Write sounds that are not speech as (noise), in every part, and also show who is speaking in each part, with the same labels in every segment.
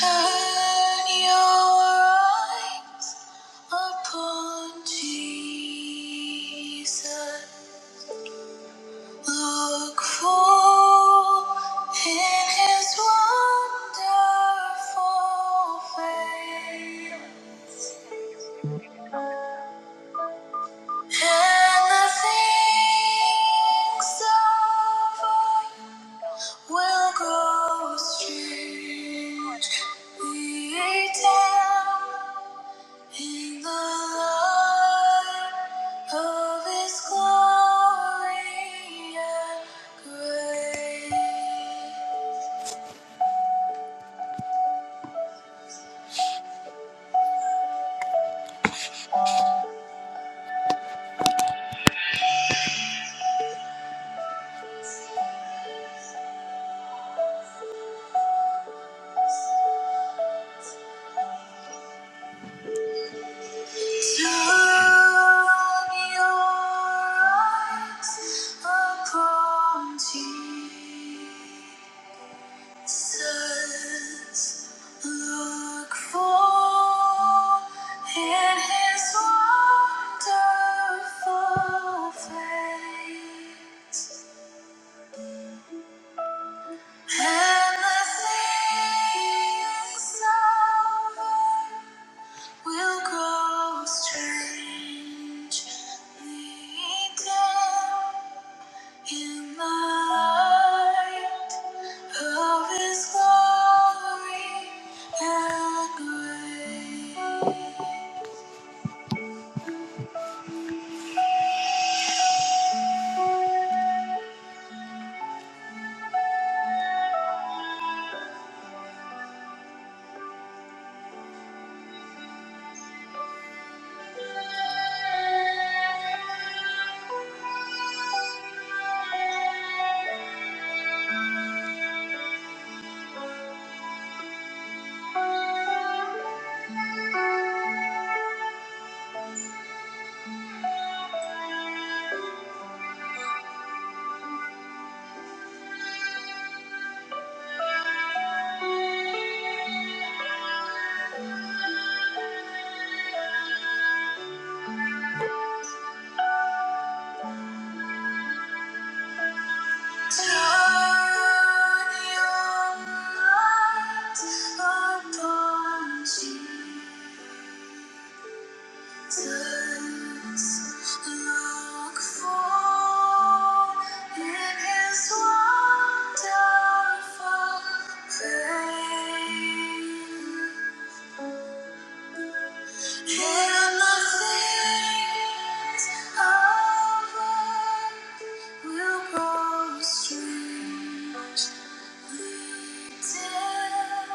Speaker 1: Turn your eyes upon Jesus. Look full in his wonderful face. And the things of will grow strange. We lay down in the light of His glory and grace. Turn your eyes upon Jesus. Jesus, look full in His wonderful face, and the things of earth will grow strangely dim In the light of His glory and grace, turn your light upon Jesus. will go strangely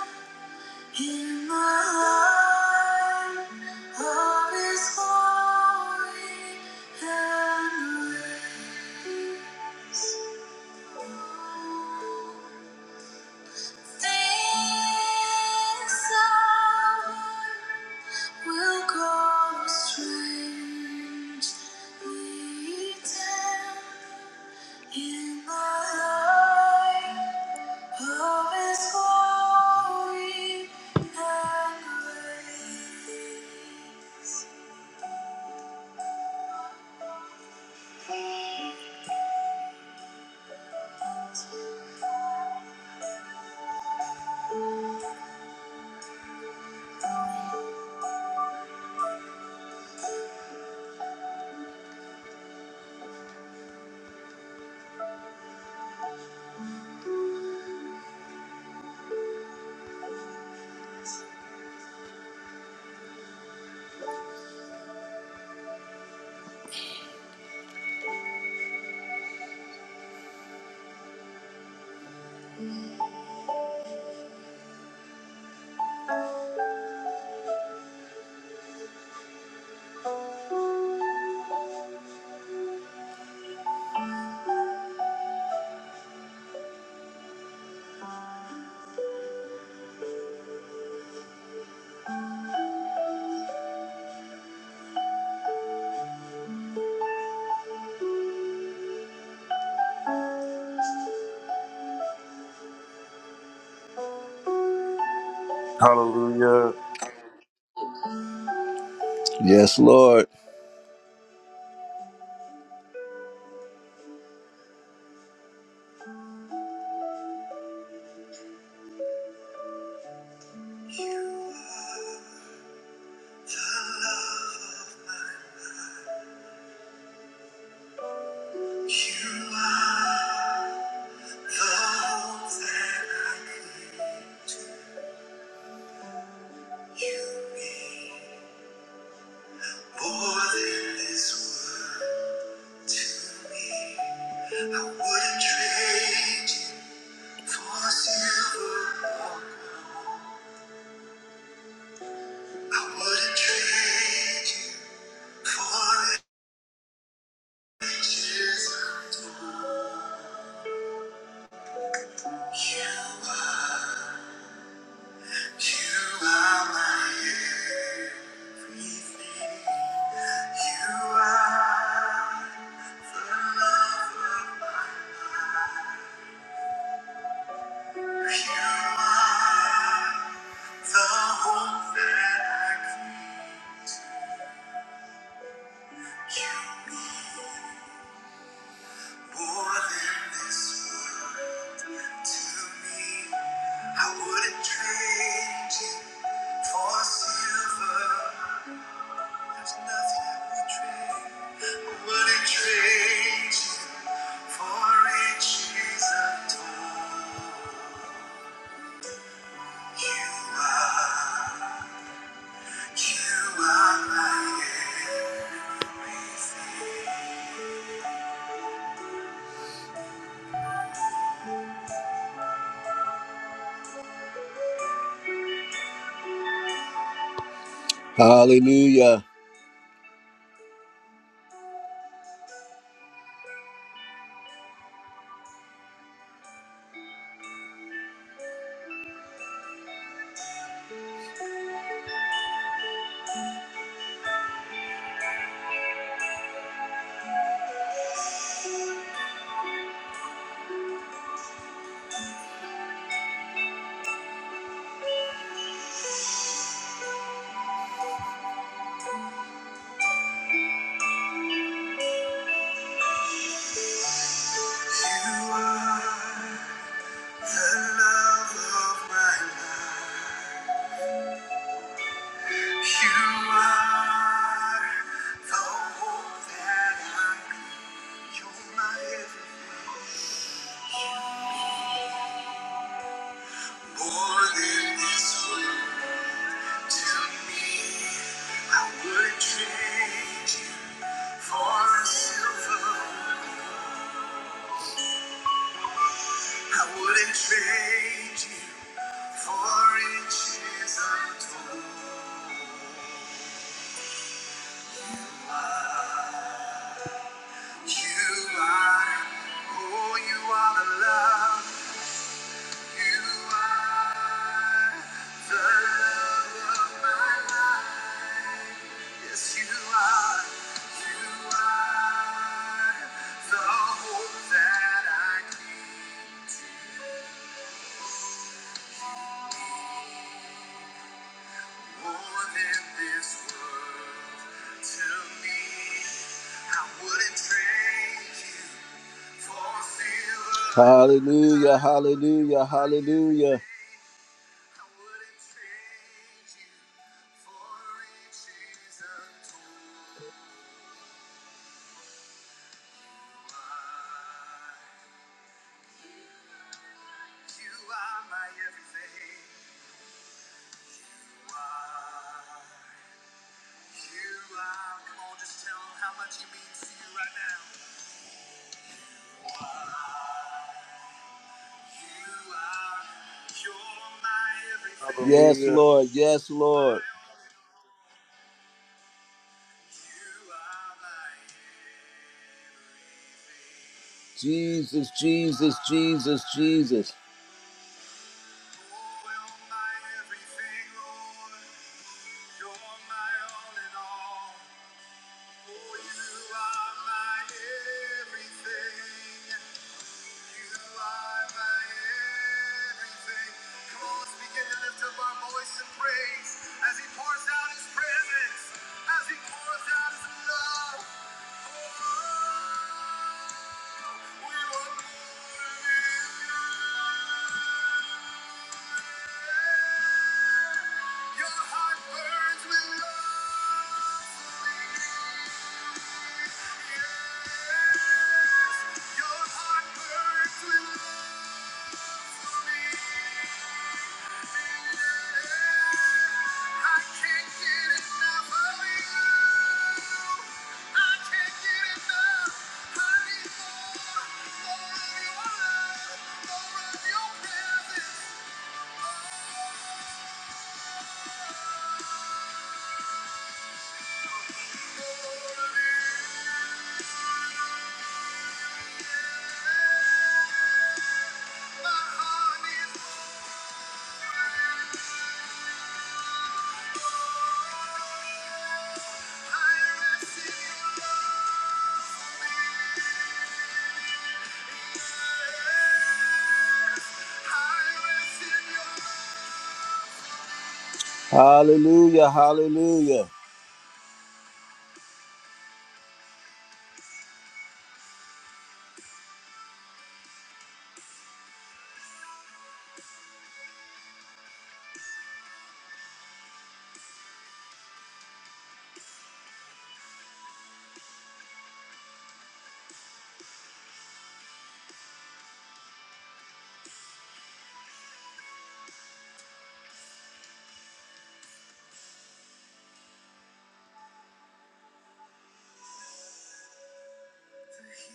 Speaker 1: lead in the light of His glory and grace, things that will grow strangely dim. In the light
Speaker 2: Hallelujah.
Speaker 1: Yes, Lord. Hallelujah. You are the hope that I need. More than this world to me, I wouldn't trade you for a silver. I wouldn't trade you for riches untold. You are, oh, you are the love. Hallelujah, hallelujah, hallelujah. I wouldn't trade you for riches untold. You are my everything. You are. You are. Come on, just tell 'em how much he means to you right now. You are. You're my everything. Yes,
Speaker 2: Hallelujah.
Speaker 1: Lord. Yes, Lord. You are my everything. Jesus, Jesus, Jesus, Jesus. Yes, your heart burns with love. Hallelujah, hallelujah. The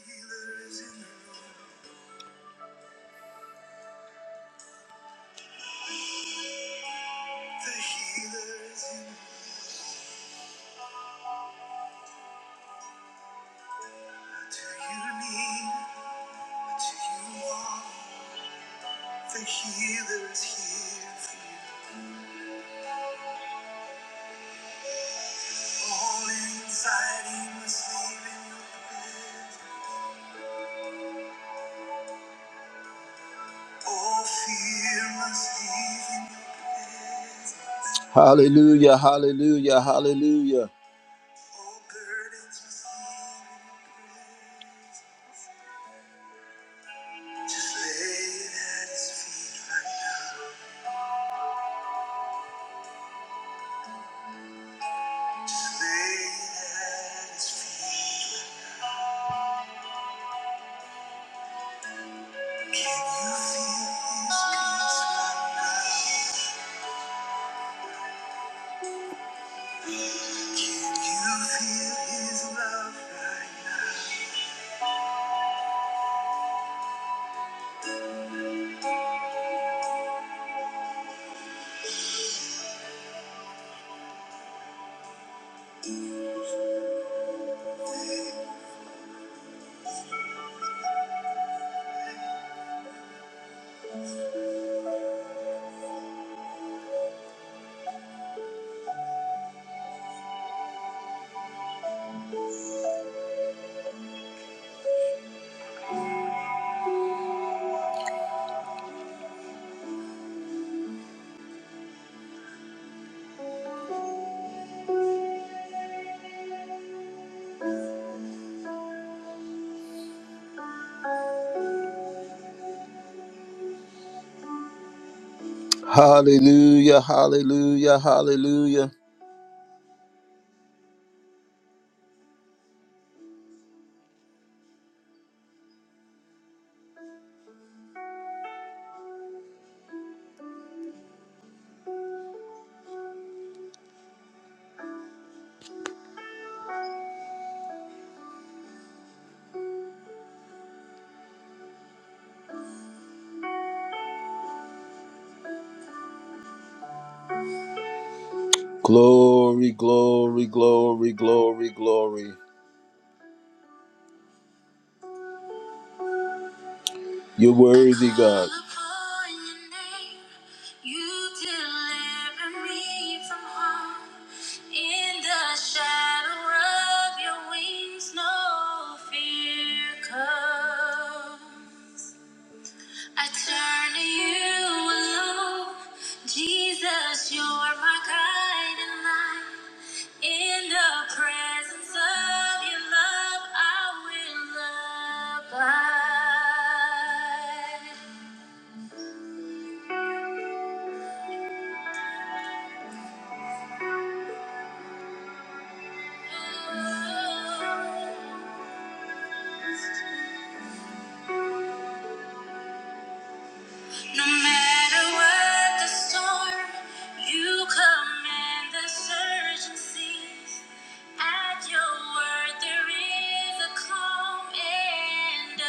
Speaker 1: healer is here for you. All anxiety must leave in your Hallelujah, hallelujah, hallelujah. Hallelujah, hallelujah, hallelujah. Glory, glory, glory, glory, glory. You're worthy, God. I turn to you alone. Jesus, you're my guiding light. In the presence of your love, I will abide. No matter what the storm, you command the surge and cease. At your word there is a calm and a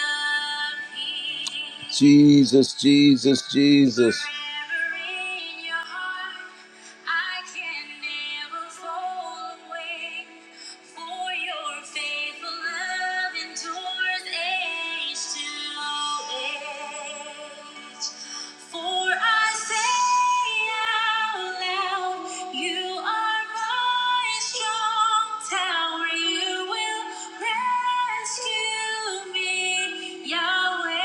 Speaker 1: peace. Jesus, Jesus, Jesus. Forever in your heart, I can never fall away. For your faithful love endures age to age. For I say out loud, You are my strong tower. You will rescue me, Yahweh.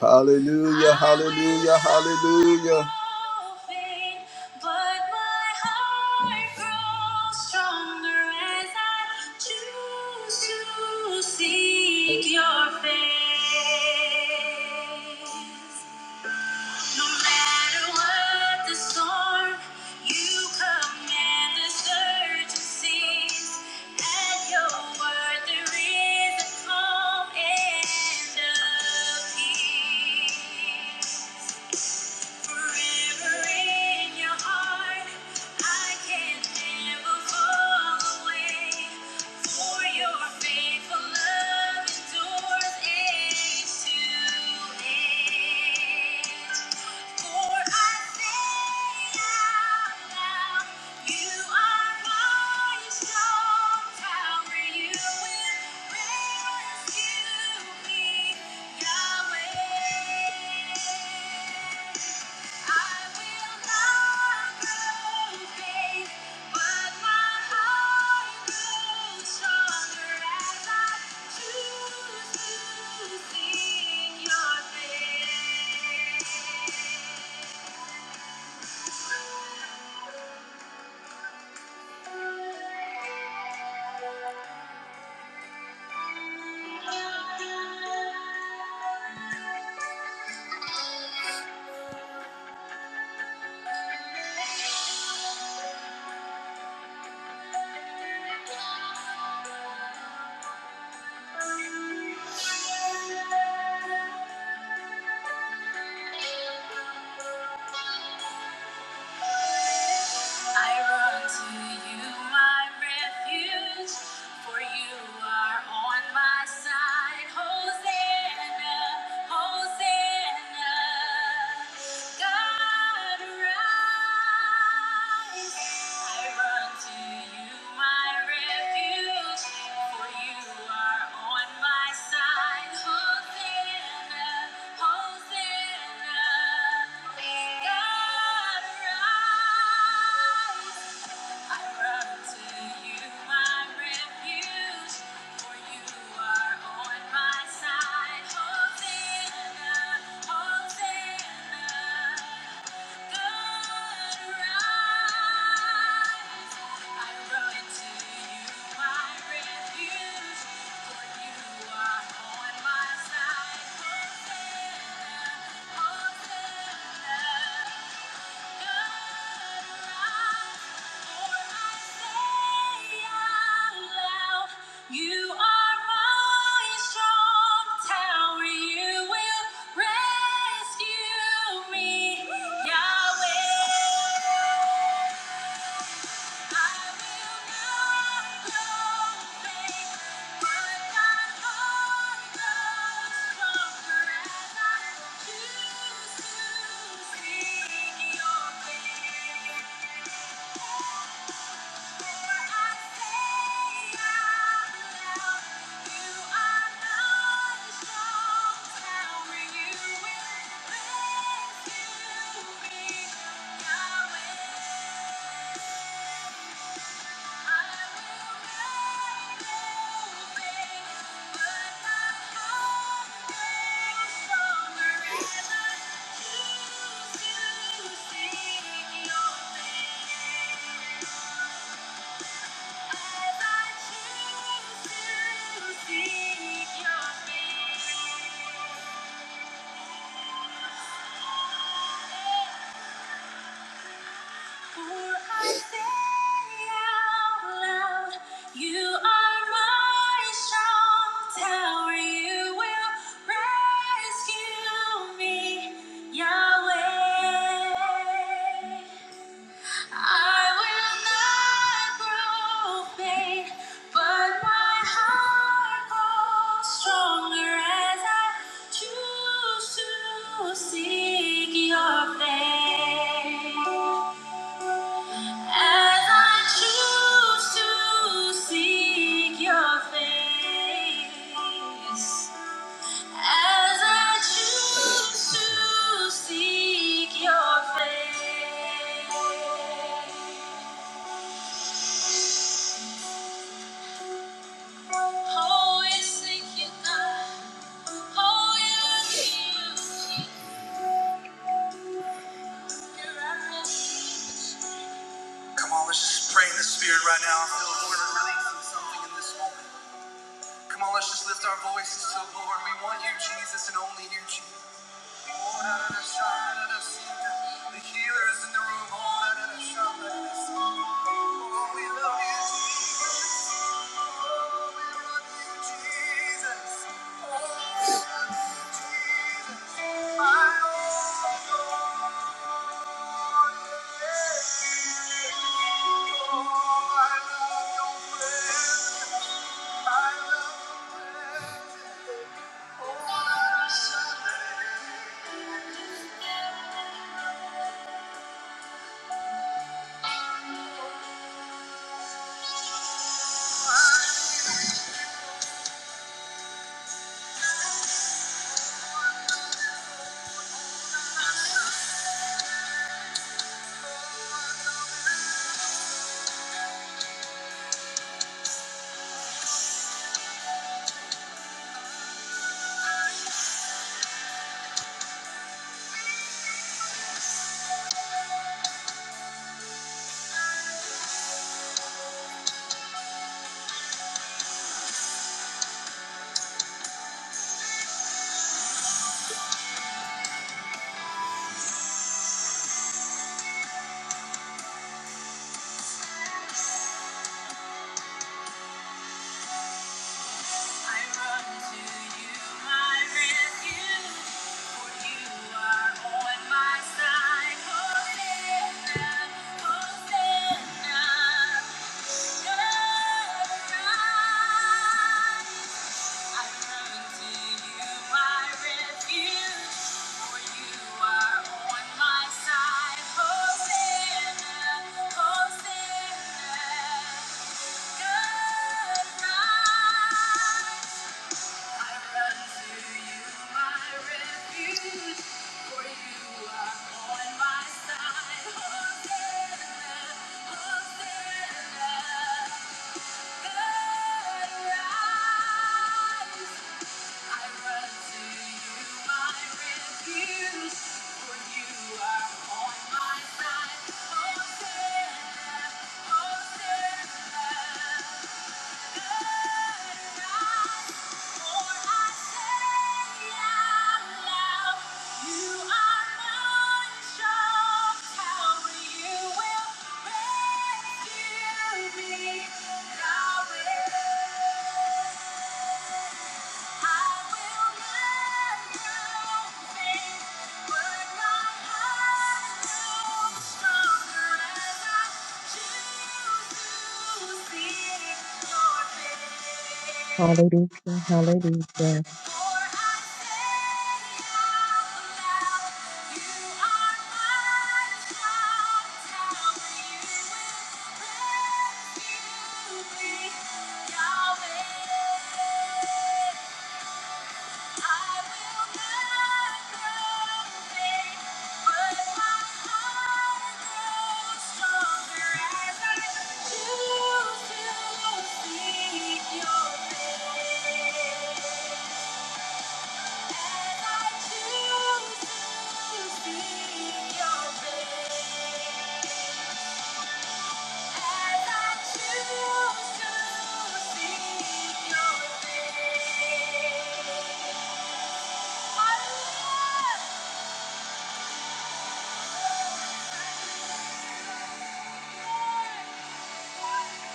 Speaker 1: Hallelujah, hallelujah, hallelujah. Seek your face. No matter what the storm, you command the surge to cease. At your word, there is a calm and a peace. Forever in your heart, I can never fall away. For your faithful love endures age to age. For I say out loud, You are my strong tower. You will rescue me, Yahweh. I run to you, my refuge, for you are on my side. Hosanna, Hosanna, God arise. I run to you, my refuge, for you are on my side. Hosanna, Hosanna, God arise. I run to you, my refuge, for you are on my side. Hosanna, Hosanna. Thank you Thank you. Seek your face. Seek your face. As I choose to seek your face, as I choose to seek your face, oh, we seek You, God, oh, it's you. Come on, let's just pray in the spirit right now. I feel we're releasing something in this moment. Come on, let's just lift our voices to the Lord. We want you, Jesus, and only you, Jesus. The healer is in the room. Oh, we love you, Jesus. Oh, we love you, Jesus. Hosanna, Hosanna, God rides. Thank you.
Speaker 3: Hallelujah, hallelujah,
Speaker 1: Thank you.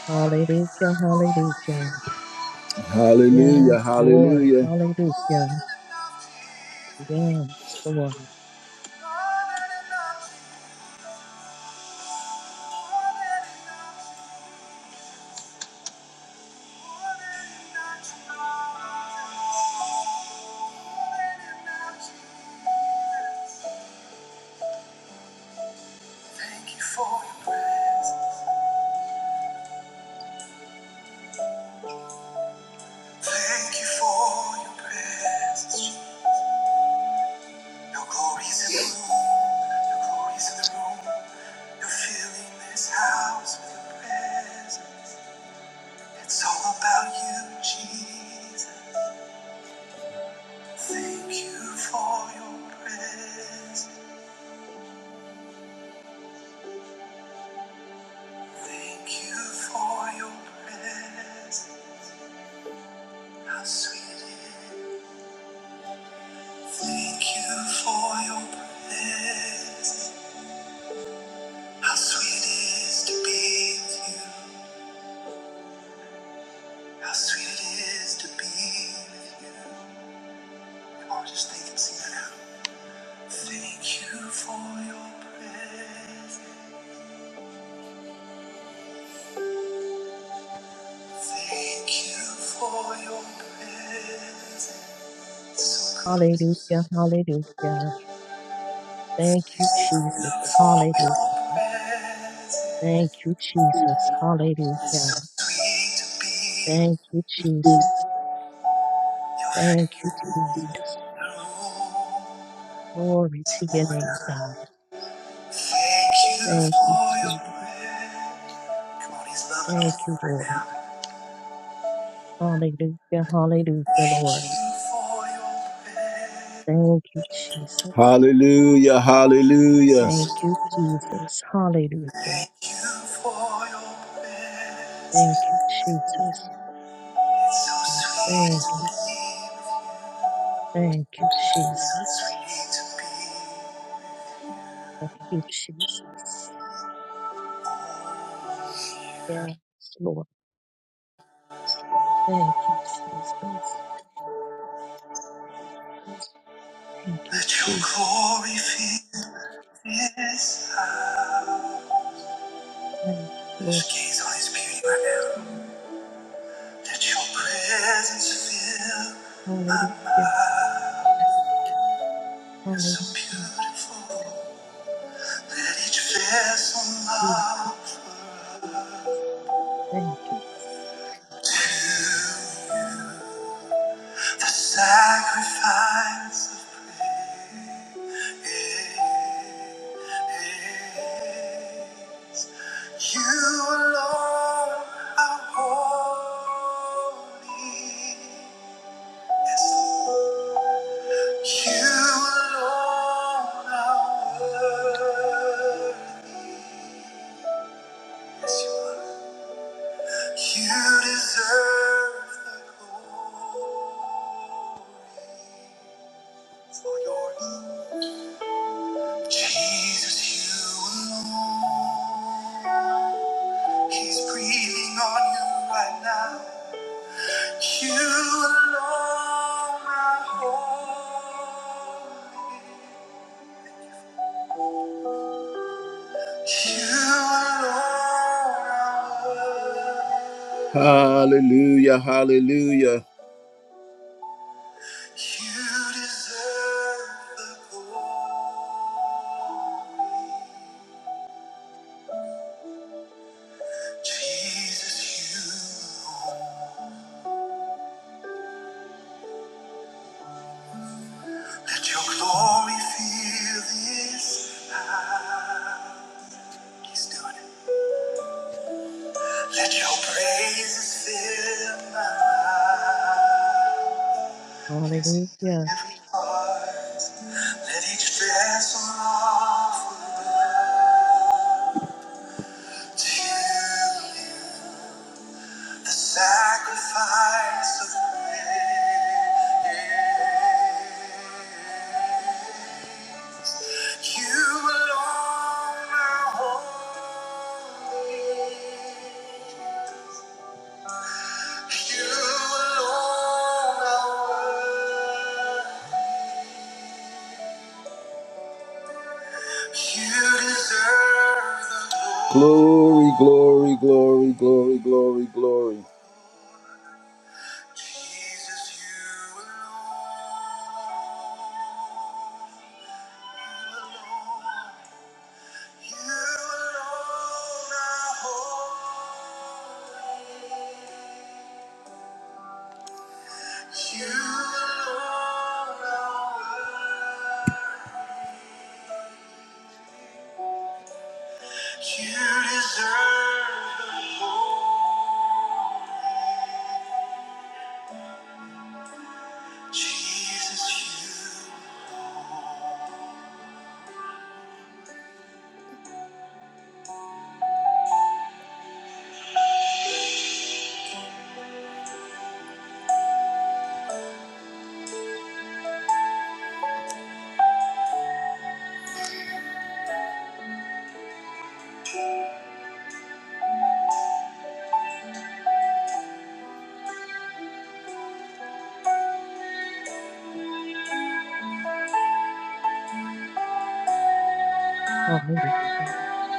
Speaker 3: hallelujah, hallelujah.
Speaker 1: Hallelujah,
Speaker 3: Yes, Lord,
Speaker 1: hallelujah.
Speaker 3: hallelujah. Yes, Lord,
Speaker 1: Thank you for your presence. Thank you for your presence. Your glory is in the room. Your glory is in the room. You're filling this house with your presence. It's all about you, Jesus. Thank you for your presence. Thank you for your presence. How sweet it is. to be with you. How sweet it is to be with you. Thank you for your presence. Thank you for your presence.
Speaker 3: hallelujah, hallelujah. Thank you,
Speaker 1: Thank
Speaker 3: Jesus,
Speaker 1: you for
Speaker 3: hallelujah. Thank you, Jesus, hallelujah.
Speaker 1: to be
Speaker 3: Thank you, Jesus,
Speaker 1: in
Speaker 3: thank you, Jesus.
Speaker 1: your room.
Speaker 3: Glory to your name, God.
Speaker 1: Thank you
Speaker 3: Thank you,
Speaker 1: for your
Speaker 3: Jesus.
Speaker 1: breath. Come on, he's loving on
Speaker 3: Thank
Speaker 1: you
Speaker 3: you,
Speaker 1: right
Speaker 3: Lord.
Speaker 1: now.
Speaker 3: Hallelujah, hallelujah,
Speaker 1: Thank
Speaker 3: Lord.
Speaker 1: you for your breath.
Speaker 3: Thank you, Jesus.
Speaker 1: Hallelujah, hallelujah.
Speaker 3: Thank
Speaker 1: Thank
Speaker 3: you, Jesus. Hallelujah.
Speaker 1: you for your breath.
Speaker 3: Thank you, Jesus.
Speaker 1: So sweet
Speaker 3: Thank
Speaker 1: to
Speaker 3: you.
Speaker 1: be,
Speaker 3: Thank you, Jesus.
Speaker 1: sweet to be.
Speaker 3: Thank you, Jesus. Yes, Lord. Thank you, Jesus. Thank you,
Speaker 1: Let your
Speaker 3: Jesus.
Speaker 1: glory fill this house.
Speaker 3: Yes, Lord.
Speaker 1: Just gaze on his beauty right now. Let your presence fill my
Speaker 3: Hallelujah.
Speaker 1: mind. You're so
Speaker 3: Hallelujah.
Speaker 1: beautiful. Let each vessel
Speaker 3: Jesus.
Speaker 1: offer
Speaker 3: Thank you.
Speaker 1: you the sacrifice of praise. You alone are holy. Yes, Lord. You alone are worthy. Yes, you are. You deserve the glory for your Jesus. You alone. He's breathing on you right now. You alone are holy. You alone are worthy. Hallelujah, hallelujah. You deserve the glory. Jesus, you let your glory fill this house. He's doing it. Let your praises fill my life. He's healing
Speaker 3: Hallelujah.
Speaker 1: every heart. Let each vessel offer up to you. The sacrifice of praise. You alone are holy. You alone are worthy. You deserve the glory. Glory, glory, glory, glory, glory, glory. Jesus, you alone. You alone are worthy. You deserve the glory. Jesus, you.
Speaker 3: Hallelujah.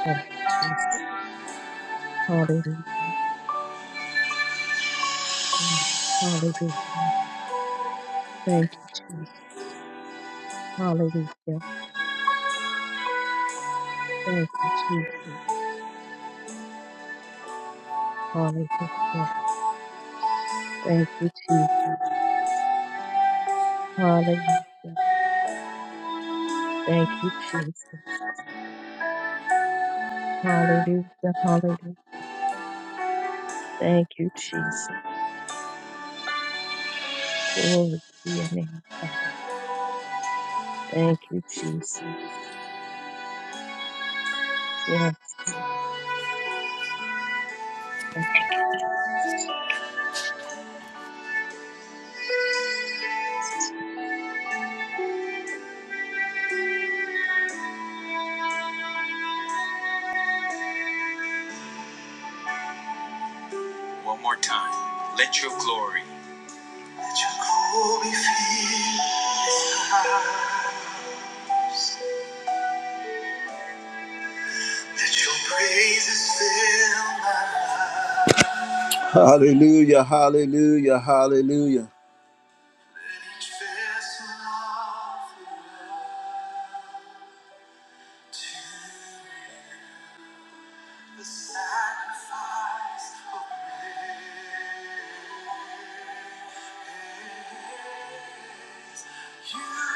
Speaker 3: Thank you, Jesus. Hallelujah. Mm. Hallelujah. Thank you, Jesus. Hallelujah. Thank you, Jesus. Hallelujah. Thank you, Jesus. Hallelujah. Thank you, Jesus. Hallelujah. Hallelujah. Thank you, Jesus. Glory to your name, God. Thank you, Jesus. Yes. Lord. Thank you, Jesus.
Speaker 1: Let your glory fill my heart. Let your praises fill my heart. Hallelujah, hallelujah, hallelujah. Let each vessel offer to The sacrifice of you, Lord,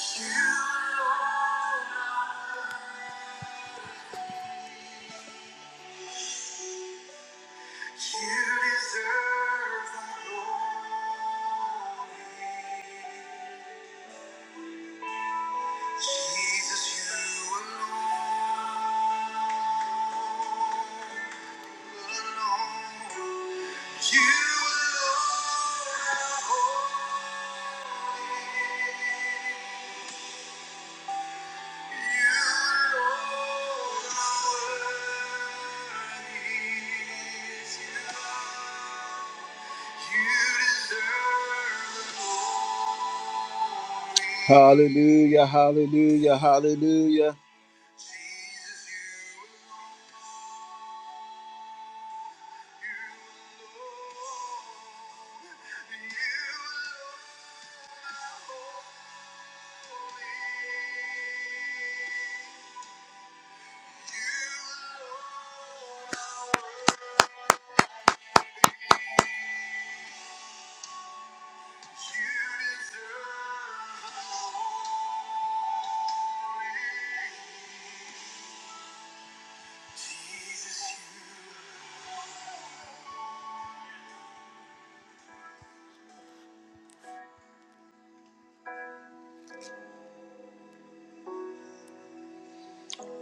Speaker 1: are Lord, you deserve the glory. Jesus, you alone, alone, you alone. Hallelujah, hallelujah, hallelujah.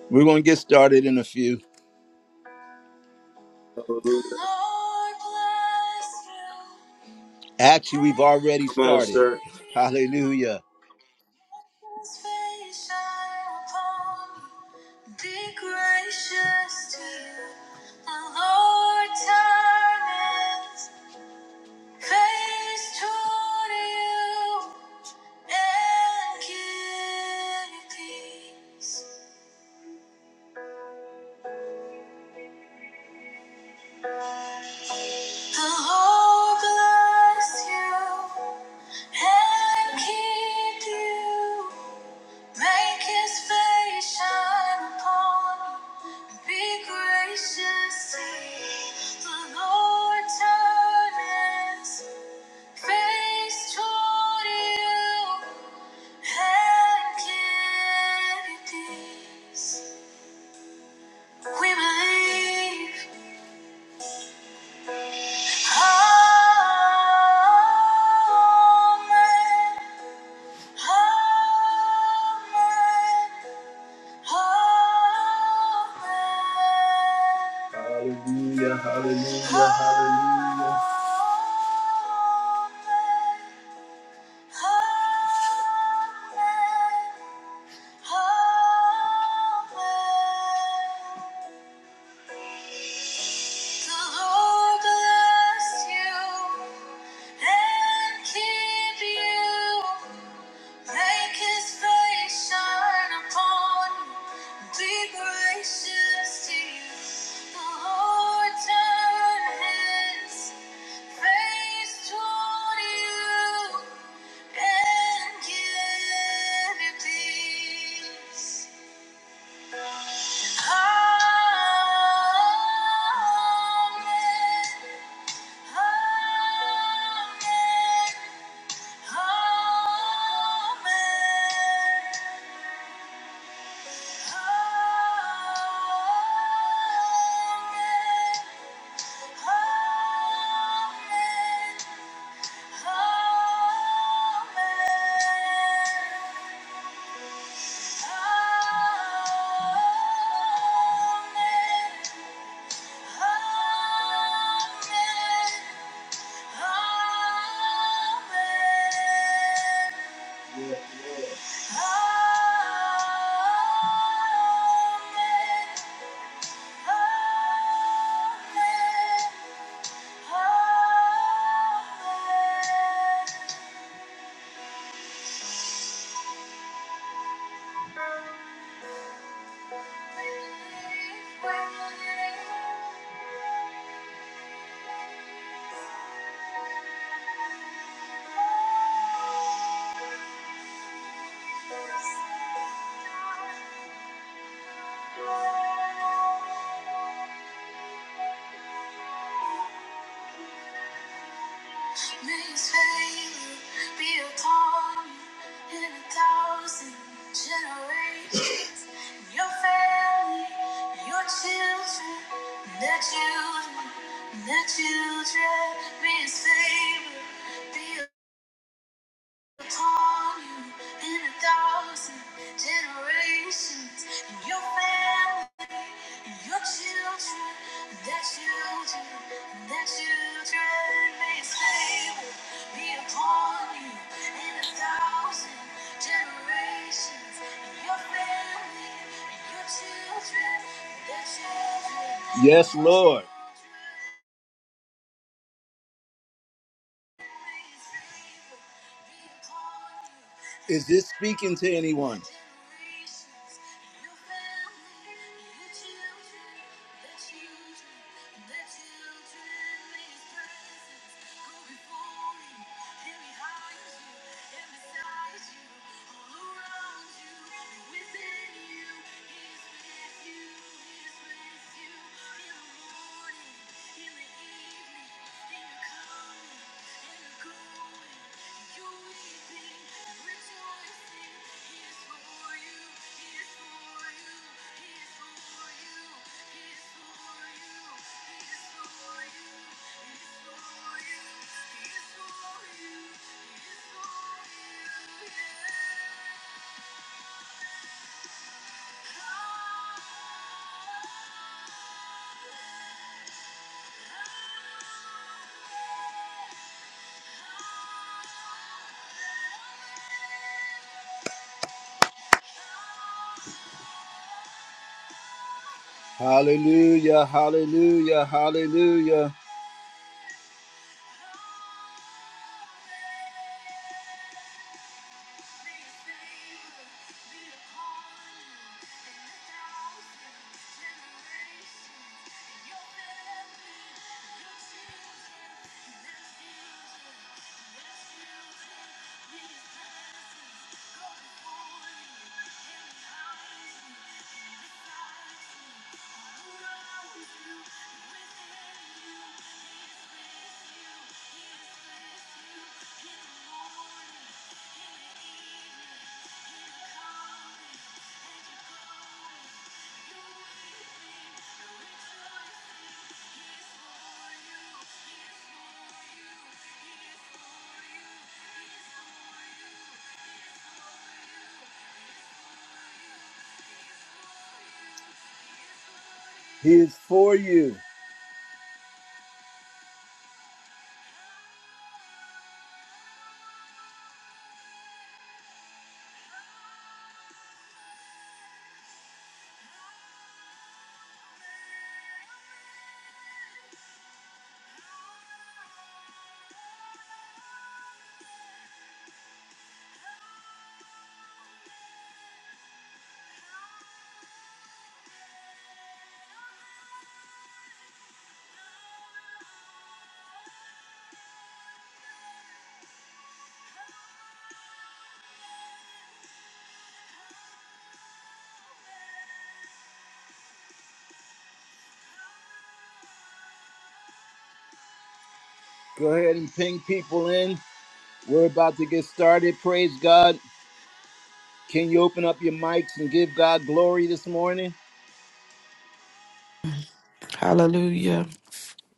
Speaker 1: We're going to get started in a few.
Speaker 2: Hallelujah.
Speaker 1: Actually, we've already
Speaker 2: Come on,
Speaker 1: started.
Speaker 2: sir.
Speaker 1: Hallelujah. His face shine upon me, be gracious to you. The Lord turn his face toward you and give you peace. Lord bless you and keep you. Make his face shine upon you and be gracious to you. The Lord turn his face toward you and give you peace. We believe. Amen. Amen. Amen. Hallelujah, hallelujah, hallelujah. The Lord bless you and keep you. Make His face shine upon you. Be gracious to you. The Lord turn His face toward you and give you peace. Amen. Amen. Amen. Amen. Amen. May His favor be upon you in a thousand generations. (laughs) Your family, your children, their children, their children. May His favor be upon you in a thousand generations. your family. Your children, their children, their children may favor be upon you in a thousand generations. And your family, and your children, their children. Yes, Lord. Is this speaking to anyone? Hallelujah, hallelujah, hallelujah. He is for you. Go ahead and ping people in. We're about to get started. Praise God. Can you open up your mics and give God glory this morning?
Speaker 4: Hallelujah.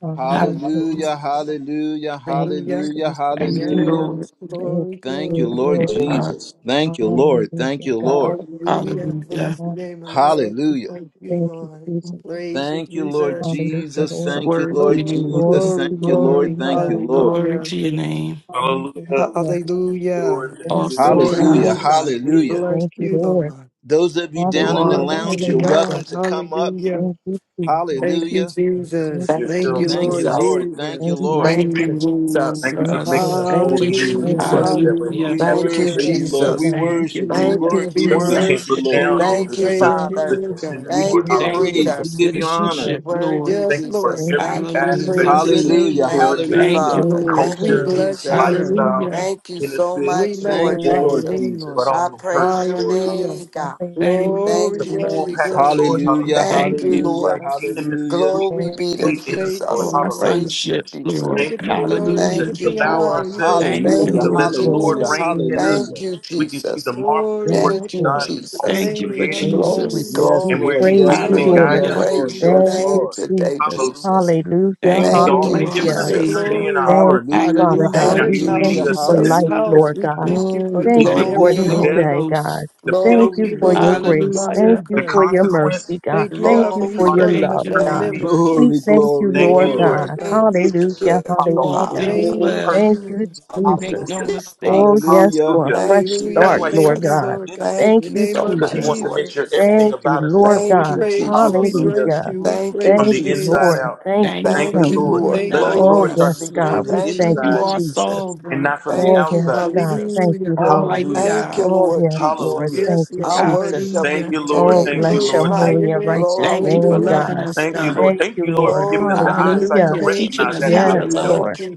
Speaker 3: Hallelujah.
Speaker 4: Hallelujah.
Speaker 3: Jesus.
Speaker 1: Hallelujah, hallelujah,
Speaker 3: Thank you,
Speaker 5: Hallelujah.
Speaker 1: hallelujah,
Speaker 3: Jesus.
Speaker 4: Thank you,
Speaker 1: hallelujah.
Speaker 4: Lord.
Speaker 5: Yes,
Speaker 3: Thank
Speaker 5: glory,
Speaker 1: Thank you,
Speaker 5: glory,
Speaker 3: you,
Speaker 4: Thank
Speaker 1: Lord
Speaker 4: you,
Speaker 3: Lord.
Speaker 5: glory.
Speaker 4: God.
Speaker 1: Jesus. Thank you, Lord. Thank
Speaker 3: Hallelujah,
Speaker 1: you,
Speaker 3: God.
Speaker 1: Lord.
Speaker 5: Hallelujah.
Speaker 4: Hallelujah.
Speaker 5: Bless the name of the
Speaker 3: Hallelujah.
Speaker 5: Lord. We
Speaker 1: Hallelujah.
Speaker 5: Thank you,
Speaker 3: Thank you,
Speaker 5: Lord. We
Speaker 3: Jesus.
Speaker 5: Praise you,
Speaker 1: Thank you, Lord
Speaker 5: Jesus.
Speaker 3: Hallelujah,
Speaker 1: Jesus.
Speaker 3: Lord.
Speaker 1: Thank you,
Speaker 4: Glory to be
Speaker 1: Lord
Speaker 4: the
Speaker 5: Glory,
Speaker 4: Lord.
Speaker 3: Glory
Speaker 1: Jesus.
Speaker 5: glory,
Speaker 3: to
Speaker 1: Thank you,
Speaker 3: your
Speaker 5: glory.
Speaker 1: Lord.
Speaker 3: name,
Speaker 1: Thank
Speaker 3: God.
Speaker 1: you, Lord.
Speaker 4: Glory
Speaker 5: Hallelujah.
Speaker 4: to your name.
Speaker 2: Hallelujah. Thank
Speaker 3: Hallelujah.
Speaker 2: you,
Speaker 5: Hallelujah.
Speaker 2: Lord. Thank
Speaker 3: Thank
Speaker 5: It's
Speaker 2: you,
Speaker 3: you,
Speaker 4: Awesome
Speaker 2: Lord.
Speaker 5: So
Speaker 2: Thank
Speaker 1: Hallelujah,
Speaker 2: you,
Speaker 5: you,
Speaker 4: God.
Speaker 5: God.
Speaker 3: Jesus.
Speaker 5: We
Speaker 1: hallelujah.
Speaker 5: bless
Speaker 3: Thank you,
Speaker 5: you,
Speaker 3: Lord.
Speaker 5: Lord.
Speaker 1: Those of you
Speaker 4: You
Speaker 1: down in the
Speaker 5: You're
Speaker 4: are
Speaker 3: Hallelujah.
Speaker 4: the
Speaker 1: lounge,
Speaker 5: mighty
Speaker 1: you're
Speaker 4: truth.
Speaker 3: Hallelujah.
Speaker 1: welcome
Speaker 5: God.
Speaker 1: to come up.
Speaker 5: Hallelujah.
Speaker 3: Thank you,
Speaker 2: Thank you, Lord,
Speaker 3: Jesus.
Speaker 5: Thank you,
Speaker 1: Hallelujah.
Speaker 2: for being us
Speaker 3: Thank
Speaker 2: with
Speaker 5: Jesus.
Speaker 3: you,
Speaker 6: Thank
Speaker 5: Thank
Speaker 6: you,
Speaker 2: yourself,
Speaker 5: you,
Speaker 1: Thank
Speaker 2: Lord.
Speaker 1: you,
Speaker 5: Lord
Speaker 3: Jesus.
Speaker 6: Jesus.
Speaker 2: Hallelujah.
Speaker 1: Lord.
Speaker 5: Jesus.
Speaker 1: Thank you,
Speaker 3: Thank
Speaker 4: You
Speaker 3: you,
Speaker 1: Lord.
Speaker 6: Thank
Speaker 4: reign
Speaker 6: you,
Speaker 3: Jesus.
Speaker 4: and rule
Speaker 6: Jesus.
Speaker 2: Thank you
Speaker 4: over
Speaker 3: Thank
Speaker 2: for
Speaker 3: you,
Speaker 2: making
Speaker 3: Lord.
Speaker 4: us.
Speaker 2: us
Speaker 6: Thank
Speaker 2: holy
Speaker 6: you,
Speaker 2: in you,
Speaker 3: Thank
Speaker 5: Hallelujah.
Speaker 3: you,
Speaker 2: Lord, so
Speaker 6: Jesus.
Speaker 2: that way
Speaker 3: Jesus.
Speaker 5: Hallelujah,
Speaker 4: Hallelujah.
Speaker 2: we
Speaker 1: We
Speaker 2: can have this
Speaker 6: Thank you,
Speaker 1: worship you,
Speaker 5: Jesus.
Speaker 3: Glory to
Speaker 1: Lord.
Speaker 2: relationship
Speaker 1: We
Speaker 6: Jesus.
Speaker 3: God.
Speaker 4: Thank you,
Speaker 1: worship. We,
Speaker 6: Thank
Speaker 4: Lord.
Speaker 6: you,
Speaker 1: wor- we
Speaker 5: We
Speaker 2: that we
Speaker 1: worship
Speaker 2: can't
Speaker 6: Jesus.
Speaker 1: you,
Speaker 2: look
Speaker 5: worship
Speaker 1: Lord.
Speaker 2: down
Speaker 5: you.
Speaker 3: Hallelujah.
Speaker 2: on
Speaker 5: We
Speaker 6: Thank
Speaker 2: because
Speaker 6: you,
Speaker 2: there's
Speaker 3: Hallelujah.
Speaker 2: nothing
Speaker 5: praise
Speaker 3: Thank
Speaker 5: you,
Speaker 2: but
Speaker 6: Father.
Speaker 5: Lord
Speaker 2: goodness in
Speaker 5: God.
Speaker 2: it,
Speaker 1: We
Speaker 2: Lord.
Speaker 1: give
Speaker 6: Thank
Speaker 1: you
Speaker 6: you,
Speaker 4: Thank
Speaker 2: Hallelujah.
Speaker 4: you
Speaker 1: praise.
Speaker 4: for
Speaker 1: We
Speaker 6: Jesus.
Speaker 1: give you honor.
Speaker 6: You
Speaker 4: citizenship, Lord.
Speaker 6: worthy,
Speaker 5: Yes,
Speaker 2: Thank you for
Speaker 5: Lord
Speaker 6: Jesus.
Speaker 5: God.
Speaker 2: every
Speaker 3: you,
Speaker 6: Thank you,
Speaker 5: We
Speaker 2: aspect
Speaker 4: Hallelujah.
Speaker 5: praise
Speaker 2: of
Speaker 6: Jesus.
Speaker 5: your
Speaker 3: Jesus.
Speaker 2: kingdom
Speaker 5: name,
Speaker 1: Hallelujah.
Speaker 5: Lord
Speaker 6: Thank
Speaker 5: God.
Speaker 6: you,
Speaker 2: character,
Speaker 4: Thank
Speaker 1: Hallelujah.
Speaker 4: you,
Speaker 3: Thank
Speaker 6: Father.
Speaker 4: Lord.
Speaker 3: you,
Speaker 6: Thank
Speaker 5: We
Speaker 6: you,
Speaker 2: culture,
Speaker 3: Lord.
Speaker 5: bless you,
Speaker 6: Jesus.
Speaker 5: Lord God.
Speaker 3: Hallelujah.
Speaker 2: lifestyle,
Speaker 4: Hallelujah.
Speaker 6: Thank you so
Speaker 2: benefit,
Speaker 5: We
Speaker 6: much,
Speaker 1: Thank
Speaker 6: Lord
Speaker 1: you,
Speaker 3: Lord,
Speaker 5: magnify
Speaker 2: reward,
Speaker 5: your
Speaker 1: Lord
Speaker 3: Lord.
Speaker 6: Jesus.
Speaker 5: name, Lord
Speaker 2: but
Speaker 1: Jesus.
Speaker 6: I
Speaker 2: also
Speaker 5: God.
Speaker 6: praise
Speaker 2: purpose,
Speaker 6: your
Speaker 2: Lord.
Speaker 5: Hallelujah.
Speaker 6: name,
Speaker 2: Hallelujah.
Speaker 6: God.
Speaker 3: Hallelujah.
Speaker 4: Thank you,
Speaker 6: Thank
Speaker 5: Glory,
Speaker 2: the
Speaker 6: you,
Speaker 4: Lord.
Speaker 2: full
Speaker 5: glory,
Speaker 2: package,
Speaker 6: Jesus.
Speaker 5: glory.
Speaker 2: Lord.
Speaker 3: Thank
Speaker 2: Hallelujah.
Speaker 3: you,
Speaker 1: Hallelujah.
Speaker 2: The
Speaker 6: Thank
Speaker 4: Thank
Speaker 6: you,
Speaker 4: you
Speaker 3: Jesus.
Speaker 1: Hallelujah.
Speaker 6: Lord.
Speaker 5: Bless you.
Speaker 2: kingdom is
Speaker 1: Hallelujah.
Speaker 2: complete
Speaker 6: Glory
Speaker 2: it's
Speaker 3: Thank
Speaker 6: be
Speaker 3: you,
Speaker 6: to
Speaker 2: complete in
Speaker 3: Jesus.
Speaker 2: us,
Speaker 5: Thank
Speaker 2: Lord.
Speaker 5: you,
Speaker 6: Jesus.
Speaker 4: for our
Speaker 5: Lord.
Speaker 2: Hallelujah.
Speaker 6: Praise you,
Speaker 4: sonship,
Speaker 5: You
Speaker 6: Jesus.
Speaker 4: Lord.
Speaker 2: Thank
Speaker 5: get
Speaker 2: you,
Speaker 5: the
Speaker 3: Thank
Speaker 2: Lord
Speaker 3: you,
Speaker 5: glory. You
Speaker 4: Hallelujah.
Speaker 2: Jesus. If
Speaker 6: Thank
Speaker 5: get
Speaker 6: you,
Speaker 2: we
Speaker 5: the
Speaker 2: allow
Speaker 3: Lord.
Speaker 5: honor.
Speaker 6: Lord.
Speaker 5: You get
Speaker 2: ourselves
Speaker 5: the
Speaker 4: Thank you,
Speaker 1: Hallelujah.
Speaker 6: Thank
Speaker 3: Yes,
Speaker 2: to
Speaker 5: praise.
Speaker 6: you,
Speaker 5: The
Speaker 2: let
Speaker 4: Lord.
Speaker 2: the
Speaker 3: Lord.
Speaker 2: Lord
Speaker 1: Hallelujah.
Speaker 6: Jesus.
Speaker 5: glory.
Speaker 2: reign
Speaker 3: Hallelujah.
Speaker 2: in us,
Speaker 6: Thank
Speaker 1: Hallelujah.
Speaker 6: you,
Speaker 2: we can see
Speaker 6: Jesus.
Speaker 2: the marvelous
Speaker 5: Glory.
Speaker 3: Yes,
Speaker 2: work
Speaker 6: Thank
Speaker 5: Let
Speaker 2: that
Speaker 5: your
Speaker 6: you,
Speaker 2: God
Speaker 3: Lord.
Speaker 2: has already
Speaker 6: Jesus.
Speaker 4: Thank you for
Speaker 5: reign.
Speaker 2: created
Speaker 3: Thank you,
Speaker 6: Glory,
Speaker 3: Jesus.
Speaker 5: Hallelujah.
Speaker 4: Jesus.
Speaker 1: Yes,
Speaker 3: We
Speaker 2: and
Speaker 6: glory,
Speaker 2: where
Speaker 1: Lord.
Speaker 2: He's
Speaker 3: praise
Speaker 1: Yes,
Speaker 3: you,
Speaker 2: leading
Speaker 6: Jesus.
Speaker 2: and
Speaker 1: Lord.
Speaker 5: Reign.
Speaker 3: Lord.
Speaker 2: guiding
Speaker 1: Yes,
Speaker 2: us
Speaker 4: Hallelujah.
Speaker 1: Lord.
Speaker 6: Praise
Speaker 2: to.
Speaker 6: your
Speaker 1: Yes,
Speaker 5: Hallelujah.
Speaker 3: Thank
Speaker 6: name
Speaker 3: you,
Speaker 1: Lord.
Speaker 6: today,
Speaker 3: Jesus.
Speaker 2: Hallelujah.
Speaker 6: Jesus.
Speaker 3: Hallelujah.
Speaker 4: Thank
Speaker 5: Lord,
Speaker 2: He's
Speaker 4: you
Speaker 5: we
Speaker 6: Thank you,
Speaker 4: for
Speaker 2: already
Speaker 5: thank
Speaker 4: our
Speaker 5: you
Speaker 2: given
Speaker 5: for
Speaker 3: Hallelujah.
Speaker 2: us
Speaker 5: your
Speaker 6: Jesus.
Speaker 2: eternity
Speaker 4: Savior.
Speaker 2: in our
Speaker 5: glory.
Speaker 3: Thank
Speaker 2: hearts.
Speaker 3: you, Father
Speaker 1: Hallelujah.
Speaker 5: in
Speaker 3: God.
Speaker 2: Now
Speaker 4: Hallelujah.
Speaker 6: Thank
Speaker 3: We
Speaker 5: this
Speaker 2: He's
Speaker 6: you,
Speaker 3: thank
Speaker 1: Hallelujah.
Speaker 2: leading
Speaker 5: house,
Speaker 2: us
Speaker 3: you for
Speaker 5: in
Speaker 2: to that
Speaker 5: this
Speaker 6: Jesus.
Speaker 3: life,
Speaker 1: Hallelujah.
Speaker 5: house.
Speaker 3: Lord
Speaker 2: eternity.
Speaker 5: We
Speaker 3: God.
Speaker 5: thank you for
Speaker 6: Mm,
Speaker 3: Thank
Speaker 2: He's
Speaker 5: each
Speaker 3: you
Speaker 5: and
Speaker 4: Thank you
Speaker 3: for
Speaker 5: every
Speaker 3: a
Speaker 2: removed
Speaker 4: for
Speaker 2: the
Speaker 4: the
Speaker 3: new
Speaker 5: one
Speaker 6: glory,
Speaker 5: of
Speaker 4: Holy
Speaker 2: death,
Speaker 3: day,
Speaker 5: us.
Speaker 3: God.
Speaker 4: Ghost.
Speaker 2: the
Speaker 3: Thank
Speaker 5: Thank
Speaker 6: glory
Speaker 3: you
Speaker 5: you,
Speaker 2: penalty,
Speaker 3: for
Speaker 6: be
Speaker 3: your
Speaker 6: to
Speaker 5: Lord, for the
Speaker 3: grace.
Speaker 6: Jesus.
Speaker 5: body
Speaker 3: Thank
Speaker 5: of
Speaker 4: Hallelujah.
Speaker 2: the
Speaker 3: you for your
Speaker 5: Christ.
Speaker 3: mercy,
Speaker 2: consequence,
Speaker 3: God.
Speaker 5: Thank you,
Speaker 3: Thank
Speaker 2: and
Speaker 5: God,
Speaker 2: He
Speaker 5: for
Speaker 3: you for
Speaker 5: each
Speaker 6: Glory.
Speaker 2: brought
Speaker 3: your
Speaker 5: one
Speaker 2: us
Speaker 5: of
Speaker 2: into
Speaker 4: Thank
Speaker 3: love,
Speaker 5: us
Speaker 4: you,
Speaker 5: as
Speaker 2: perfect
Speaker 3: God.
Speaker 6: Thank
Speaker 4: Lord.
Speaker 6: you,
Speaker 2: peace.
Speaker 5: members.
Speaker 3: We
Speaker 1: Glory,
Speaker 3: thank
Speaker 6: Jesus.
Speaker 3: you,
Speaker 1: glory,
Speaker 2: Thank
Speaker 5: Thank
Speaker 2: you,
Speaker 3: Lord
Speaker 5: you,
Speaker 1: glory.
Speaker 2: Lord.
Speaker 5: Lord
Speaker 3: God.
Speaker 6: Thank
Speaker 5: God.
Speaker 2: He is
Speaker 3: Hallelujah.
Speaker 6: you,
Speaker 2: concerned about
Speaker 4: Do
Speaker 2: the
Speaker 4: all
Speaker 5: In the
Speaker 3: Hallelujah.
Speaker 6: Father.
Speaker 4: things
Speaker 5: name
Speaker 2: whole
Speaker 5: of
Speaker 4: well.
Speaker 3: Thank
Speaker 2: person.
Speaker 3: you,
Speaker 5: Jesus.
Speaker 4: We
Speaker 5: I
Speaker 4: make
Speaker 5: Thank you.
Speaker 3: Jesus.
Speaker 4: no
Speaker 2: Hallelujah.
Speaker 6: Hallelujah.
Speaker 3: Oh, yes,
Speaker 4: mistakes.
Speaker 1: Hallelujah.
Speaker 3: for a
Speaker 2: Hallelujah.
Speaker 3: fresh
Speaker 6: Thank you,
Speaker 2: That's
Speaker 5: Hallelujah.
Speaker 3: start,
Speaker 2: why he
Speaker 5: Thank
Speaker 3: Lord
Speaker 2: comes and
Speaker 5: you,
Speaker 6: Jesus.
Speaker 3: God.
Speaker 2: lives in
Speaker 5: Lord God.
Speaker 2: us
Speaker 5: In
Speaker 3: Thank
Speaker 6: Thank
Speaker 5: the
Speaker 6: you
Speaker 3: you,
Speaker 5: name
Speaker 6: so
Speaker 5: of
Speaker 2: because he
Speaker 6: much,
Speaker 2: wants
Speaker 3: Jesus.
Speaker 2: to
Speaker 6: Lord
Speaker 2: make sure
Speaker 5: Jesus.
Speaker 2: everything
Speaker 6: Jesus.
Speaker 3: Thank you,
Speaker 2: about us is
Speaker 3: Lord
Speaker 5: We
Speaker 6: Thank
Speaker 2: complete.
Speaker 3: God.
Speaker 6: you,
Speaker 5: praise you. We
Speaker 6: Jesus.
Speaker 2: Hallelujah.
Speaker 5: bless
Speaker 3: Hallelujah.
Speaker 5: you. We
Speaker 6: Thank you,
Speaker 2: From
Speaker 5: praise
Speaker 3: Thank
Speaker 2: the
Speaker 5: your
Speaker 3: you,
Speaker 5: name,
Speaker 2: inside
Speaker 6: Jesus.
Speaker 3: Lord.
Speaker 2: out.
Speaker 5: Lord.
Speaker 3: Thank you,
Speaker 4: Thank you
Speaker 2: Thank
Speaker 4: for
Speaker 2: you,
Speaker 6: Thank
Speaker 3: thank
Speaker 6: you,
Speaker 3: you.
Speaker 2: Lord.
Speaker 4: leading
Speaker 6: Lord.
Speaker 4: and
Speaker 5: Thank
Speaker 2: Let us,
Speaker 5: you,
Speaker 4: guiding
Speaker 3: Oh,
Speaker 2: Lord,
Speaker 5: Lord
Speaker 6: Glory.
Speaker 5: God.
Speaker 2: start
Speaker 3: yes,
Speaker 4: us.
Speaker 5: In
Speaker 2: thinking
Speaker 5: the
Speaker 3: God.
Speaker 2: from
Speaker 5: name
Speaker 2: the
Speaker 3: We
Speaker 5: of
Speaker 6: Thank
Speaker 3: thank
Speaker 6: you,
Speaker 4: You
Speaker 3: you,
Speaker 2: inside
Speaker 4: are
Speaker 5: Jesus.
Speaker 6: Jesus.
Speaker 3: Jesus.
Speaker 2: and
Speaker 4: sovereign,
Speaker 2: not from the
Speaker 3: Oh,
Speaker 6: Thank you,
Speaker 3: yes,
Speaker 2: outside.
Speaker 3: God.
Speaker 6: Jesus.
Speaker 3: Thank
Speaker 5: Hallelujah.
Speaker 3: you, Lord.
Speaker 4: Almighty
Speaker 2: Hallelujah.
Speaker 5: Hallelujah.
Speaker 6: Thank
Speaker 4: God.
Speaker 6: you,
Speaker 3: Oh,
Speaker 6: Lord
Speaker 3: yes, Lord.
Speaker 6: Jesus.
Speaker 2: Hallelujah.
Speaker 3: Thank
Speaker 5: Yes,
Speaker 3: you,
Speaker 6: I
Speaker 5: Lord.
Speaker 3: Jesus.
Speaker 6: worship
Speaker 2: Thank
Speaker 4: Hallelujah.
Speaker 6: you
Speaker 2: you, Lord.
Speaker 5: We
Speaker 3: Oh,
Speaker 6: today,
Speaker 2: Thank you,
Speaker 3: bless your
Speaker 2: Lord.
Speaker 5: glorify
Speaker 6: Jesus.
Speaker 2: Thank you.
Speaker 3: holy
Speaker 5: your
Speaker 3: and
Speaker 5: name.
Speaker 3: righteous
Speaker 4: Thank
Speaker 6: Glory
Speaker 4: you
Speaker 6: be
Speaker 4: for
Speaker 3: name,
Speaker 6: to
Speaker 5: Hallelujah.
Speaker 4: loving
Speaker 3: God.
Speaker 4: us,
Speaker 2: Thank
Speaker 6: Jesus.
Speaker 2: you,
Speaker 4: God.
Speaker 2: Lord.
Speaker 5: Hallelujah.
Speaker 3: Thank
Speaker 2: Thank you,
Speaker 3: you,
Speaker 2: Lord, for
Speaker 3: Lord.
Speaker 2: giving us
Speaker 6: Glory
Speaker 2: the
Speaker 6: be to
Speaker 2: eyesight to
Speaker 3: Hallelujah.
Speaker 4: Hallelujah.
Speaker 5: Thank
Speaker 6: Jesus.
Speaker 5: you,
Speaker 4: Teaching
Speaker 2: recognize
Speaker 4: us
Speaker 2: that's
Speaker 4: how
Speaker 2: what
Speaker 3: Yes,
Speaker 4: to
Speaker 5: Jesus.
Speaker 2: you're doing.
Speaker 4: love.
Speaker 3: Lord.
Speaker 6: Thank you,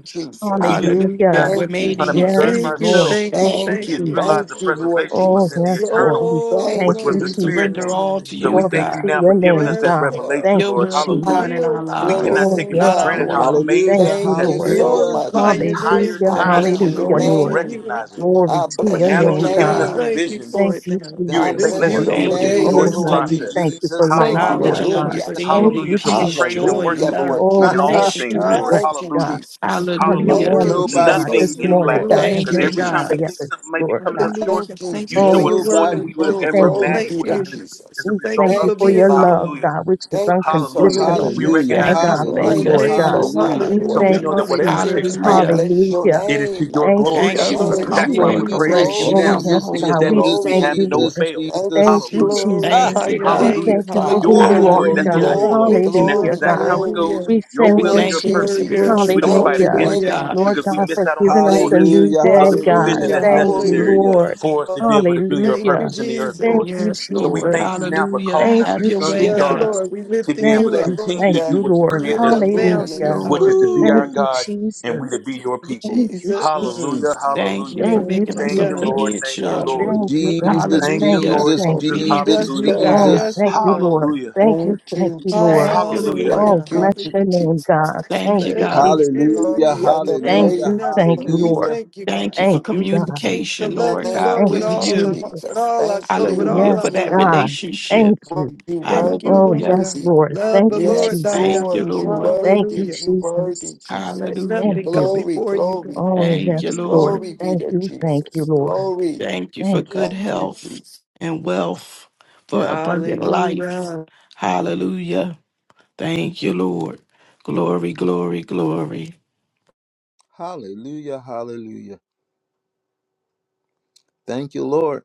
Speaker 2: We
Speaker 6: Jesus.
Speaker 2: didn't have any
Speaker 3: Hallelujah.
Speaker 4: Hallelujah.
Speaker 2: idea.
Speaker 4: We're
Speaker 6: Thank
Speaker 2: We were
Speaker 6: you,
Speaker 4: made
Speaker 2: trying
Speaker 4: in
Speaker 2: to
Speaker 4: your
Speaker 3: Yes,
Speaker 2: preserve
Speaker 6: Jesus.
Speaker 5: Thank you,
Speaker 3: Lord.
Speaker 4: image.
Speaker 2: ourselves
Speaker 5: thank
Speaker 3: Thank
Speaker 5: you,
Speaker 3: you,
Speaker 6: Thank
Speaker 2: and
Speaker 5: thank
Speaker 6: you.
Speaker 2: didn't
Speaker 5: you.
Speaker 2: realize the
Speaker 6: Thank
Speaker 3: Jesus.
Speaker 6: you, Lord
Speaker 2: preservation
Speaker 3: Oh,
Speaker 2: was in the
Speaker 6: Jesus.
Speaker 3: yes, Lord.
Speaker 2: eternal,
Speaker 3: We
Speaker 5: Glory,
Speaker 3: thank
Speaker 6: Thank
Speaker 2: which was
Speaker 3: you,
Speaker 2: the
Speaker 4: We
Speaker 6: you.
Speaker 5: glory,
Speaker 2: spirit
Speaker 5: glory,
Speaker 4: surrender
Speaker 3: Jesus.
Speaker 2: man.
Speaker 4: all to
Speaker 5: glory.
Speaker 2: So we
Speaker 4: you,
Speaker 3: Glory
Speaker 2: thank you
Speaker 4: God.
Speaker 3: to
Speaker 2: now
Speaker 3: your
Speaker 2: for giving
Speaker 3: name,
Speaker 2: us that
Speaker 5: Yes,
Speaker 3: God.
Speaker 5: Lord.
Speaker 2: revelation,
Speaker 3: Thank
Speaker 4: Your
Speaker 3: you,
Speaker 2: Lord.
Speaker 4: will be
Speaker 3: Jesus.
Speaker 4: done
Speaker 2: Hallelujah.
Speaker 4: in our
Speaker 5: Yield to
Speaker 2: We
Speaker 5: you,
Speaker 2: cannot
Speaker 3: Oh,
Speaker 4: lives,
Speaker 2: take
Speaker 5: Lord
Speaker 2: it for
Speaker 4: not
Speaker 3: yes,
Speaker 5: God.
Speaker 4: our
Speaker 6: Hallelujah.
Speaker 2: granted
Speaker 3: Lord.
Speaker 2: how
Speaker 3: We
Speaker 4: will.
Speaker 3: thank
Speaker 1: Hallelujah.
Speaker 2: amazing you
Speaker 3: you,
Speaker 6: Thank
Speaker 2: have
Speaker 6: you
Speaker 3: Lord.
Speaker 2: been
Speaker 6: so
Speaker 1: Hallelujah.
Speaker 6: much,
Speaker 2: the
Speaker 5: Glorify your
Speaker 6: Jesus.
Speaker 2: entire
Speaker 5: name,
Speaker 3: Hallelujah,
Speaker 6: I
Speaker 5: Lord
Speaker 2: time
Speaker 4: Thank
Speaker 2: where
Speaker 4: you,
Speaker 6: bless
Speaker 5: God.
Speaker 2: we
Speaker 5: We
Speaker 6: your
Speaker 3: hallelujah,
Speaker 2: weren't
Speaker 4: Lord.
Speaker 2: even
Speaker 3: Lord.
Speaker 5: lifted
Speaker 6: name.
Speaker 5: you up,
Speaker 2: recognizing. you.
Speaker 5: Lord
Speaker 3: Glory
Speaker 6: I
Speaker 5: God.
Speaker 3: to
Speaker 2: But
Speaker 3: your
Speaker 6: bless
Speaker 2: now
Speaker 6: your
Speaker 2: that
Speaker 4: Thank
Speaker 3: name,
Speaker 2: you're
Speaker 4: you,
Speaker 2: giving
Speaker 3: God.
Speaker 2: us the
Speaker 4: God.
Speaker 6: name,
Speaker 5: Thank you
Speaker 2: vision,
Speaker 5: for
Speaker 3: Thank
Speaker 6: Jesus.
Speaker 5: it
Speaker 3: you,
Speaker 5: now.
Speaker 6: I
Speaker 2: you
Speaker 1: Thank
Speaker 3: Jesus,
Speaker 5: This
Speaker 2: let,
Speaker 1: you,
Speaker 2: let
Speaker 6: bless
Speaker 3: Lord.
Speaker 2: us be
Speaker 6: your
Speaker 5: beautiful
Speaker 2: able
Speaker 4: Thank
Speaker 2: to
Speaker 4: you for
Speaker 5: day,
Speaker 6: name,
Speaker 2: enjoy
Speaker 3: Oh,
Speaker 2: the
Speaker 5: Lord.
Speaker 1: Jesus.
Speaker 3: Lord,
Speaker 1: Thank
Speaker 6: Lord
Speaker 4: wisdom,
Speaker 3: we
Speaker 1: you,
Speaker 3: thank
Speaker 2: process.
Speaker 3: you
Speaker 6: Jesus.
Speaker 3: for
Speaker 1: Jesus.
Speaker 3: life,
Speaker 1: Thank
Speaker 5: Thank you,
Speaker 1: you,
Speaker 4: knowledge,
Speaker 2: Hallelujah.
Speaker 3: Lord
Speaker 5: God,
Speaker 4: and
Speaker 5: Lord,
Speaker 3: God.
Speaker 1: Jesus.
Speaker 6: Hallelujah.
Speaker 5: for
Speaker 1: Thank
Speaker 3: Thank
Speaker 1: you,
Speaker 4: understanding,
Speaker 5: you.
Speaker 2: Hallelujah.
Speaker 3: you,
Speaker 2: So we
Speaker 4: peace,
Speaker 1: Jesus.
Speaker 2: praise
Speaker 3: Jesus.
Speaker 2: and
Speaker 4: joy,
Speaker 6: Hallelujah,
Speaker 4: and
Speaker 2: worship you
Speaker 4: love,
Speaker 6: Lord
Speaker 3: Oh,
Speaker 2: in
Speaker 3: let
Speaker 4: and
Speaker 5: Thank
Speaker 2: all
Speaker 3: your
Speaker 6: Jesus.
Speaker 5: you for
Speaker 2: things,
Speaker 3: peace
Speaker 1: (laughs)
Speaker 2: Lord.
Speaker 4: strength.
Speaker 3: rest,
Speaker 6: Thank you,
Speaker 2: Hallelujah.
Speaker 3: God,
Speaker 6: Jesus.
Speaker 3: upon the
Speaker 5: your
Speaker 1: It's
Speaker 2: Hallelujah.
Speaker 4: Hallelujah.
Speaker 6: Thank you,
Speaker 5: word
Speaker 3: families,
Speaker 5: that's
Speaker 1: nobody
Speaker 3: God,
Speaker 1: but
Speaker 2: Nothing
Speaker 3: this
Speaker 6: Jesus.
Speaker 1: you,
Speaker 2: in
Speaker 5: filtering
Speaker 3: morning,
Speaker 2: lack.
Speaker 1: Lord.
Speaker 5: through
Speaker 3: God, and
Speaker 5: us.
Speaker 4: Thank
Speaker 6: Thank
Speaker 2: Because
Speaker 6: you,
Speaker 5: now.
Speaker 4: you,
Speaker 3: many
Speaker 2: every time
Speaker 4: God.
Speaker 2: we think
Speaker 6: Jesus.
Speaker 3: others,
Speaker 2: something may be
Speaker 3: Lord
Speaker 2: coming
Speaker 3: God.
Speaker 2: up short,
Speaker 5: Hallelujah.
Speaker 6: Thank you,
Speaker 5: Thank
Speaker 2: you
Speaker 5: you for
Speaker 3: Oh,
Speaker 2: show us
Speaker 5: your
Speaker 6: Jesus.
Speaker 3: yes,
Speaker 2: more than
Speaker 3: God.
Speaker 1: Nobody
Speaker 5: word.
Speaker 2: we would
Speaker 3: We
Speaker 1: but
Speaker 2: have
Speaker 6: Oh,
Speaker 2: ever
Speaker 1: you,
Speaker 3: thank
Speaker 6: glory
Speaker 3: you,
Speaker 1: Lord.
Speaker 5: Thank
Speaker 2: imagined
Speaker 6: be
Speaker 2: would have
Speaker 6: to
Speaker 3: God.
Speaker 2: been
Speaker 5: you.
Speaker 2: as a
Speaker 6: Jesus.
Speaker 3: We
Speaker 5: Thank
Speaker 2: result
Speaker 3: thank
Speaker 5: you
Speaker 3: you
Speaker 2: of
Speaker 5: for
Speaker 2: it,
Speaker 6: Thank
Speaker 3: for
Speaker 6: you,
Speaker 5: being
Speaker 2: Lord.
Speaker 3: your
Speaker 5: the
Speaker 3: love,
Speaker 6: Father.
Speaker 5: one.
Speaker 2: Hallelujah.
Speaker 3: God, which is
Speaker 6: Thank you so
Speaker 2: Hallelujah.
Speaker 3: unconditional
Speaker 6: much,
Speaker 2: We
Speaker 5: Hallelujah.
Speaker 1: Hallelujah,
Speaker 3: and
Speaker 6: Jesus.
Speaker 2: recognize
Speaker 4: Thank
Speaker 2: it is
Speaker 4: you for
Speaker 2: your
Speaker 3: agape,
Speaker 4: our
Speaker 1: hallelujah,
Speaker 6: Thank
Speaker 2: will.
Speaker 6: you
Speaker 3: Lord
Speaker 5: Thank
Speaker 3: God.
Speaker 6: so
Speaker 5: you.
Speaker 4: destinies,
Speaker 1: hallelujah.
Speaker 6: much,
Speaker 4: God.
Speaker 3: We
Speaker 2: So
Speaker 6: Lord
Speaker 2: we
Speaker 3: thank
Speaker 5: Hallelujah.
Speaker 2: know
Speaker 3: you,
Speaker 2: that
Speaker 6: Jesus.
Speaker 2: whatever
Speaker 3: Jesus.
Speaker 2: takes
Speaker 5: Hallelujah.
Speaker 6: I
Speaker 2: place,
Speaker 4: Hallelujah.
Speaker 6: bless your
Speaker 3: Hallelujah.
Speaker 2: it is to
Speaker 6: name. I
Speaker 2: your
Speaker 3: Thank
Speaker 6: bless
Speaker 3: you,
Speaker 2: glory.
Speaker 6: your
Speaker 4: Thank
Speaker 5: Yeah,
Speaker 4: you for
Speaker 5: Lord
Speaker 2: And
Speaker 3: Jesus,
Speaker 6: name.
Speaker 2: that's
Speaker 4: comfort
Speaker 2: why
Speaker 4: and
Speaker 2: we're
Speaker 3: Lord.
Speaker 2: praising
Speaker 1: Jesus,
Speaker 5: Jesus.
Speaker 2: you
Speaker 4: correction
Speaker 3: Oh,
Speaker 6: Glory,
Speaker 2: now,
Speaker 4: from the
Speaker 3: yes,
Speaker 1: Jesus,
Speaker 4: Holy
Speaker 2: because
Speaker 3: God.
Speaker 2: that
Speaker 3: We
Speaker 1: Jesus,
Speaker 2: means we
Speaker 4: Ghost.
Speaker 3: thank
Speaker 2: have
Speaker 6: glory.
Speaker 3: you,
Speaker 2: no
Speaker 1: Jesus,
Speaker 3: Lord.
Speaker 2: fail.
Speaker 6: Thank you,
Speaker 3: Thank
Speaker 1: Jesus.
Speaker 3: you,
Speaker 2: Hallelujah.
Speaker 6: Jesus.
Speaker 1: Ah,
Speaker 3: Jesus.
Speaker 4: Thank
Speaker 5: Glorify
Speaker 4: you,
Speaker 5: your
Speaker 3: We
Speaker 4: God.
Speaker 6: Thank you,
Speaker 2: Hallelujah.
Speaker 5: name.
Speaker 3: thank you
Speaker 2: To
Speaker 1: (laughs)
Speaker 3: for
Speaker 6: Father.
Speaker 3: who
Speaker 2: your
Speaker 3: you
Speaker 1: glory,
Speaker 3: are,
Speaker 5: Hallelujah.
Speaker 2: glory.
Speaker 1: glory,
Speaker 2: That's
Speaker 3: God.
Speaker 2: what you
Speaker 4: Hallelujah.
Speaker 1: glory,
Speaker 2: want.
Speaker 6: Glory,
Speaker 1: glory.
Speaker 5: Lift
Speaker 2: And that's
Speaker 5: you up.
Speaker 3: Hallelujah,
Speaker 6: glory,
Speaker 2: exactly
Speaker 3: God.
Speaker 2: how it
Speaker 6: glory.
Speaker 2: goes.
Speaker 5: Hallelujah.
Speaker 3: We
Speaker 2: Your
Speaker 3: thank
Speaker 4: We
Speaker 2: will
Speaker 3: you,
Speaker 2: and
Speaker 5: Glory,
Speaker 2: your
Speaker 6: Thank
Speaker 4: thank you
Speaker 6: you,
Speaker 4: for
Speaker 3: Jesus.
Speaker 2: purpose.
Speaker 5: glory,
Speaker 6: Jesus.
Speaker 4: spiritual
Speaker 2: We
Speaker 5: glory.
Speaker 2: don't
Speaker 6: Thank
Speaker 2: fight
Speaker 4: growth,
Speaker 6: you,
Speaker 3: Hallelujah.
Speaker 4: Lord
Speaker 2: against it
Speaker 6: thank
Speaker 5: Hallelujah.
Speaker 6: you,
Speaker 4: God.
Speaker 3: Lord
Speaker 2: because we
Speaker 3: God,
Speaker 6: Jesus.
Speaker 2: miss
Speaker 3: for
Speaker 2: out on the
Speaker 3: giving us a
Speaker 6: Thank
Speaker 2: fullness
Speaker 3: new
Speaker 6: you.
Speaker 1: Hallelujah,
Speaker 3: day,
Speaker 2: of the
Speaker 6: Yes,
Speaker 3: God.
Speaker 2: provision
Speaker 1: hallelujah,
Speaker 5: Hallelujah.
Speaker 2: that's
Speaker 3: Thank you,
Speaker 6: Lord.
Speaker 2: necessary
Speaker 1: hallelujah.
Speaker 5: Hallelujah.
Speaker 3: Lord.
Speaker 2: for us to be able to do your
Speaker 5: Thank you,
Speaker 3: Hallelujah.
Speaker 2: purpose in the earth,
Speaker 3: Thank
Speaker 2: Lord.
Speaker 5: Jesus.
Speaker 3: you,
Speaker 4: Yes,
Speaker 2: So we
Speaker 4: Lord.
Speaker 2: thank you
Speaker 3: Jesus.
Speaker 2: now for
Speaker 4: Hallelujah.
Speaker 2: calling
Speaker 3: Thank
Speaker 2: us
Speaker 4: Have
Speaker 2: as
Speaker 3: you,
Speaker 4: your
Speaker 2: sons
Speaker 4: way,
Speaker 2: and
Speaker 5: Yes,
Speaker 4: God.
Speaker 3: Jesus.
Speaker 2: daughters
Speaker 5: Lord. We
Speaker 2: to be
Speaker 5: lifted
Speaker 2: able
Speaker 3: Thank
Speaker 2: to
Speaker 5: you up.
Speaker 3: you,
Speaker 2: continue
Speaker 3: thank
Speaker 2: to
Speaker 6: Hallelujah.
Speaker 2: do
Speaker 3: you,
Speaker 2: what you
Speaker 5: We
Speaker 3: Lord.
Speaker 2: created
Speaker 5: lift
Speaker 2: us to
Speaker 5: up
Speaker 2: do,
Speaker 4: Yes,
Speaker 6: Hallelujah,
Speaker 5: families.
Speaker 3: Hallelujah.
Speaker 2: which
Speaker 6: Jesus.
Speaker 2: is
Speaker 4: Lord.
Speaker 2: to be
Speaker 3: Thank
Speaker 2: our
Speaker 5: Hallelujah.
Speaker 1: Woo.
Speaker 3: you,
Speaker 2: God and we to
Speaker 3: Jesus.
Speaker 2: be
Speaker 5: Yes,
Speaker 2: your people.
Speaker 3: Thank you,
Speaker 5: Jesus.
Speaker 1: Mm.
Speaker 2: Hallelujah.
Speaker 3: Jesus.
Speaker 4: Thank you
Speaker 2: Hallelujah.
Speaker 4: for
Speaker 3: Thank you,
Speaker 5: You
Speaker 4: making
Speaker 5: are
Speaker 4: us
Speaker 2: Thank you,
Speaker 5: God.
Speaker 2: Lord.
Speaker 3: Jesus.
Speaker 4: obedient
Speaker 2: Thank you, Lord.
Speaker 4: children.
Speaker 3: Thank you,
Speaker 5: Hallelujah.
Speaker 3: God.
Speaker 1: Jesus,
Speaker 2: Thank you,
Speaker 3: Thank you,
Speaker 4: Hallelujah.
Speaker 2: Lord
Speaker 1: Jesus,
Speaker 3: thank
Speaker 2: Jesus.
Speaker 3: you.
Speaker 4: Obedient to
Speaker 5: Yes,
Speaker 1: Jesus,
Speaker 4: you,
Speaker 2: Hallelujah.
Speaker 5: Lord.
Speaker 3: Oh,
Speaker 4: God.
Speaker 5: Yes,
Speaker 1: Jesus.
Speaker 3: thank you,
Speaker 5: Lord.
Speaker 3: Lord.
Speaker 2: Hallelujah.
Speaker 3: Thank you,
Speaker 6: Thank
Speaker 3: thank
Speaker 6: you,
Speaker 3: you,
Speaker 6: Jesus.
Speaker 3: Lord.
Speaker 4: Thank you,
Speaker 2: Hallelujah.
Speaker 4: Lord.
Speaker 3: Oh,
Speaker 5: Hallelujah.
Speaker 6: Thank you,
Speaker 3: bless your
Speaker 5: Hallelujah.
Speaker 3: name,
Speaker 6: Jesus.
Speaker 3: God.
Speaker 4: Thank
Speaker 3: Thank
Speaker 4: you,
Speaker 3: you,
Speaker 5: Let
Speaker 4: God.
Speaker 5: your
Speaker 3: Jesus.
Speaker 5: spirit
Speaker 1: Hallelujah,
Speaker 6: Worthy
Speaker 5: reign
Speaker 6: of the
Speaker 5: and
Speaker 3: Thank
Speaker 5: reigns
Speaker 6: praise,
Speaker 1: hallelujah,
Speaker 3: you,
Speaker 5: in us,
Speaker 3: thank you,
Speaker 5: Lord. We
Speaker 6: you,
Speaker 3: Lord.
Speaker 1: hallelujah.
Speaker 5: thank you, God.
Speaker 4: Thank you for
Speaker 3: Thank you,
Speaker 6: Jesus.
Speaker 3: God.
Speaker 5: We shall
Speaker 4: communication,
Speaker 5: love
Speaker 4: Lord
Speaker 5: you,
Speaker 6: Thank
Speaker 4: God,
Speaker 5: Lord,
Speaker 3: Thank
Speaker 5: with
Speaker 4: with
Speaker 3: you,
Speaker 6: you,
Speaker 5: all our
Speaker 4: you.
Speaker 5: heart, with
Speaker 3: Jesus.
Speaker 6: Jesus.
Speaker 5: all our
Speaker 6: Thank
Speaker 5: soul, with
Speaker 6: you.
Speaker 4: Hallelujah.
Speaker 5: all our
Speaker 4: For
Speaker 3: Yes,
Speaker 4: that
Speaker 6: You
Speaker 5: mind.
Speaker 3: God.
Speaker 4: relationship.
Speaker 3: Thank
Speaker 6: are
Speaker 3: you.
Speaker 5: Thank
Speaker 6: you
Speaker 5: you,
Speaker 3: Oh,
Speaker 5: Lord
Speaker 4: Hallelujah.
Speaker 3: yes,
Speaker 5: God.
Speaker 6: worthy.
Speaker 3: Lord.
Speaker 5: Love
Speaker 3: Thank
Speaker 5: the
Speaker 3: you,
Speaker 5: Lord
Speaker 6: Yes,
Speaker 5: thy
Speaker 3: Jesus.
Speaker 4: Thank you,
Speaker 5: God.
Speaker 6: Lord, you
Speaker 4: Lord.
Speaker 3: Thank
Speaker 6: worthy,
Speaker 3: you,
Speaker 5: Hallelujah.
Speaker 6: you worthy,
Speaker 3: Jesus.
Speaker 5: Let
Speaker 6: Jesus.
Speaker 3: Thank
Speaker 4: Hallelujah.
Speaker 5: nothing
Speaker 3: you.
Speaker 5: come
Speaker 6: Glory,
Speaker 5: before you, God.
Speaker 6: glory,
Speaker 3: Oh,
Speaker 4: Thank you,
Speaker 5: Thank
Speaker 3: yes,
Speaker 5: you,
Speaker 4: Lord.
Speaker 3: Lord.
Speaker 6: glory
Speaker 5: Jesus.
Speaker 6: be
Speaker 3: Thank
Speaker 6: to
Speaker 3: you, thank you,
Speaker 6: Jesus.
Speaker 3: Lord.
Speaker 6: Glory.
Speaker 4: Thank you for
Speaker 3: Thank you.
Speaker 4: good
Speaker 6: Thank you,
Speaker 4: health
Speaker 6: Jesus.
Speaker 4: and wealth, for abundant life.
Speaker 5: Hallelujah.
Speaker 4: Hallelujah. Thank you, Lord. Glory, glory, glory.
Speaker 1: Hallelujah, hallelujah. Thank you, Lord.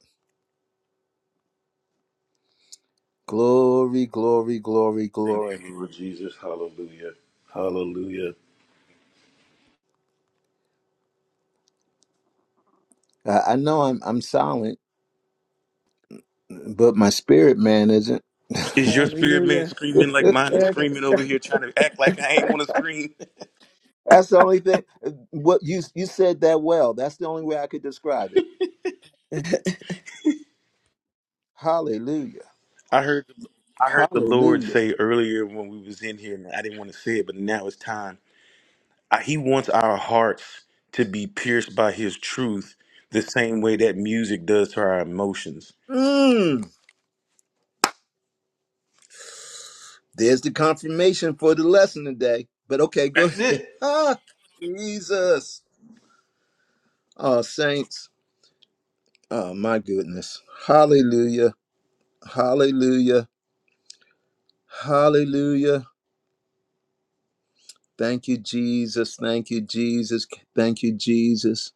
Speaker 1: Glory, glory, glory,
Speaker 2: Thank you,
Speaker 1: glory.
Speaker 2: Lord Jesus. Hallelujah. Hallelujah.
Speaker 1: I, I know I'm I'm silent, but my spirit man isn't.
Speaker 2: Is your spirit man
Speaker 5: Hallelujah.
Speaker 2: screaming like mine is screaming over here trying to act like I ain't want to scream?
Speaker 1: That's the only thing. uh, What you you said that well. That's the only way I could describe it. Hallelujah.
Speaker 2: (laughs) I heard the, I heard the Lord
Speaker 1: Hallelujah.
Speaker 2: say earlier when we was in here and I didn't want to say it, but now it's time. Uh, He wants our hearts to be pierced by his truth the same way that music does to our emotions.
Speaker 1: Mm, there's the confirmation for the lesson today. But okay, go
Speaker 2: That's
Speaker 1: ahead.
Speaker 2: it.
Speaker 1: (laughs) Ah, Jesus. Oh, saints. Oh, my goodness. Hallelujah. Hallelujah. Hallelujah. Thank you, Jesus. Thank you, Jesus. Thank you, Jesus.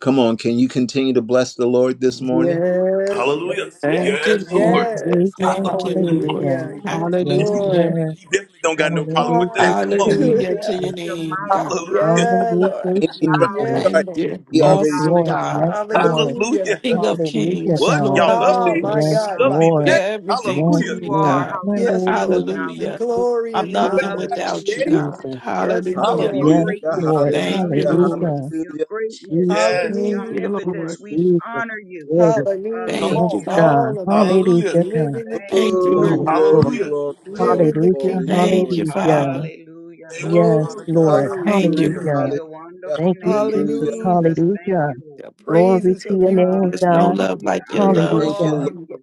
Speaker 1: Come on, can you continue to bless the Lord this morning?
Speaker 5: Yes,
Speaker 2: Hallelujah.
Speaker 5: yes,
Speaker 7: Hallelujah.
Speaker 4: Thank
Speaker 5: yes,
Speaker 4: you,
Speaker 2: Yes,
Speaker 7: Thank you,
Speaker 2: Lord.
Speaker 4: Lord.
Speaker 7: Lord.
Speaker 2: (laughs)
Speaker 5: yes.
Speaker 3: Hallelujah,
Speaker 4: Thank you,
Speaker 2: Hallelujah.
Speaker 4: Lord.
Speaker 3: hallelujah.
Speaker 5: Hallelujah.
Speaker 7: Glory, glory
Speaker 5: Yes,
Speaker 3: Yes,
Speaker 4: Hallelujah.
Speaker 5: Lord.
Speaker 3: Lord.
Speaker 2: He
Speaker 7: glory
Speaker 2: definitely
Speaker 7: to
Speaker 2: don't
Speaker 7: your
Speaker 2: got no
Speaker 7: name.
Speaker 2: problem
Speaker 7: You're
Speaker 3: Hallelujah,
Speaker 2: with that.
Speaker 7: worthy
Speaker 2: Come
Speaker 7: and
Speaker 2: on.
Speaker 7: you're
Speaker 3: Jesus.
Speaker 4: Hallelujah to
Speaker 5: Hallelujah.
Speaker 4: your
Speaker 7: justice. You're
Speaker 4: name,
Speaker 7: mighty.
Speaker 4: God.
Speaker 2: Hallelujah. Hallelujah. (laughs)
Speaker 5: Yeah,
Speaker 7: Hallelujah. We
Speaker 5: Lord.
Speaker 3: Hallelujah,
Speaker 1: Ain't even trying
Speaker 7: acknowledge
Speaker 3: Jesus.
Speaker 1: to
Speaker 5: Yes,
Speaker 7: you.
Speaker 1: start.
Speaker 4: Thank
Speaker 5: Lord.
Speaker 4: you.
Speaker 1: He
Speaker 7: We
Speaker 3: Yes,
Speaker 1: already started.
Speaker 4: Awesome
Speaker 7: acknowledge
Speaker 3: Lord.
Speaker 7: you. We
Speaker 4: God.
Speaker 3: Yes,
Speaker 7: acknowledge
Speaker 1: But-
Speaker 3: Lord.
Speaker 7: you.
Speaker 2: Hallelujah.
Speaker 5: Hallelujah.
Speaker 4: King of
Speaker 7: We
Speaker 3: Hallelujah,
Speaker 4: kings,
Speaker 2: What?
Speaker 3: God.
Speaker 4: Lord
Speaker 7: acknowledge
Speaker 2: Y'all
Speaker 7: you.
Speaker 4: of
Speaker 2: love me?
Speaker 5: Ah, my
Speaker 7: We
Speaker 3: Yes,
Speaker 2: You
Speaker 4: lords.
Speaker 5: God,
Speaker 2: love
Speaker 5: my
Speaker 2: me
Speaker 7: acknowledge you.
Speaker 5: God.
Speaker 4: You're
Speaker 3: Lord.
Speaker 2: back?
Speaker 7: For
Speaker 4: everything
Speaker 7: who
Speaker 3: Yes,
Speaker 4: to
Speaker 2: Hallelujah.
Speaker 7: you
Speaker 4: me,
Speaker 3: Lord.
Speaker 7: are.
Speaker 4: God.
Speaker 5: Yes,
Speaker 7: Hallelujah. We
Speaker 5: Lord
Speaker 3: Hallelujah,
Speaker 5: God. The
Speaker 7: acknowledge
Speaker 4: Hallelujah.
Speaker 7: you.
Speaker 5: glory
Speaker 4: I'm
Speaker 5: and the
Speaker 4: nothing
Speaker 5: honor.
Speaker 2: I'm
Speaker 4: without you,
Speaker 7: Hallelujah.
Speaker 2: daddy?
Speaker 4: God.
Speaker 3: Jesus.
Speaker 7: Hallelujah.
Speaker 5: Yes,
Speaker 4: Hallelujah.
Speaker 7: For your
Speaker 5: Lord.
Speaker 1: Hallelujah,
Speaker 3: Yes,
Speaker 2: Hallelujah.
Speaker 7: greatness.
Speaker 3: Lord.
Speaker 5: Praise you,
Speaker 4: Thank
Speaker 1: hallelujah,
Speaker 4: you,
Speaker 5: Jesus.
Speaker 7: Hallelujah.
Speaker 4: Lord.
Speaker 3: Hallelujah,
Speaker 7: For your
Speaker 1: hallelujah.
Speaker 7: greatness.
Speaker 3: Jesus.
Speaker 2: Yes.
Speaker 7: Your
Speaker 4: Thank
Speaker 5: Hallelujah.
Speaker 4: you,
Speaker 7: omnipotence.
Speaker 4: Lord.
Speaker 7: We
Speaker 3: Jesus.
Speaker 7: honor you.
Speaker 3: Lord,
Speaker 2: Come
Speaker 5: Hallelujah.
Speaker 3: bless
Speaker 4: Thank you,
Speaker 5: It's
Speaker 2: on.
Speaker 7: Hallelujah.
Speaker 4: God.
Speaker 3: God.
Speaker 5: all about
Speaker 7: Thank
Speaker 5: it.
Speaker 2: Hallelujah.
Speaker 7: you,
Speaker 3: Hallelujah,
Speaker 7: Lord.
Speaker 5: Live
Speaker 3: God.
Speaker 5: in the
Speaker 7: Thank you,
Speaker 4: Thank you,
Speaker 5: kingdom.
Speaker 7: Lord
Speaker 3: Yes,
Speaker 1: Oh,
Speaker 4: Lord.
Speaker 7: God.
Speaker 3: Lord.
Speaker 1: glory,
Speaker 2: Hallelujah.
Speaker 7: Thank
Speaker 1: glory,
Speaker 7: you, Lord God.
Speaker 5: Live
Speaker 1: glory,
Speaker 5: in the
Speaker 3: Hallelujah,
Speaker 1: glory,
Speaker 5: kingdom.
Speaker 4: Thank
Speaker 1: glory.
Speaker 4: you,
Speaker 3: hallelujah.
Speaker 4: Father.
Speaker 7: Hallelujah,
Speaker 2: Thank you,
Speaker 3: Yes,
Speaker 7: hallelujah.
Speaker 5: Glory,
Speaker 2: Father God.
Speaker 3: Lord.
Speaker 5: glory,
Speaker 4: Thank you,
Speaker 5: glory.
Speaker 1: Hallelujah,
Speaker 2: Hallelujah.
Speaker 7: Blessed
Speaker 4: Lord.
Speaker 7: be
Speaker 3: Hallelujah.
Speaker 7: the
Speaker 1: hallelujah,
Speaker 7: wonderful
Speaker 3: Thank you,
Speaker 7: name of
Speaker 1: hallelujah.
Speaker 3: Jesus.
Speaker 5: Hallelujah.
Speaker 7: Jesus. Thank
Speaker 3: Hallelujah.
Speaker 7: you,
Speaker 5: The
Speaker 7: Lord.
Speaker 3: Glory
Speaker 5: praises
Speaker 3: to
Speaker 5: of
Speaker 3: your
Speaker 5: you,
Speaker 3: name,
Speaker 5: Lord
Speaker 4: There's no
Speaker 3: God.
Speaker 4: love
Speaker 7: Hallelujah.
Speaker 4: like
Speaker 5: God.
Speaker 4: your
Speaker 7: I'm
Speaker 5: We
Speaker 7: in
Speaker 4: love.
Speaker 1: Thank
Speaker 5: worship
Speaker 1: you,
Speaker 7: awe
Speaker 3: Hallelujah.
Speaker 7: of
Speaker 1: Lord
Speaker 5: you, Lord.
Speaker 7: you.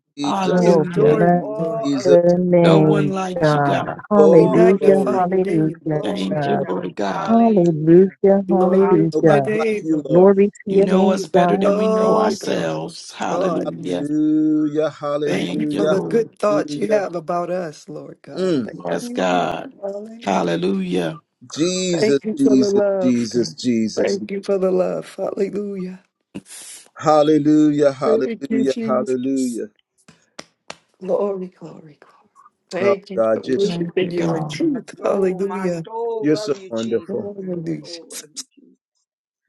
Speaker 5: We
Speaker 1: Jesus.
Speaker 3: Oh,
Speaker 7: I'm
Speaker 1: Thank you,
Speaker 5: adore
Speaker 4: Hallelujah.
Speaker 7: in
Speaker 3: bless
Speaker 5: you,
Speaker 7: awe
Speaker 5: Lord
Speaker 7: of
Speaker 1: Jesus.
Speaker 5: God.
Speaker 3: your
Speaker 7: you.
Speaker 4: No one
Speaker 3: name,
Speaker 4: like
Speaker 7: Hallelujah.
Speaker 4: you,
Speaker 3: God.
Speaker 7: I'm in
Speaker 4: God.
Speaker 5: We
Speaker 7: awe
Speaker 1: Glory,
Speaker 7: of
Speaker 3: Hallelujah.
Speaker 7: you.
Speaker 1: glory,
Speaker 5: magnify
Speaker 1: glory,
Speaker 5: your name.
Speaker 3: Hallelujah.
Speaker 1: glory,
Speaker 5: Lord.
Speaker 7: Glory
Speaker 4: Thank
Speaker 7: to
Speaker 4: you,
Speaker 1: glory.
Speaker 7: God.
Speaker 4: Lord God.
Speaker 7: Hallelujah.
Speaker 3: Hallelujah.
Speaker 7: My
Speaker 5: Glory to your
Speaker 1: Nobody
Speaker 3: Hallelujah.
Speaker 1: like
Speaker 5: name,
Speaker 1: you,
Speaker 5: Lord.
Speaker 1: Lord.
Speaker 3: Glory to
Speaker 4: You
Speaker 3: your
Speaker 4: know
Speaker 3: name,
Speaker 4: us better
Speaker 3: God.
Speaker 4: than we know
Speaker 3: Thank
Speaker 5: Oh,
Speaker 3: you.
Speaker 5: glory.
Speaker 4: ourselves.
Speaker 5: thoughts.
Speaker 4: Hallelujah.
Speaker 1: Hallelujah,
Speaker 5: thank you
Speaker 4: Thank you,
Speaker 5: for
Speaker 1: hallelujah,
Speaker 5: the good
Speaker 4: Lord.
Speaker 5: thoughts you
Speaker 1: hallelujah.
Speaker 5: have about us, Lord God.
Speaker 1: Mm.
Speaker 5: Thank
Speaker 4: Yes,
Speaker 5: you.
Speaker 4: God.
Speaker 5: Hallelujah.
Speaker 4: Hallelujah.
Speaker 1: Jesus,
Speaker 5: Thank you for the
Speaker 1: Jesus,
Speaker 5: love.
Speaker 1: Jesus,
Speaker 5: God.
Speaker 1: Jesus.
Speaker 5: Thank you for the love. Hallelujah.
Speaker 1: Hallelujah,
Speaker 5: Thank you,
Speaker 1: hallelujah,
Speaker 5: Jesus.
Speaker 1: hallelujah.
Speaker 5: Glory, glory, glory.
Speaker 1: Oh
Speaker 5: Thank you for
Speaker 1: God, you're so
Speaker 4: Thank
Speaker 5: worshiping
Speaker 4: you,
Speaker 5: you in
Speaker 4: God.
Speaker 5: truth.
Speaker 7: soul, my
Speaker 5: Hallelujah.
Speaker 7: soul
Speaker 1: you're so
Speaker 7: love you, Jesus.
Speaker 1: wonderful.
Speaker 7: My
Speaker 5: Hallelujah.
Speaker 7: soul love you, Jesus.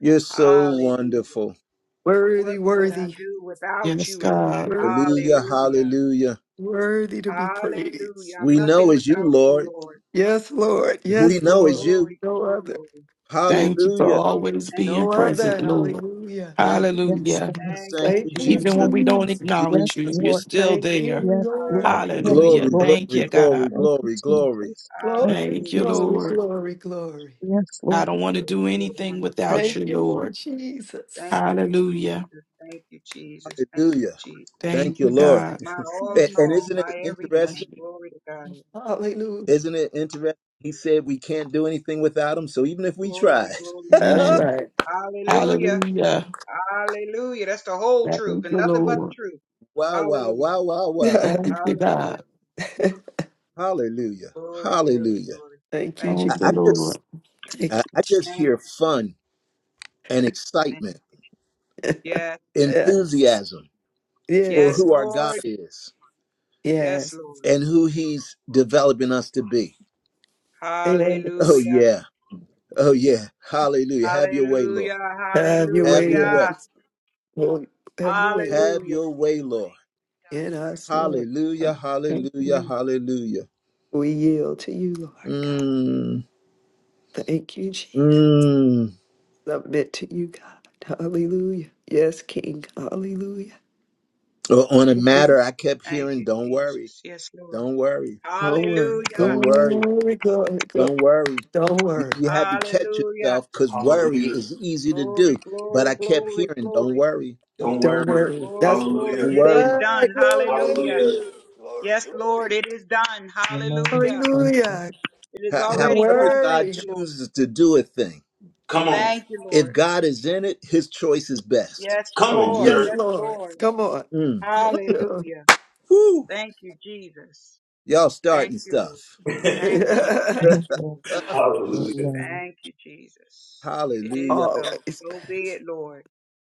Speaker 1: You're so
Speaker 7: Hallelujah.
Speaker 1: wonderful.
Speaker 7: What
Speaker 5: Worthy,
Speaker 7: would I
Speaker 5: worthy,
Speaker 7: do without
Speaker 4: Yes,
Speaker 7: you, Lord?
Speaker 4: God.
Speaker 5: worthy,
Speaker 1: Hallelujah,
Speaker 5: worthy,
Speaker 7: Hallelujah.
Speaker 1: hallelujah.
Speaker 5: worthy to be praised.
Speaker 7: Hallelujah. I'm
Speaker 1: We know
Speaker 7: nothing
Speaker 1: it's you,
Speaker 7: without you,
Speaker 1: Lord.
Speaker 7: Lord.
Speaker 5: Yes, Lord.
Speaker 1: We
Speaker 5: Yes,
Speaker 1: know it's
Speaker 5: Lord.
Speaker 1: you.
Speaker 7: Glory,
Speaker 5: No
Speaker 7: glory,
Speaker 5: other.
Speaker 7: glory.
Speaker 4: Thank you for
Speaker 1: Hallelujah.
Speaker 4: always
Speaker 7: Thank
Speaker 4: being
Speaker 5: No
Speaker 7: you,
Speaker 4: present,
Speaker 5: other.
Speaker 7: Jesus.
Speaker 4: Lord.
Speaker 5: Hallelujah.
Speaker 1: Thank
Speaker 3: Yes,
Speaker 4: Hallelujah.
Speaker 3: God.
Speaker 1: you,
Speaker 7: Thank
Speaker 3: Yes,
Speaker 1: thank
Speaker 7: you,
Speaker 5: Thank
Speaker 1: you,
Speaker 5: you,
Speaker 1: Jesus,
Speaker 3: God.
Speaker 4: Even
Speaker 7: Jesus.
Speaker 4: when we
Speaker 1: thank
Speaker 4: don't
Speaker 5: Jesus.
Speaker 1: you,
Speaker 4: acknowledge
Speaker 3: Yes,
Speaker 4: you,
Speaker 1: Jesus.
Speaker 4: you're
Speaker 3: Lord.
Speaker 4: still
Speaker 5: Thank you,
Speaker 4: there.
Speaker 3: Yes,
Speaker 5: Lord.
Speaker 3: Lord.
Speaker 7: Hallelujah.
Speaker 3: Yes,
Speaker 5: Hallelujah.
Speaker 1: Glory,
Speaker 4: Hallelujah.
Speaker 7: Jesus.
Speaker 3: Lord.
Speaker 4: Thank
Speaker 1: glory,
Speaker 4: you,
Speaker 1: glory,
Speaker 4: God.
Speaker 3: Thank
Speaker 1: glory,
Speaker 3: you,
Speaker 1: glory.
Speaker 3: Jesus.
Speaker 5: Glory,
Speaker 3: Thank you,
Speaker 4: Thank you,
Speaker 7: Hallelujah,
Speaker 5: glory,
Speaker 3: Jesus.
Speaker 7: Jesus.
Speaker 4: Lord.
Speaker 5: glory, glory.
Speaker 3: Yes,
Speaker 4: I
Speaker 3: Lord.
Speaker 4: don't want to
Speaker 7: Bless
Speaker 4: do
Speaker 7: your
Speaker 4: anything
Speaker 7: wonderful
Speaker 4: without
Speaker 5: Thank
Speaker 4: you,
Speaker 7: name.
Speaker 5: you, Lord
Speaker 4: Lord.
Speaker 5: Jesus.
Speaker 7: Thank you,
Speaker 4: Hallelujah.
Speaker 7: Jesus. Thank you, Jesus. Thank you,
Speaker 1: Hallelujah.
Speaker 7: Jesus.
Speaker 4: Thank
Speaker 1: Thank you,
Speaker 4: you,
Speaker 1: Lord.
Speaker 4: God.
Speaker 7: My all
Speaker 1: A-
Speaker 7: in
Speaker 1: And
Speaker 7: all,
Speaker 1: isn't it
Speaker 7: my
Speaker 1: interesting?
Speaker 7: everything. Glory to God.
Speaker 5: Hallelujah.
Speaker 1: Isn't it interesting? He said we can't do anything without him. So even if we tried,
Speaker 7: Glory, glory,
Speaker 1: (laughs)
Speaker 5: That's
Speaker 7: glory.
Speaker 4: Amen.
Speaker 5: right.
Speaker 7: Hallelujah.
Speaker 4: Hallelujah.
Speaker 7: Hallelujah. That's the whole truth
Speaker 4: Thank
Speaker 7: and
Speaker 4: you,
Speaker 7: nothing but the
Speaker 4: Lord.
Speaker 7: truth.
Speaker 1: wow, wow,
Speaker 7: Hallelujah.
Speaker 1: wow, wow,
Speaker 5: (laughs)
Speaker 1: wow.
Speaker 5: Thank
Speaker 4: Thank you,
Speaker 7: Hallelujah.
Speaker 4: God.
Speaker 1: Hallelujah.
Speaker 7: Glory, glory,
Speaker 1: Hallelujah.
Speaker 7: glory.
Speaker 5: you,
Speaker 7: Thank
Speaker 5: Jesus.
Speaker 1: I,
Speaker 7: you,
Speaker 4: Thank you,
Speaker 1: I
Speaker 7: Jesus.
Speaker 1: just
Speaker 4: Lord.
Speaker 5: Thank
Speaker 1: I,
Speaker 5: you.
Speaker 1: I just
Speaker 7: Thank
Speaker 1: hear
Speaker 7: you,
Speaker 1: fun and
Speaker 7: thank
Speaker 1: excitement,
Speaker 7: you. Yes.
Speaker 5: Yes.
Speaker 1: enthusiasm for
Speaker 5: Yes.
Speaker 7: Yes,
Speaker 1: who our God
Speaker 7: Lord.
Speaker 1: is
Speaker 7: Yes,
Speaker 5: Yes.
Speaker 7: Lord.
Speaker 1: and who he's developing us to be. Oh
Speaker 5: Yes.
Speaker 7: Hallelujah.
Speaker 1: yeah. Oh yeah. Hallelujah. Have your way, Lord.
Speaker 7: Hallelujah.
Speaker 5: Have your
Speaker 1: Have
Speaker 5: way,
Speaker 1: your way.
Speaker 7: Hallelujah.
Speaker 5: Lord. Have your way, Lord.
Speaker 1: Have
Speaker 7: Hallelujah.
Speaker 1: your way, Lord.
Speaker 5: In us, Lord.
Speaker 1: Hallelujah.
Speaker 5: Thank
Speaker 1: Hallelujah.
Speaker 5: you.
Speaker 1: Hallelujah.
Speaker 5: We yield to you, Lord God.
Speaker 1: Mm,
Speaker 5: Thank you, Jesus.
Speaker 1: mm.
Speaker 5: Submit to you, God. Hallelujah. Yes, King. Hallelujah.
Speaker 1: O- On a
Speaker 5: Don't
Speaker 1: matter, I kept
Speaker 7: Thank
Speaker 1: hearing,
Speaker 7: you,
Speaker 1: "Don't worry,
Speaker 7: Jesus. Yes, Lord.
Speaker 1: don't worry,
Speaker 5: worry.
Speaker 7: Hallelujah.
Speaker 1: don't worry,
Speaker 5: Glory, glory, glory.
Speaker 1: don't worry."
Speaker 5: Don't
Speaker 1: You,
Speaker 5: worry.
Speaker 1: you had to catch
Speaker 7: Hallelujah.
Speaker 1: yourself because worry
Speaker 2: Hallelujah.
Speaker 1: is easy to do.
Speaker 7: Glory,
Speaker 1: But
Speaker 7: glory,
Speaker 1: I kept
Speaker 7: glory,
Speaker 1: hearing, "Don't
Speaker 7: glory,
Speaker 1: worry,
Speaker 2: Don't
Speaker 5: Don't
Speaker 2: worry.
Speaker 5: worry. That's
Speaker 7: glory, glory.
Speaker 2: Hallelujah.
Speaker 1: don't
Speaker 7: It is
Speaker 1: worry."
Speaker 5: ah,
Speaker 7: done.
Speaker 5: glory.
Speaker 7: Hallelujah.
Speaker 2: Hallelujah.
Speaker 5: Glory,
Speaker 7: Yes, Lord.
Speaker 5: glory.
Speaker 7: It is done.
Speaker 3: Amen.
Speaker 7: Hallelujah.
Speaker 3: Thank you.
Speaker 5: Hallelujah.
Speaker 7: It is
Speaker 1: Ho-
Speaker 5: Don't
Speaker 7: already
Speaker 1: however,
Speaker 7: done.
Speaker 1: God
Speaker 7: Thank
Speaker 5: worry.
Speaker 7: you, Lord.
Speaker 1: chooses to do a thing.
Speaker 2: Come on.
Speaker 7: Thank you,
Speaker 1: If
Speaker 7: Lord.
Speaker 1: God is in it, His choice is best.
Speaker 7: Yes,
Speaker 2: Come on,
Speaker 7: Lord.
Speaker 5: Yes,
Speaker 1: Hallelujah.
Speaker 2: sir.
Speaker 7: Yes,
Speaker 5: Lord.
Speaker 7: Lord.
Speaker 5: Come on.
Speaker 1: Mm.
Speaker 5: Yes, Yeah.
Speaker 7: Hallelujah.
Speaker 1: Woo!
Speaker 7: Thank you, Jesus.
Speaker 1: Y'all
Speaker 7: Thank
Speaker 1: starting
Speaker 7: you, Lord.
Speaker 1: stuff.
Speaker 7: Thank you, Lord.
Speaker 3: (laughs)
Speaker 5: (laughs)
Speaker 7: Thank you,
Speaker 3: Amen.
Speaker 7: Lord.
Speaker 1: (laughs)
Speaker 2: Hallelujah.
Speaker 3: Amen.
Speaker 7: Thank you, Jesus. It is
Speaker 1: Hallelujah.
Speaker 7: so.
Speaker 5: always
Speaker 7: So be
Speaker 5: best.
Speaker 7: it, Lord.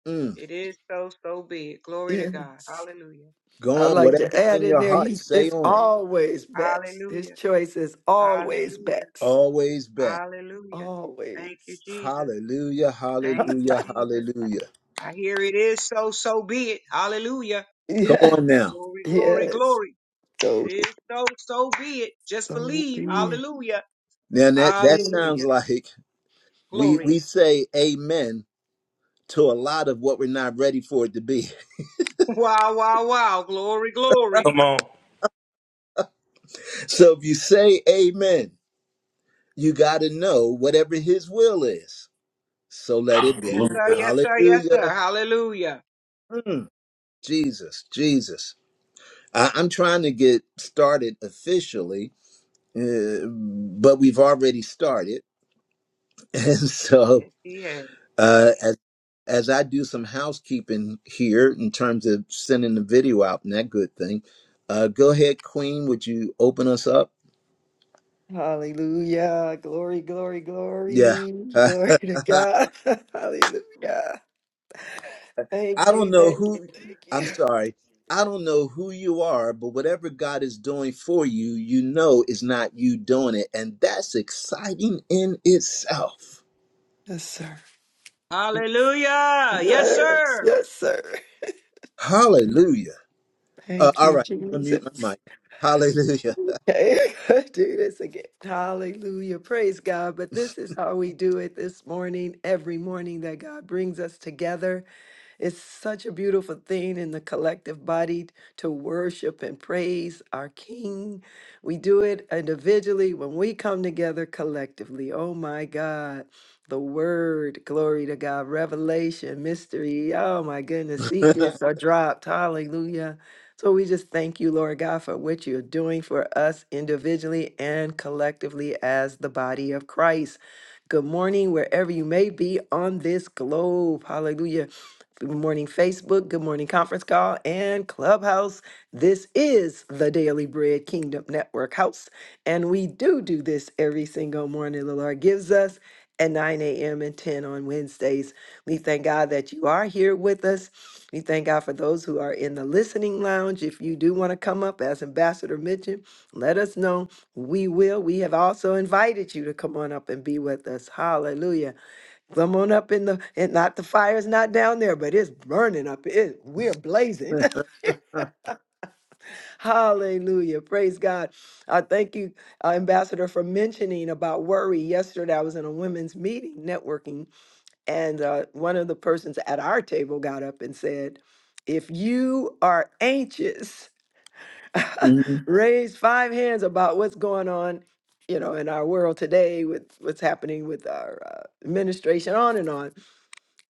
Speaker 1: Mm.
Speaker 7: It is so. So be it. Glory to God.
Speaker 5: Yes.
Speaker 7: Hallelujah.
Speaker 5: I
Speaker 1: Go on,
Speaker 5: like to
Speaker 1: whatever's
Speaker 5: add
Speaker 1: in
Speaker 5: in
Speaker 1: your
Speaker 5: there,
Speaker 1: heart,
Speaker 5: he's
Speaker 1: say
Speaker 5: it's
Speaker 1: on.
Speaker 5: always
Speaker 7: Hallelujah.
Speaker 5: best. His
Speaker 7: Hallelujah.
Speaker 5: choice is always
Speaker 7: Hallelujah.
Speaker 5: best.
Speaker 1: Always best.
Speaker 7: Hallelujah.
Speaker 5: Always.
Speaker 7: Thank you, Jesus.
Speaker 1: Hallelujah,
Speaker 7: Thank you,
Speaker 1: hallelujah,
Speaker 7: Jesus.
Speaker 1: hallelujah.
Speaker 7: I hear it is so. So be it. Hallelujah.
Speaker 1: Come on
Speaker 5: Yes.
Speaker 1: now.
Speaker 7: Glory, glory,
Speaker 5: Yes.
Speaker 7: glory. It
Speaker 5: So be
Speaker 7: is so. So be it. Just
Speaker 5: so
Speaker 7: believe.
Speaker 5: be it.
Speaker 7: Hallelujah.
Speaker 1: Now that that
Speaker 5: Mm.
Speaker 1: sounds
Speaker 7: Hallelujah.
Speaker 1: like we
Speaker 7: Glory.
Speaker 1: we
Speaker 7: (laughs)
Speaker 1: say amen to a lot of what we're not ready for it to be. (laughs)
Speaker 7: Wow, wow, wow. Glory, glory.
Speaker 2: Come on.
Speaker 1: So if you say amen, you got to know whatever his will is. So let it
Speaker 7: Yes,
Speaker 1: be.
Speaker 7: sir.
Speaker 2: Hallelujah.
Speaker 7: Yes, sir. Yes, sir.
Speaker 1: Hallelujah.
Speaker 7: Hallelujah.
Speaker 1: Mm, Jesus, Jesus. I, I'm trying to get started officially, uh, but we've already started. (laughs) And so
Speaker 7: Yes, he has.
Speaker 1: uh, as as I do some housekeeping here in terms of sending the video out and that good thing, uh, go ahead, Queen. Would you open us up?
Speaker 5: Hallelujah. Glory, glory,
Speaker 1: Yeah. (laughs)
Speaker 5: glory.
Speaker 1: I
Speaker 5: Glory to God. (laughs) Hallelujah. Thank
Speaker 1: don't
Speaker 5: you.
Speaker 1: know
Speaker 5: Thank you.
Speaker 1: who,
Speaker 5: Thank
Speaker 1: I'm
Speaker 5: you.
Speaker 1: sorry. I don't know who you are, but whatever God is doing for you, you know is not you doing it. And that's exciting in itself.
Speaker 5: Yes, sir.
Speaker 7: Hallelujah. Yes,
Speaker 5: Yes,
Speaker 7: sir.
Speaker 5: yes, sir.
Speaker 1: Hallelujah. Uh,
Speaker 5: Thank
Speaker 1: all
Speaker 5: you,
Speaker 1: right. I'm going to mute my
Speaker 5: Jesus.
Speaker 1: mic. Hallelujah.
Speaker 5: Okay, (laughs) do this again. Hallelujah. Praise God. But this is how we do it this morning, every morning that God brings us together. It's such a beautiful thing in the collective body to worship and praise our King. We do it individually when we come together collectively. Oh my God. The word, glory to God, revelation, mystery. Oh my goodness,
Speaker 1: (laughs)
Speaker 5: secrets
Speaker 1: hmm
Speaker 5: are dropped. Hallelujah. So we just thank you, Lord God, for what you're doing for us individually and collectively as the body of Christ. Good morning, wherever you may be on this globe. Hallelujah. Good morning, Facebook. Good morning, conference call and clubhouse. This is the Daily Bread Kingdom Network House. And we do do this every single morning. The Lord gives us at 9 a.m. and 10 on Wednesdays. We thank God that you are here with us. We thank God for those who are in the listening lounge. If you do want to come up, as Ambassador mentioned, let us know. We will. We have also invited you to come on up and be with us. Hallelujah. Come on up in the and not the fire is not down there, but it's burning up. It we're blazing. (laughs) Hallelujah. Praise God. I thank you, uh, Ambassador, for mentioning about worry. Yesterday I was in a women's meeting networking, and uh, one of the persons at our table got up and said, if you are anxious, raise five hands about what's going on, you know, in our world today with what's happening with our uh, administration, on and on.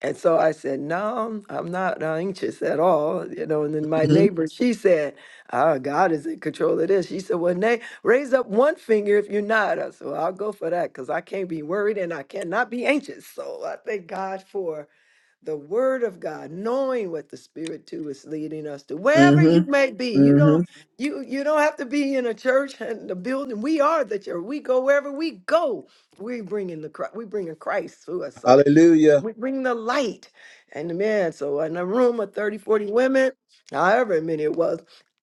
Speaker 5: And so I said, No, I'm not anxious at all. You know, and then my
Speaker 1: hmm
Speaker 5: neighbor, she said, Oh, God is in control of this. She said, Well, Nate, raise up one finger if you're not. I said, well, I'll go for that because I can't be worried and I cannot be anxious. So I thank God for the word of God, knowing what the spirit too is leading us to. Wherever you may be, you
Speaker 1: hmm
Speaker 5: don't you you don't have to be in a church and the building. We are the church. We go wherever we go. We bringing the Chri- we bringing Christ to us. So
Speaker 1: Hallelujah.
Speaker 5: we bring the light and the men. So in a room of 30, 40 women, however many it was,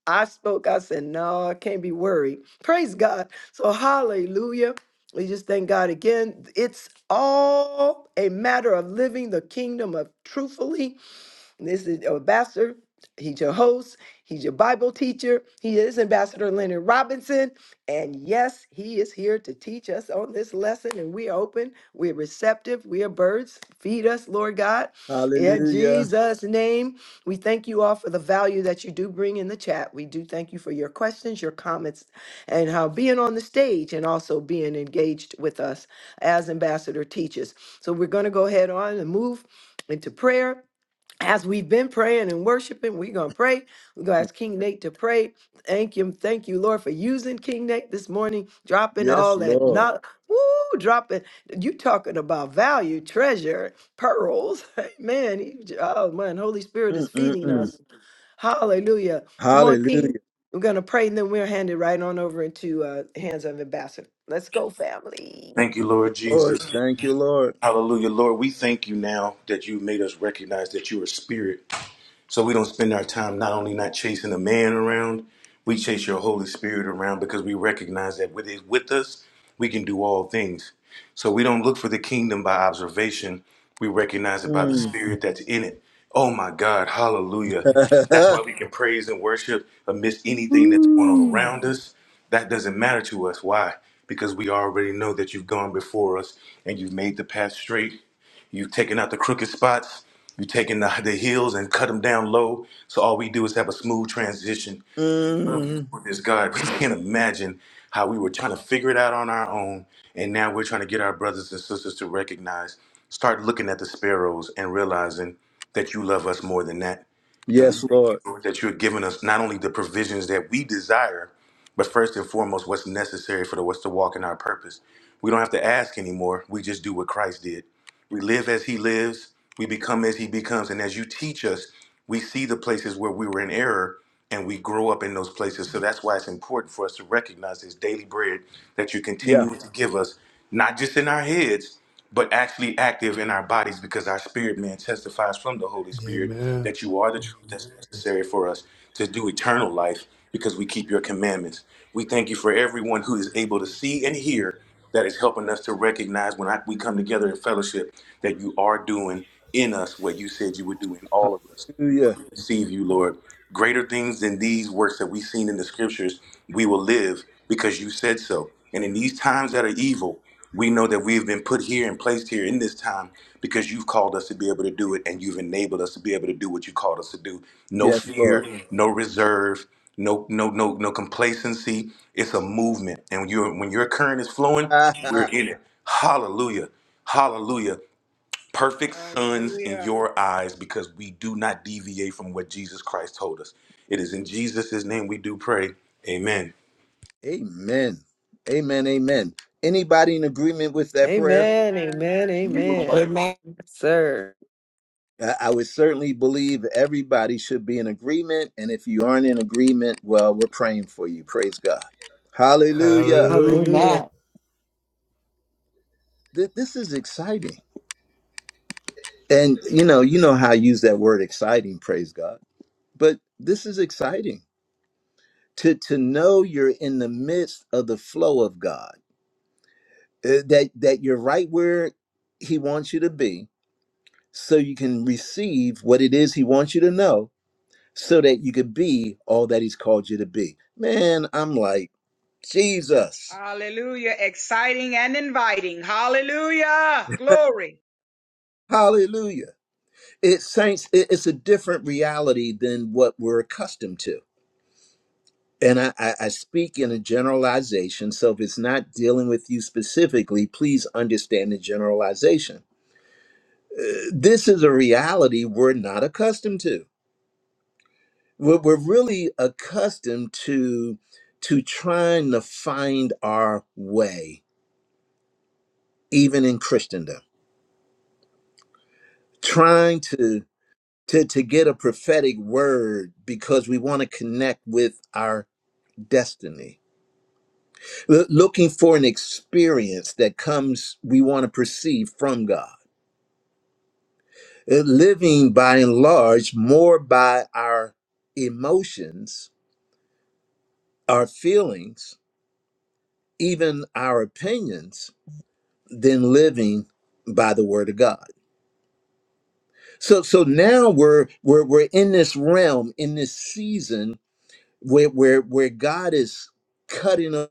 Speaker 5: I spoke, I said, no, I can't be worried. Praise God. So hallelujah. We just thank God again. It's all a matter of living the kingdom of truthfully this is your ambassador. He's your host. He's your Bible teacher. He is Ambassador Leonard Robinson. And yes, he is here to teach us on this lesson. And we are open. We're receptive. We are birds. Feed us, Lord God. In
Speaker 1: Hallelujah.
Speaker 5: Jesus' name, we thank you all for the value that you do bring in the chat. We do thank you for your questions, your comments, and how being on the stage and also being engaged with us as Ambassador teaches. So we're going to go ahead on and move into prayer as we've been praying and worshiping, we're going to pray. We're going to ask King Nate to pray. Thank you, Thank you, Lord, for using King Nate this morning, dropping
Speaker 1: Yes,
Speaker 5: all that
Speaker 1: Lord.
Speaker 5: not Woo, dropping. You talking about value, treasure, pearls. (laughs) Man, he, oh man, Holy Spirit is feeding
Speaker 1: Mm-mm-mm.
Speaker 5: us. Hallelujah. Come on, King.
Speaker 1: Hallelujah.
Speaker 5: We're going to pray and then we'll hand it right on over into uh, hands of ambassador. Let's go, family.
Speaker 2: Thank you,
Speaker 1: Thank you,
Speaker 2: Lord
Speaker 1: Lord.
Speaker 2: Jesus.
Speaker 1: Thank you, Lord.
Speaker 2: Hallelujah. Lord, we thank you now that you made us recognize that you are spirit so we don't spend our time not only not chasing a man around, we chase your Holy Spirit around because we recognize that with it with us, we can do all things. So we don't look for the kingdom by observation. We recognize it by the
Speaker 1: Mm.
Speaker 2: spirit that's in it. Oh my God, hallelujah. That's why
Speaker 1: (laughs)
Speaker 2: we can praise and worship amidst anything that's going on around us. That doesn't matter to us. Why? Because we already know that you've gone before us and you've made the path straight you taking out the crooked spots. You taking the, the heels and cut them down low. So all we do is have a smooth transition. Love you
Speaker 1: Mm.
Speaker 2: for this, God. (laughs) We can't imagine how we were trying to figure it out on our own, and now we're trying to get our brothers and sisters to recognize, start looking at the sparrows and realizing that you love us more than that. And
Speaker 1: Yes,
Speaker 2: we thank you,
Speaker 1: Lord.
Speaker 2: Lord, that you're giving us not only the provisions that we desire, but first and foremost, what's necessary for the us to walk in our purpose. We don't have to ask anymore. We just do what Christ did. We live as he lives, we become as he becomes. And as you teach us, we see the places where we were in error and we grow up in those places. So that's why it's important for us to recognize this daily bread that you
Speaker 1: Yeah.
Speaker 2: continue to give us, not just in our heads, but actually active in our bodies because our spirit man testifies from the Holy Spirit
Speaker 8: Amen.
Speaker 2: that you are the truth that's necessary for us to do eternal life because we keep your commandments. We thank you for everyone who is able to see and hear that is helping us to recognize when I, we come together in fellowship that you are doing in us what you said you would do in all of us.
Speaker 1: Hallelujah.
Speaker 2: We receive you, Lord. Greater things than these works that we've seen in the scriptures, we will live because you said so. And in these times that are evil, we know that we have been put here and placed here in this time because you've called us to be able to do it and you've enabled us to be able to do what you called us to do. No
Speaker 1: Yes, Lord.
Speaker 2: fear, no reserve, no no no no complacency. It's a movement. And when your when your current is
Speaker 1: (laughs)
Speaker 2: flowing,
Speaker 1: Ha,
Speaker 2: we're
Speaker 1: ha.
Speaker 2: in it. Hallelujah. Hallelujah perfect sons in
Speaker 7: Hallelujah.
Speaker 2: your eyes because we do not deviate from what Jesus Christ told us. It is in Jesus' name we do pray. Amen.
Speaker 1: amen. Amen. Amen. Anybody in agreement with that prayer?
Speaker 5: Amen.
Speaker 7: Amen.
Speaker 5: Amen. Amen.
Speaker 6: Amen.
Speaker 5: Yes, Sir.
Speaker 1: I I would certainly believe everybody should be in agreement. And if you aren't in agreement, well, we're praying for you. Praise God. Hallelujah.
Speaker 5: Hallelujah.
Speaker 8: Hallelujah.
Speaker 6: Amen.
Speaker 1: Th- this is exciting. And you know, you know how I use that word exciting, praise God. But this is exciting to to know you're in the midst of the flow of God. uh, That that you're right where he wants you to be so you can receive what it is he wants you to know so that you could be all that he's called you to be. Man, I'm like, Jesus.
Speaker 7: Hallelujah. Exciting and inviting. Hallelujah. Glory.
Speaker 1: Hallelujah. It's saints, it- it's a different reality than what we're accustomed to and I, I, I speak in a generalization. So if it's not dealing with you specifically, please understand the generalization. Uh, This is a reality we're not accustomed to. We're, we're really accustomed to to trying to find our way, even in Christendom, trying to to to get a prophetic word because we want to connect with our destiny L- looking for an experience that comes, we want to perceive from God. Uh, Living by and large more by our emotions, our feelings, even our opinions, than living by the word of God. So so now we're we're we're in this realm, in this season where where where God is cutting a-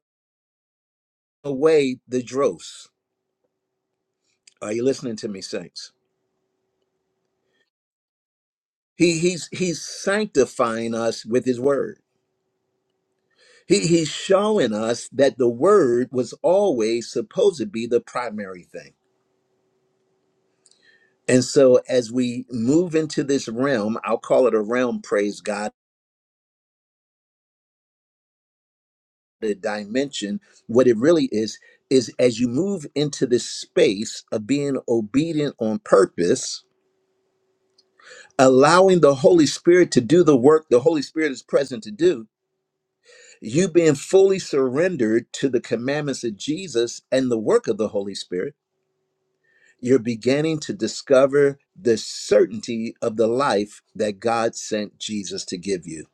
Speaker 1: away the dross. Are you listening to me, saints? He, he's, he's sanctifying us with his word. He, he's showing us that the word was always supposed to be the primary thing. And so as we move into this realm, I'll call it a realm, praise God, a dimension, what it really is, is as you move into this space of being obedient on purpose, allowing the Holy Spirit to do the work the Holy Spirit is present to do, you being fully surrendered to the commandments of Jesus and the work of the Holy Spirit, you're beginning to discover the certainty of the life that God sent Jesus to give you.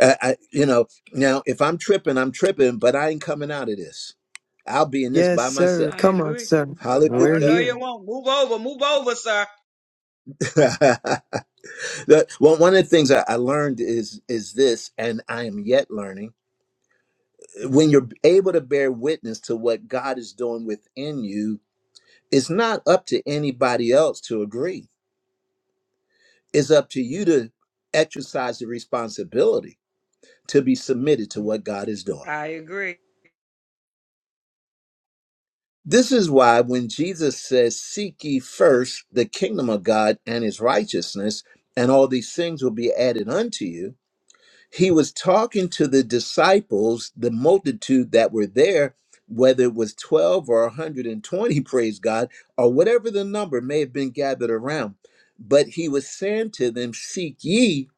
Speaker 1: I, I- you know, now if I'm tripping, I'm tripping, but I ain't coming out of this. I'll be in this
Speaker 5: Yes,
Speaker 1: by
Speaker 5: sir.
Speaker 7: I
Speaker 1: myself.
Speaker 5: Come on,
Speaker 7: agree.
Speaker 5: sir.
Speaker 7: Oh,
Speaker 5: We're
Speaker 7: no,
Speaker 1: Hallelujah.
Speaker 7: you
Speaker 5: here.
Speaker 7: won't. Move over. Move over, sir.
Speaker 1: (laughs) The- one one of the things I I learned is is this, and I am yet learning. When you're able to bear witness to what God is doing within you, it's not up to anybody else to agree. It's up to you to exercise the responsibility to be submitted to what God is doing.
Speaker 7: I agree.
Speaker 1: This is why when Jesus says, Seek ye first the kingdom of God and his righteousness, and all these things will be added unto you, he was talking to the disciples, the multitude that were there, whether it was 12 or 120, (laughs) praise God, or whatever the number may have been gathered around. But he was saying to them, Seek ye,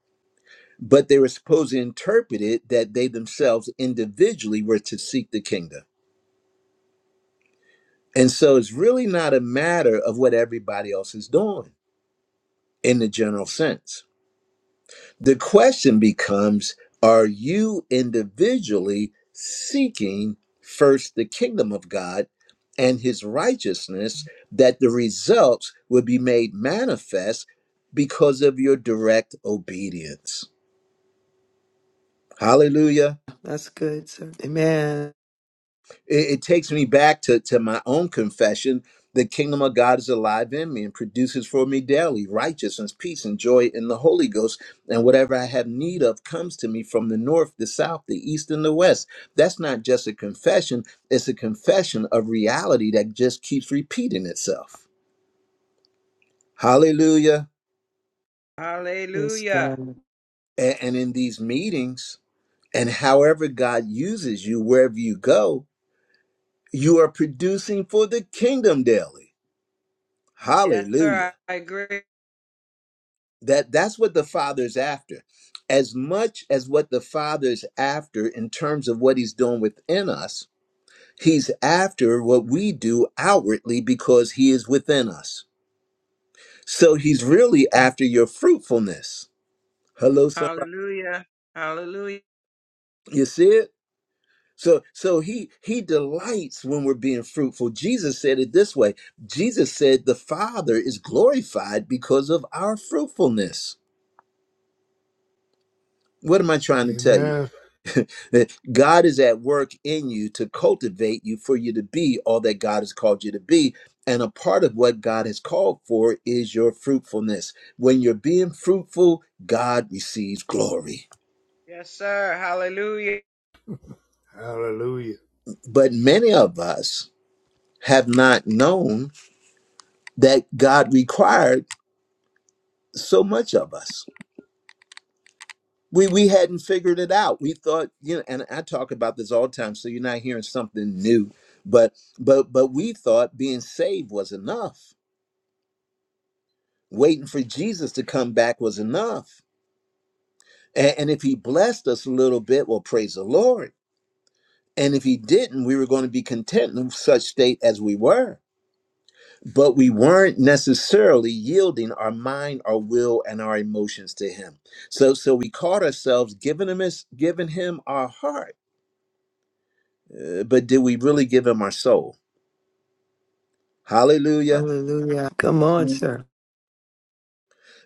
Speaker 1: but they were supposed to interpret it that they themselves individually were to seek the kingdom. And so it's really not a matter of what everybody else is doing in the general sense. The question becomes Are you individually seeking first the kingdom of God and his righteousness that the results will be made manifest because of your direct obedience? Hallelujah.
Speaker 5: That's good, sir. Amen.
Speaker 1: it, it takes me back to, to my own confession the kingdom of god is alive in me and produces for me daily righteousness peace and joy in the holy ghost and whatever i have need of comes to me from the north the south the east and the west that's not just a confession it's a confession of reality that just keeps repeating itself hallelujah
Speaker 5: Yes,
Speaker 7: Hallelujah.
Speaker 5: God.
Speaker 1: A- and in these meetings and however god uses you wherever you go you are producing for the kingdom daily
Speaker 7: Yes,
Speaker 1: hallelujah
Speaker 7: sir. I agree.
Speaker 1: that that's what the father's after as much as what the father's after in terms of what he's doing within us he's after what we do outwardly because he is within us so he's really after your fruitfulness hello somebody
Speaker 7: Hallelujah. Hallelujah.
Speaker 1: you see it so so he he delights when we're being fruitful jesus said it this way jesus said the father is glorified because of our fruitfulness what am i trying to tell you
Speaker 8: Amen.
Speaker 1: That God is at work in you to cultivate you for you to be all that God has called you to be. And a part of what God has called for is your fruitfulness. When you're being fruitful, God receives glory.
Speaker 7: Yes, sir. Hallelujah.
Speaker 8: Hallelujah.
Speaker 1: But many of us have not known that God required so much of us. We, we hadn't figured it out. We thought, you know, and I talk about this all the time, so you're not hearing something new. But but but we thought being saved was enough waiting for Jesus to come back was enough. And, and if he blessed us a little bit, well, praise the Lord. And if he didn't, we were going to be content in such state as we were. But we weren't necessarily yielding our mind, our will, and our emotions to him. So, so we caught ourselves giving him his, giving him our heart, uh, but did we really give him our soul? Hallelujah.
Speaker 5: Hallelujah. Come on,
Speaker 9: Amen.
Speaker 5: sir.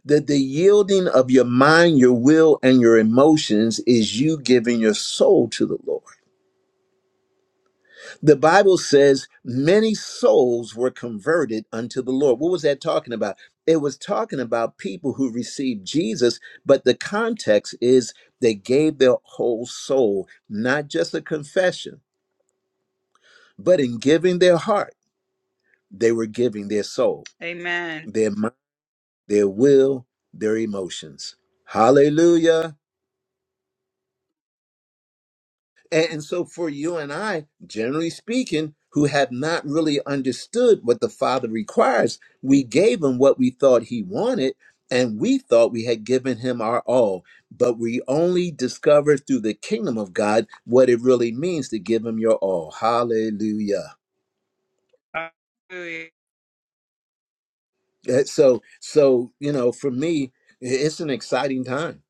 Speaker 1: That the yielding of your mind, your will, and your emotions is you giving your soul to the Lord. The Bible says many souls were converted unto the Lord. What was that talking about? It was talking about people who received Jesus, but the context is they gave their whole soul, not just a confession, but in giving their heart, they were giving their soul,
Speaker 7: Amen.
Speaker 1: their mind, their will, their emotions. Hallelujah. And so, for you and I, generally speaking, who have not really understood what the Father requires, we gave him what we thought he wanted, and we thought we had given him our all. But we only discovered through the kingdom of God what it really means to give him your all. Hallelujah.
Speaker 7: Hallelujah.
Speaker 1: Uh, So, so you know, for me, i- it's an exciting time.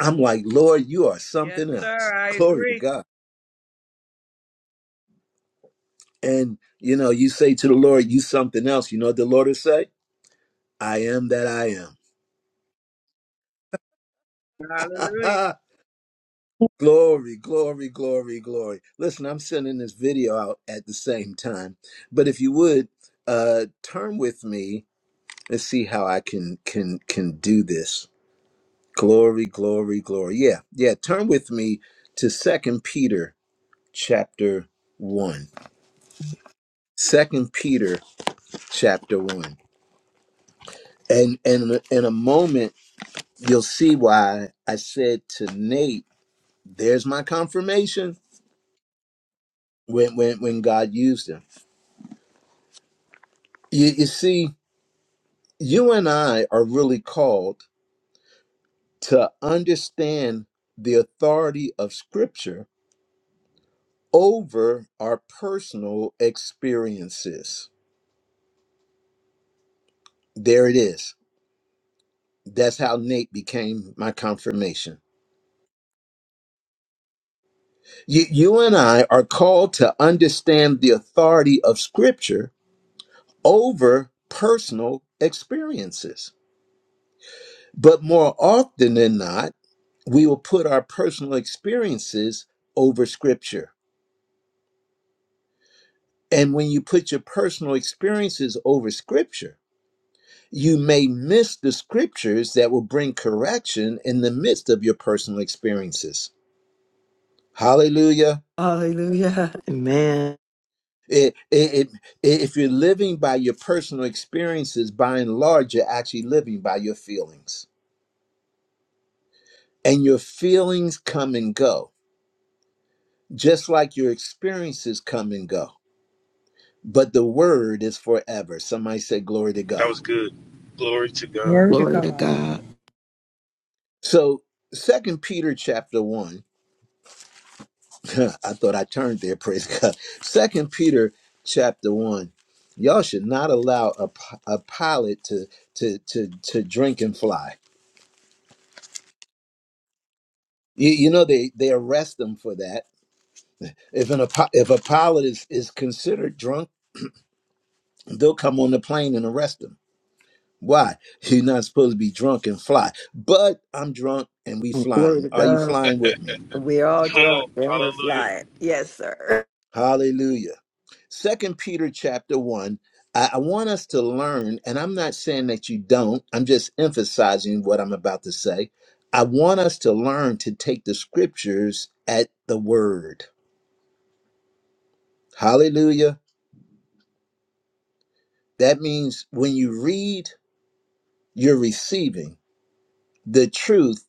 Speaker 1: I'm like, Lord, you are
Speaker 7: Yes,
Speaker 1: something
Speaker 7: sir.
Speaker 1: else.
Speaker 7: I
Speaker 1: Glory to
Speaker 7: agree.
Speaker 1: God. And you know, you say to the Lord, you something else. You know what the Lord will say? I am that I
Speaker 7: Hallelujah.
Speaker 1: am. (laughs) glory, glory, glory, glory. Listen, I'm sending this video out at the same time, but if you would uh, turn with me and see how I can can can do this. Glory, glory, glory. Yeah, yeah. Turn with me to Second Peter chapter one. Second Peter chapter one. And and in a moment you'll see why I said to Nate, "There's my confirmation." when when when God used him. You, you see, you and I are really called to understand the authority of Scripture over our personal experiences. There it is. That's how Nate became my confirmation. You, you and I are called to understand the authority of Scripture over personal experiences. But more often than not, we will put our personal experiences over scripture. And when you put your personal experiences over scripture, you may miss the scriptures that will bring correction in the midst of your personal experiences. Hallelujah.
Speaker 5: Hallelujah. (laughs) Amen.
Speaker 1: It, it, it- if you're living by your personal experiences, by and large, you're actually living by your feelings. And your feelings come and go, just like your experiences come and go. But the word is forever. Somebody say, Glory to
Speaker 2: That
Speaker 1: God.
Speaker 2: was good. Glory to God.
Speaker 10: Word to
Speaker 4: Glory to
Speaker 10: God.
Speaker 4: God.
Speaker 1: So, Second Peter chapter one. (laughs) I thought I turned there. (laughs) Praise God. Second Peter chapter one. Y'all should not allow a, p- a pilot to to to to drink and fly. You, you know they they arrest them for that. If an apo- if a pilot is is considered drunk, they'll come on the plane and arrest him. Why? (laughs) He's not supposed to be drunk and fly. But I'm drunk and we
Speaker 5: Glory
Speaker 1: flying.
Speaker 5: to
Speaker 1: Are you
Speaker 5: God.
Speaker 1: flying with me?
Speaker 5: We're all
Speaker 2: Come
Speaker 5: drunk
Speaker 2: on.
Speaker 5: and we're
Speaker 2: Hallelujah.
Speaker 5: flying. Yes, sir.
Speaker 1: Hallelujah. Second Peter chapter one. I, I want us to learn, and I'm not saying that you don't. I'm just emphasizing what I'm about to say. I want us to learn to take the scriptures at the word. Hallelujah. That means when you read, you're receiving the truth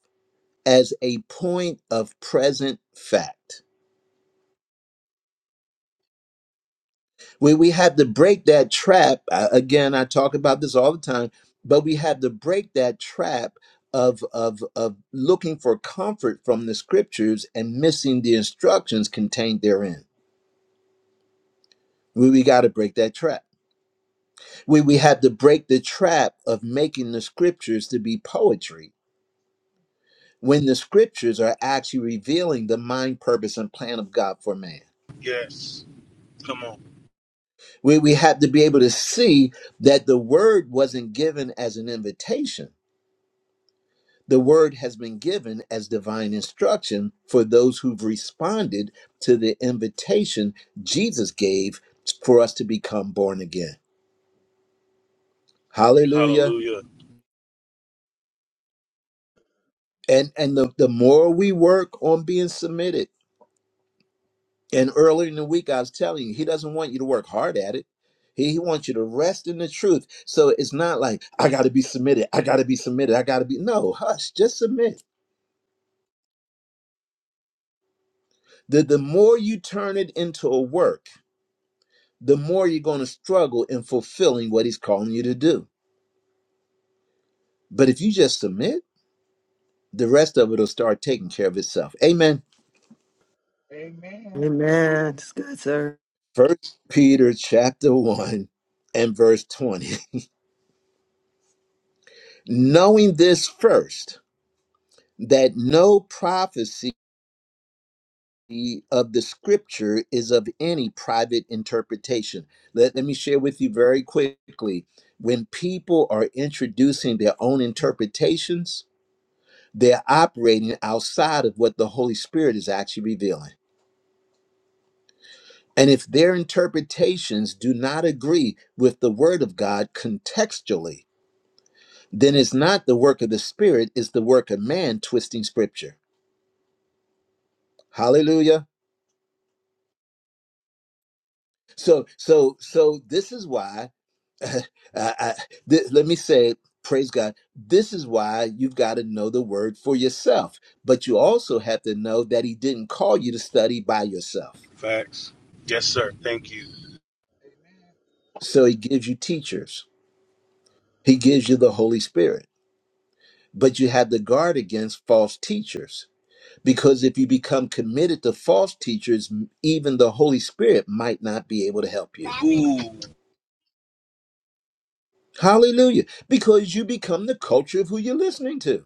Speaker 1: as a point of present fact. We we have to break that trap. Uh, again, I talk about this all the time, but we have to break that trap of of of looking for comfort from the scriptures and missing the instructions contained therein. We we got to break that trap. We we have to break the trap of making the scriptures to be poetry when the scriptures are actually revealing the mind, purpose, and plan of God for man.
Speaker 2: Yes. Come on.
Speaker 1: We we have to be able to see that the word wasn't given as an invitation The word has been given as divine instruction for those who've responded to the invitation Jesus gave for us to become born again. Hallelujah.
Speaker 2: Hallelujah.
Speaker 1: And and the, the more we work on being submitted, and earlier in the week I was telling you, he doesn't want you to work hard at it. He, he wants you to rest in the truth. So it's not like I gotta be submitted, I gotta be submitted, I gotta be no, hush, just submit. The the more you turn it into a work the more you're going to struggle in fulfilling what he's calling you to do. But if you just submit, the rest of it will start taking care of itself. Amen.
Speaker 9: Amen.
Speaker 5: Amen. It's good, sir.
Speaker 1: First Peter chapter 1 and verse 20. (laughs) Knowing this first, that no prophecy of the scripture is of any private interpretation. Let, let me share with you very quickly. When people are introducing their own interpretations, they're operating outside of what the Holy Spirit is actually revealing. And if their interpretations do not agree with the Word of God contextually, then it's not the work of the Spirit, it's the work of man twisting Scripture. Hallelujah. So, so, so this is why, uh, I, th- let me say, it, praise God, this is why you've got to know the Word for yourself. But you also have to know that He didn't call you to study by yourself.
Speaker 2: Facts. Yes, sir. Thank you.
Speaker 9: Yes,
Speaker 1: So He gives you teachers He gives you the Holy Spirit. But you have to guard against false teachers because if you become committed to false teachers, even the Holy Spirit might not be able to help you.
Speaker 2: Ooh.
Speaker 1: Hallelujah. Because you become the culture of who you're listening to.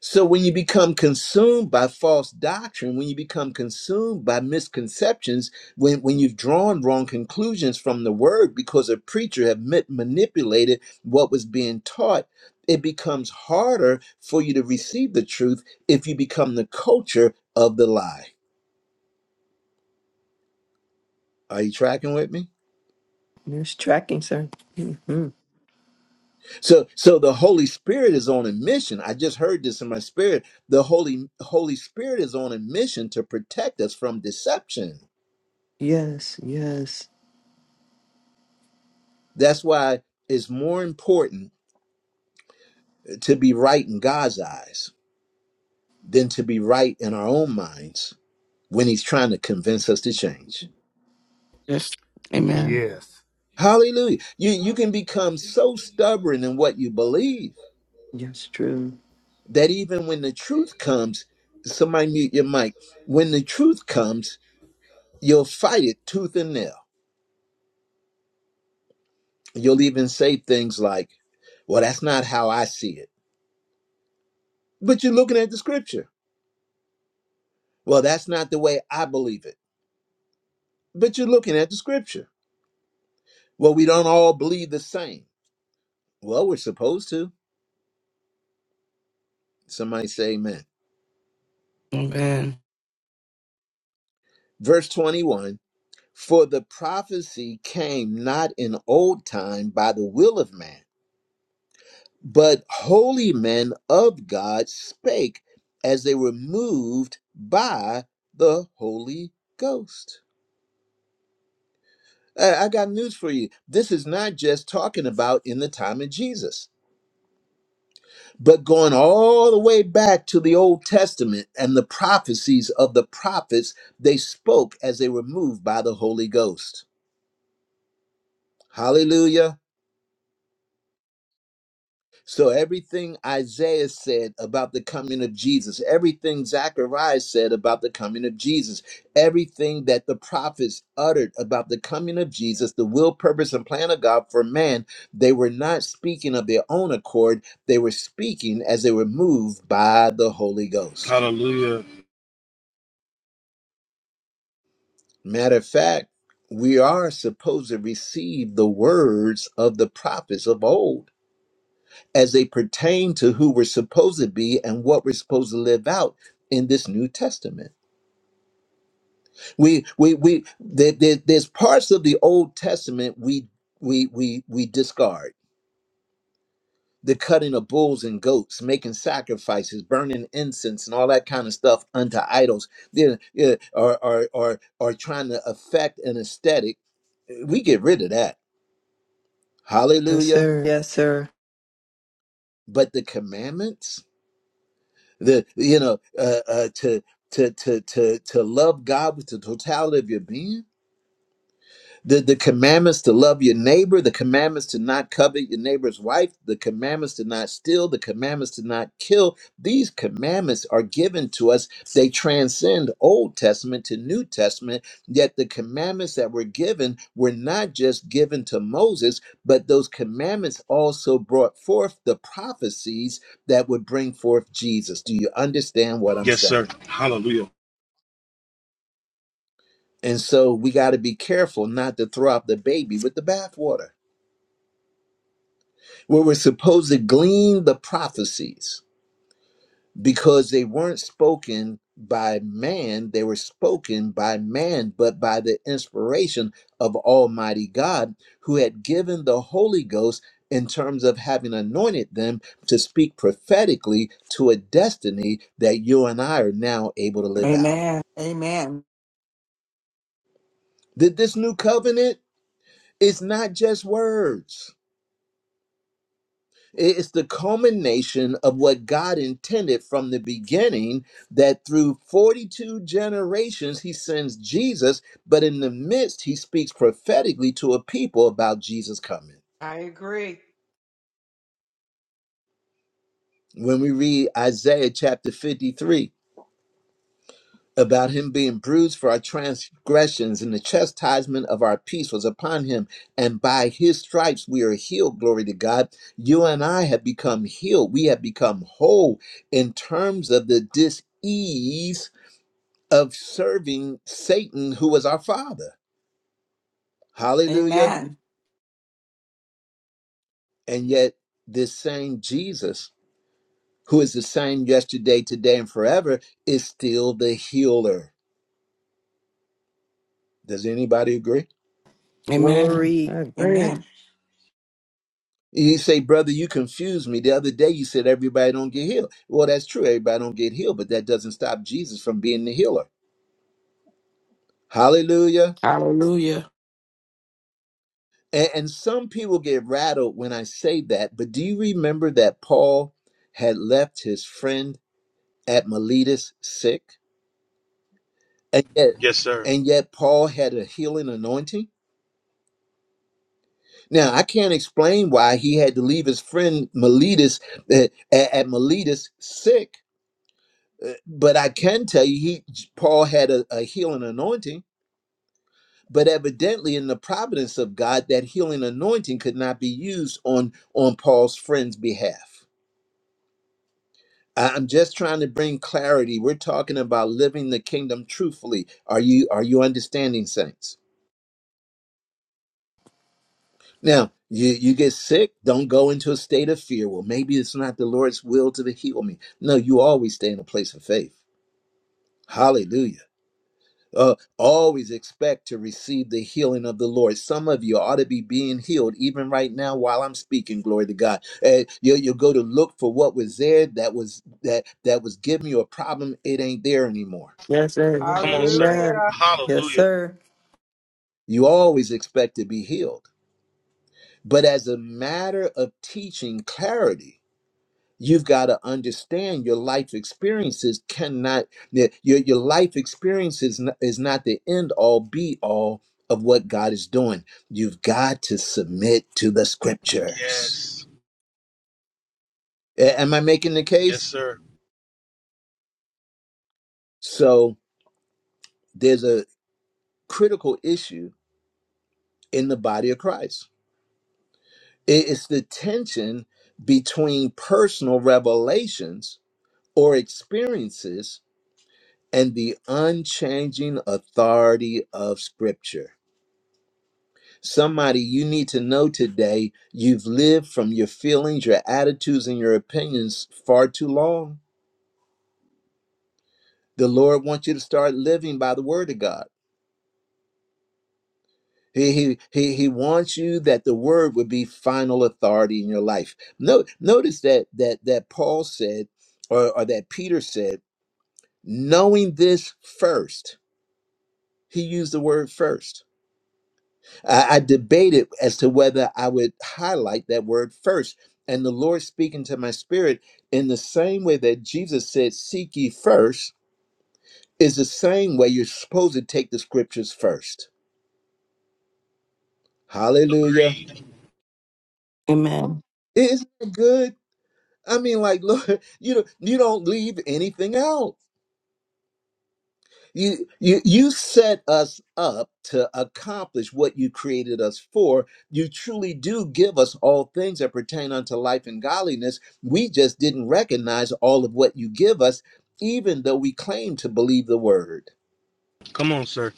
Speaker 1: So when you become consumed by false doctrine, when you become consumed by misconceptions, when, when you've drawn wrong conclusions from the word because a preacher have ma- manipulated what was being taught, it becomes harder for you to receive the truth if you become the culture of the lie. Are you tracking with me?
Speaker 5: There's tracking, sir. hmm
Speaker 1: So so the Holy Spirit is on a mission. I just heard this in my spirit. The Holy Holy Spirit is on a mission to protect us from deception.
Speaker 5: Yes, yes.
Speaker 1: That's why it's more important to be right in God's eyes than to be right in our own minds when He's trying to convince us to change.
Speaker 4: Yes. Amen.
Speaker 8: Yes.
Speaker 1: Hallelujah. You, you can become so stubborn in what you believe
Speaker 5: Yes, true.
Speaker 1: that even when the truth comes, somebody mute your mic. When the truth comes, you'll fight it tooth and nail. You'll even say things like, Well, that's not how I see it. But you're looking at the scripture. Well, that's not the way I believe it. But you're looking at the scripture Well, we don't all believe the same. Well, we're supposed to. Somebody say amen.
Speaker 4: Amen.
Speaker 1: Verse 21 For the prophecy came not in old time by the will of man, but holy men of God spake as they were moved by the Holy Ghost. I I got news for you. This is not just talking about in the time of Jesus. but going all the way back to the Old Testament and the prophecies of the prophets, they spoke as they were moved by the Holy Ghost. Hallelujah. So, everything Isaiah said about the coming of Jesus, everything Zechariah said about the coming of Jesus, everything that the prophets uttered about the coming of Jesus, the will, purpose, and plan of God for man, they were not speaking of their own accord. They were speaking as they were moved by the Holy Ghost.
Speaker 2: Hallelujah.
Speaker 1: Matter of fact, we are supposed to receive the words of the prophets of old as they pertain to who we're supposed to be and what we're supposed to live out in this New Testament. We we we there, there- there's parts of the Old Testament we we we we discard. The cutting of bulls and goats, making sacrifices, burning incense, and all that kind of stuff unto idols, yeah, yeah, or, or, or, or trying to affect an aesthetic, we get rid of that
Speaker 5: Yes,
Speaker 1: Hallelujah.
Speaker 5: sir. Yes, sir.
Speaker 1: But the commandments, the you know, uh, uh, to to to to to love God with the totality of your being, the, the commandments to love your neighbor, the commandments to not covet your neighbor's wife, the commandments to not steal, the commandments to not kill. These commandments are given to us. They transcend Old Testament to New Testament. Yet the commandments that were given were not just given to Moses, but those commandments also brought forth the prophecies that would bring forth Jesus. Do you understand what I'm
Speaker 2: Yes,
Speaker 1: saying?
Speaker 2: sir. Hallelujah.
Speaker 1: And so we got to be careful not to throw out the baby with the bathwater. where we're supposed to glean the prophecies because they weren't spoken by man, they were spoken by man, but by the inspiration of Almighty God, who had given the Holy Ghost in terms of having anointed them to speak prophetically to a destiny that you and I are now able to live out.
Speaker 6: Amen. Amen.
Speaker 1: That this new covenant is not just words It's the culmination of what God intended from the beginning that through 42 generations, he sends Jesus, but in the midst, he speaks prophetically to a people about Jesus coming.
Speaker 7: I agree.
Speaker 1: When we read Isaiah chapter 53, about him being bruised for our transgressions, and the chastisement of our peace was upon him. And by his stripes we are healed. Glory to God. You and I have become healed. We have become whole in terms of the dis ease of serving Satan, who was our father. Hallelujah.
Speaker 6: Amen.
Speaker 1: And yet, this same Jesus, who is the same yesterday, today, and forever, is still the healer. Does anybody agree?
Speaker 4: Amen.
Speaker 5: Glory. I agree.
Speaker 6: Amen.
Speaker 1: You say, brother, you confuse me. The other day you said everybody don't get healed. Well, that's true. Everybody don't get healed, but that doesn't stop Jesus from being the healer. Hallelujah.
Speaker 4: Hallelujah.
Speaker 1: And, and some people get rattled when I say that, but do you remember that Paul had left his friend at Miletus sick? And yet,
Speaker 2: Yes, sir.
Speaker 1: and yet Paul had a healing anointing? Now, I can't explain why he had to leave his friend Miletus eh, at, at Miletus sick Uh, But I can tell you, he Paul had a, a healing anointing, but evidently in the providence of God, that healing anointing could not be used on on Paul's friend's behalf. I- I'm just trying to bring clarity. We're talking about living the kingdom truthfully. Are you are you understanding, saints? Now, you you get sick, don't go into a state of fear. Well, maybe it's not the Lord's will to heal me. No, you always stay in a place of faith. Hallelujah. uh, always expect to receive the healing of the Lord. Some of you ought to be being healed even right now while I'm speaking. Glory to God. Uh, you, you'll go to look for what was there that was that that was giving you a problem. It ain't there anymore.
Speaker 5: Yes, sir.
Speaker 2: Come on, sir.
Speaker 5: Amen.
Speaker 7: Hallelujah.
Speaker 5: Yes,
Speaker 2: Hallelujah.
Speaker 5: sir.
Speaker 1: You always expect to be healed, but as a matter of teaching clarity. You've got to understand your life experiences cannot, that your, your life experience is not, is not the end all be all of what God is doing. You've got to submit to the scriptures.
Speaker 2: Yes.
Speaker 1: A- am I making the
Speaker 2: Yes,
Speaker 1: case?
Speaker 2: sir.
Speaker 1: So there's a critical issue in the body of Christ. It- It's the tension between personal revelations or experiences and the unchanging authority of scripture. Somebody you need to know today, you've lived from your feelings, your attitudes, and your opinions far too long. The Lord wants you to start living by the word of God. He, he, he, he wants you that the word would be final authority in your life. No, notice that that that Paul said, or, or that Peter said, knowing this first, he used the word first I, I debated as to whether I would highlight that word first. And the Lord speaking to my spirit in the same way that Jesus said, Seek ye first," is the same way you're supposed to take the scriptures first. Hallelujah.
Speaker 2: Agreed.
Speaker 4: Amen.
Speaker 1: Isn't it good? I mean, like, (laughs) Lord, you know, you don't leave anything out. You, you you set us up to accomplish what you created us for. You truly do give us all things that pertain unto life and godliness. We just didn't recognize all of what you give us, even though we claim to believe the word.
Speaker 2: Come on, sir.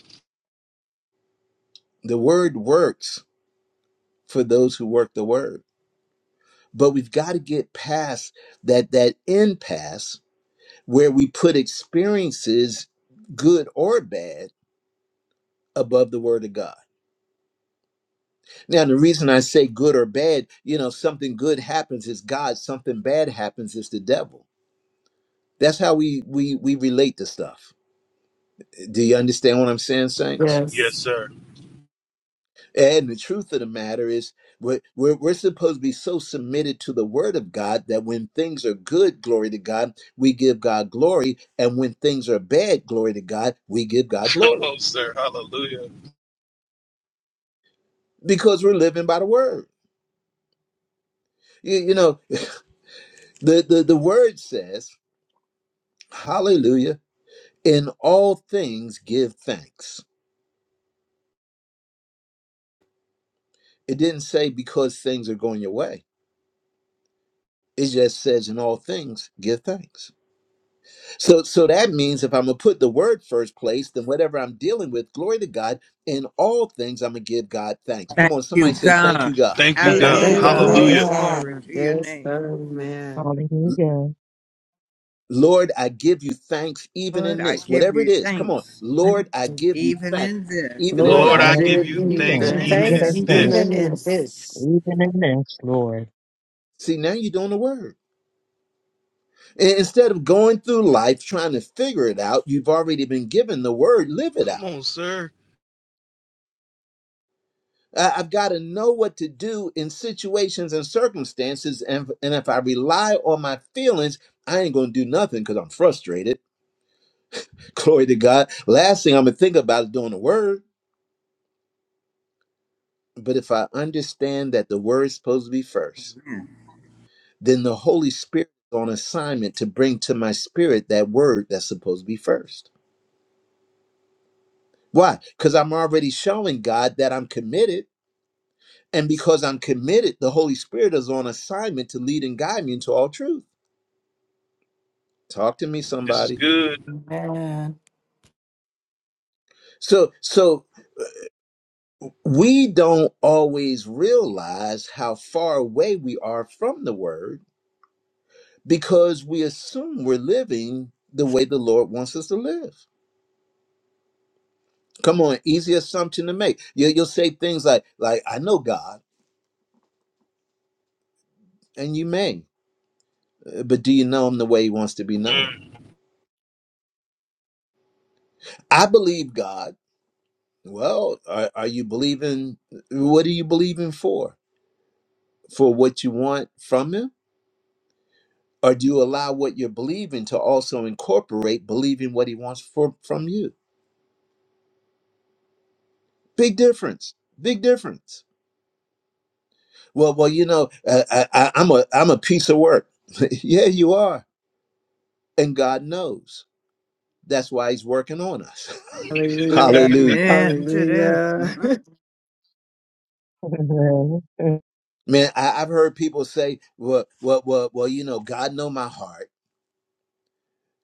Speaker 1: The word works for those who work the word. But we've got to get past that that impasse where we put experiences, good or bad, above the word of God. Now, the reason I say good or bad, you know, something good happens is God, something bad happens is the devil. That's how we we we relate to stuff. Do you understand what I'm saying, saints?
Speaker 2: Yes,
Speaker 4: Yes.
Speaker 2: sir.
Speaker 1: And the truth of the matter is, we're, we're, we're supposed to be so submitted to the word of God that when things are good, glory to God, we give God glory. And when things are bad, glory to God, we give
Speaker 2: (laughs)
Speaker 1: God
Speaker 2: Come
Speaker 1: glory
Speaker 2: on, sir. Hallelujah.
Speaker 1: because we're living by the word. You, you know, the, the, the word says, hallelujah. in all things give thanks it didn't say because things are going your way it just says in all things give thanks so so that means if i'm gonna put the word first place then whatever i'm dealing with glory to god in all things i'm gonna give god thanks come
Speaker 10: Thank
Speaker 1: on somebody
Speaker 10: you,
Speaker 1: say thank
Speaker 10: God.
Speaker 1: you god
Speaker 2: Thank you,
Speaker 4: Thank
Speaker 2: God.
Speaker 4: you,
Speaker 6: Amen.
Speaker 5: Thank
Speaker 10: Hallelujah.
Speaker 5: you,
Speaker 4: God.
Speaker 6: Praise
Speaker 2: Hallelujah.
Speaker 6: God.
Speaker 10: Glory
Speaker 5: God.
Speaker 10: to your
Speaker 5: Yes,
Speaker 10: name.
Speaker 5: amen.
Speaker 3: Hallelujah.
Speaker 1: lord i give you thanks even
Speaker 10: Lord,
Speaker 1: in
Speaker 10: I
Speaker 1: this
Speaker 10: give
Speaker 1: whatever it
Speaker 10: you
Speaker 1: is come on
Speaker 10: thanks
Speaker 1: lord i give you
Speaker 10: even
Speaker 1: thanks
Speaker 10: in this.
Speaker 1: even in
Speaker 5: Lord,
Speaker 4: Lord,
Speaker 2: Lord,
Speaker 5: I
Speaker 4: I
Speaker 3: Lord,
Speaker 2: I
Speaker 3: I
Speaker 1: this
Speaker 10: Thanks
Speaker 2: give
Speaker 4: give
Speaker 5: give
Speaker 2: you
Speaker 3: give you
Speaker 4: you
Speaker 5: you
Speaker 2: thanks
Speaker 3: thanks.
Speaker 10: even in
Speaker 2: even
Speaker 3: Even
Speaker 4: thanks,
Speaker 2: at
Speaker 3: in
Speaker 10: this.
Speaker 5: thanks
Speaker 4: even
Speaker 3: this,
Speaker 5: even
Speaker 2: this.
Speaker 4: in
Speaker 5: in
Speaker 4: this.
Speaker 5: this.
Speaker 3: even in this, Lord.
Speaker 1: see now you're doing the word I- instead of going through life trying to figure it out you've already been given the word live it
Speaker 2: Come
Speaker 1: out
Speaker 2: on, sir.
Speaker 1: I- I've got to know what to do in situations and circumstances. And, and if I rely on my feelings, I ain't going to do nothing because I'm frustrated. (laughs) Glory to God. Last thing I'm going to think about is doing the word. But if I understand that the word is supposed to be first, then the Holy Spirit is on assignment to bring to my spirit that word that's supposed to be first. Why? Because I'm already showing God that I'm committed. And because I'm committed, the Holy Spirit is on assignment to lead and guide me into all truth. Talk to me,
Speaker 2: This is
Speaker 1: somebody.
Speaker 2: good.
Speaker 4: Amen.
Speaker 1: So so we don't always realize how far away we are from the word because we assume we're living the way the Lord wants us to live. Come on, easy assumption to make. You, you'll say things like like I know God, and you may, uh, but do you know Him the way He wants to be known?
Speaker 2: Mm.
Speaker 1: I believe God. Well, are, are you believing? What are you believing for? For what you want from Him? Or do you allow what you're believing to also incorporate believing what he wants for, from you? Big difference. Big difference. Well, well, you know, uh, I, I, I'm a I'm a piece of work. (laughs) yeah, you are, and God knows. That's why He's working on us. (laughs)
Speaker 5: Hallelujah.
Speaker 2: (laughs)
Speaker 1: Hallelujah,
Speaker 10: Amen to that.
Speaker 5: Hallelujah.
Speaker 10: Mhm.
Speaker 5: (laughs)
Speaker 3: (laughs) Amen.
Speaker 1: man. I, I've heard people say, well, well, well, well, you know, God know my heart.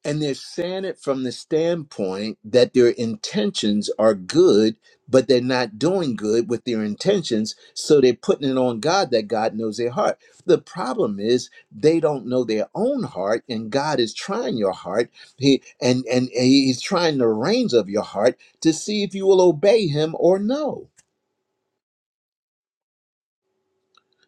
Speaker 1: And they're saying it from the standpoint that their intentions are good, but they're not doing good with their intentions. So they're putting it on God that God knows their heart. The problem is they don't know their own heart, and God is trying your heart. He and and, and he's trying the reins of your heart to see if you will obey him or no.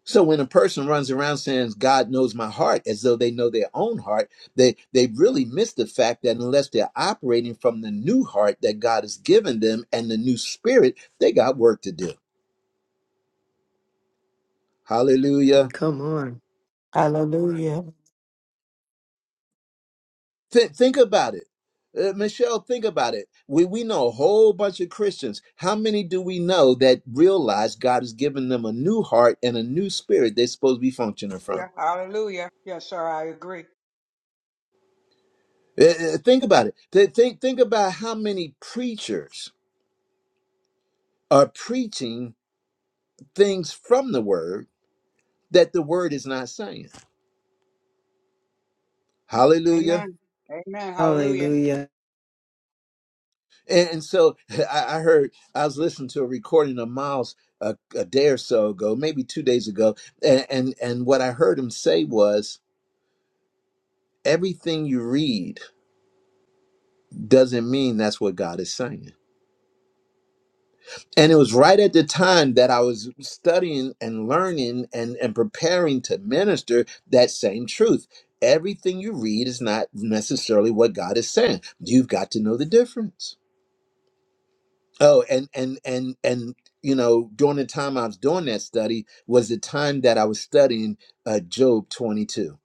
Speaker 1: So when a person runs around saying God knows my heart as though they know their own heart, they they really miss the fact that unless they're operating from the new heart that God has given them and the new spirit, they got work to do.
Speaker 5: And
Speaker 1: Hallelujah.
Speaker 5: Come on.
Speaker 4: Hallelujah.
Speaker 1: Thi- think about it. Uh, Michelle, think about it. We we know a whole bunch of Christians. How many do we know that realize God has given them a new heart and a new spirit they're supposed to be functioning
Speaker 7: Yeah,
Speaker 1: from?
Speaker 7: hallelujah. Yes, sir, I agree.
Speaker 1: Uh, uh, think about it. Th- think think about how many preachers are preaching things from the word that the word is not saying. Hallelujah.
Speaker 7: Amen. Amen. Hallelujah.
Speaker 5: Hallelujah.
Speaker 1: And, and so (laughs) I, I heard, I was listening to a recording of Miles a, a day or so ago, maybe two days ago. And, and, and what I heard him say was everything you read doesn't mean that's what God is saying. And it was right at the time that I was studying and learning and, and preparing to minister that same truth. Everything you read is not necessarily what God is saying. You've got to know the difference. Oh, and and and and you know, during the time I was doing that study was the time that I was studying uh, Job 22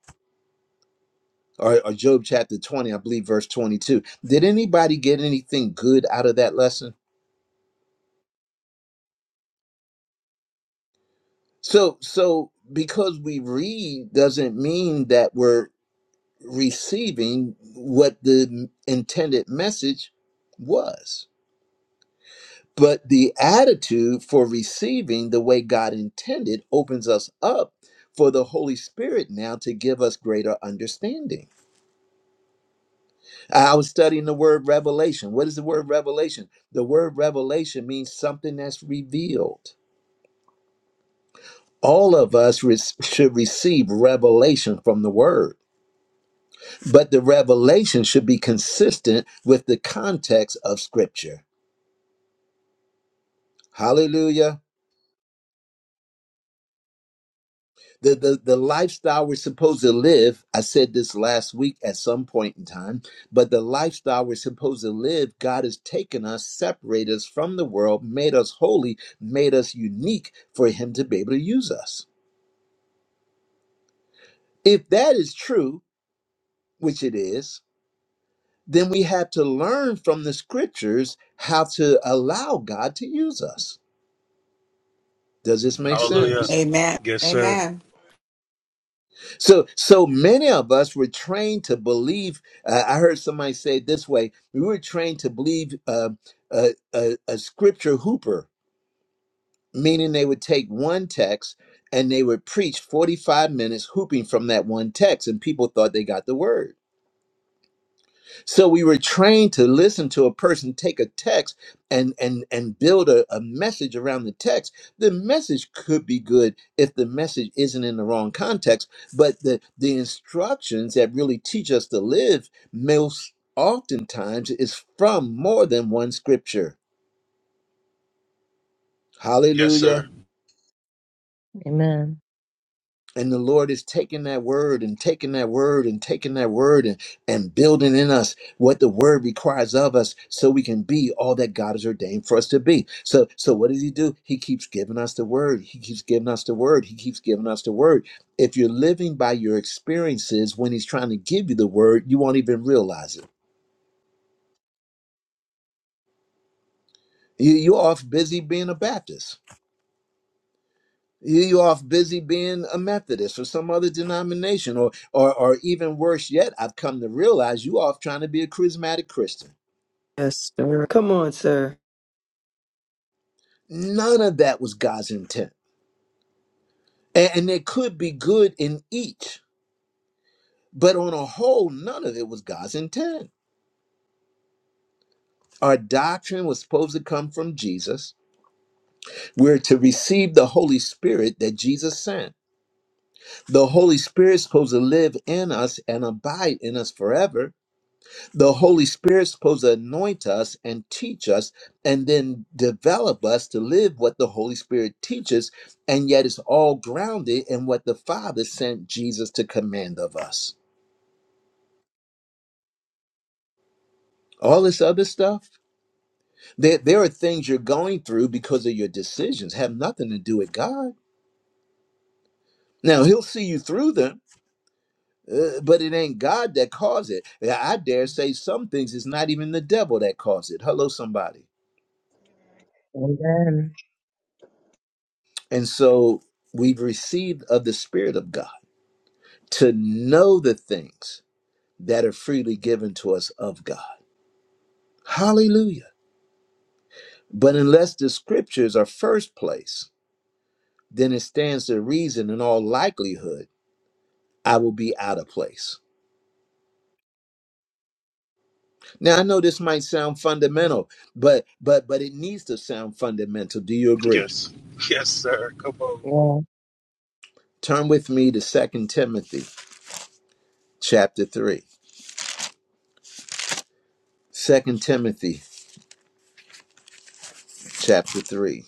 Speaker 1: or, or Job chapter 20, I believe, verse 22. Did anybody get anything good out of that lesson? So so because we read doesn't mean that we're receiving what the intended message was. But the attitude for receiving the way God intended opens us up for the Holy Spirit now to give us greater understanding. I was studying the word revelation. What is the word revelation? The word revelation means something that's revealed. All of us re- (laughs) should receive revelation from the word but the revelation should be consistent with the context of scripture hallelujah the, the the lifestyle we're supposed to live i said this last week at some point in time but the lifestyle we're supposed to live god has taken us separated us from the world made us holy made us unique for him to be able to use us if that is true which it is then we have to learn from the scriptures how to allow god to use us does this make sense
Speaker 2: Hallelujah.
Speaker 6: Amen.
Speaker 2: Yes, sir.
Speaker 6: Amen.
Speaker 1: So, so many of us were trained to believe. Uh, I heard somebody say it this way: we were trained to believe uh, a, a, a scripture hooper, meaning they would take one text and they would preach forty-five minutes hooping from that one text, and people thought they got the word. So we were trained to listen to a person take a text and and and build a, a message around the text. The message could be good if the message isn't in the wrong context, but the the instructions that really teach us to live most oftentimes is from more than one scripture.
Speaker 2: Yes,
Speaker 1: Hallelujah.
Speaker 2: sir.
Speaker 3: Amen.
Speaker 1: And the Lord is taking that word and taking that word and taking that word and, and building in us what the word requires of us so we can be all that God has ordained for us to be. So so what does he do? He keeps giving us the word. He keeps giving us the word. He keeps giving us the word. If you're living by your experiences when he's trying to give you the word, you won't even realize it. You, you're off busy being a Baptist. You you off busy being a Methodist or some other denomination, or or or even worse yet, I've come to realize you off trying to be a charismatic Christian.
Speaker 5: Yes, sir. Come on, sir.
Speaker 1: None of that was God's intent. And, and there could be good in each, but on a whole, none of it was God's intent. Our doctrine was supposed to come from Jesus. We're to receive the Holy Spirit that Jesus sent. The Holy Spirit's supposed to live in us and abide in us forever the Holy Spirit's supposed to anoint us and teach us and then develop us to live what the Holy Spirit teaches, and yet it's all grounded in what the Father sent Jesus to command of us. All this other stuff, there, there are things you're going through because of your decisions, have nothing to do with God. Now, He'll see you through them. uh, but it ain't God that caused it. Yeah, I dare say some things it's not even the devil that caused it. Hello, somebody.
Speaker 3: Amen.
Speaker 1: And so we've received of the Spirit of God to know the things that are freely given to us of God. Hallelujah. But unless the scriptures are first place, then it stands to reason in all likelihood I will be out of place. Now I know this might sound fundamental, but but but it needs to sound fundamental. Do you agree?
Speaker 2: Yes. Yes, sir. Come on.
Speaker 3: Yeah.
Speaker 1: Turn with me to Second Timothy chapter 3. Second Timothy chapter 3.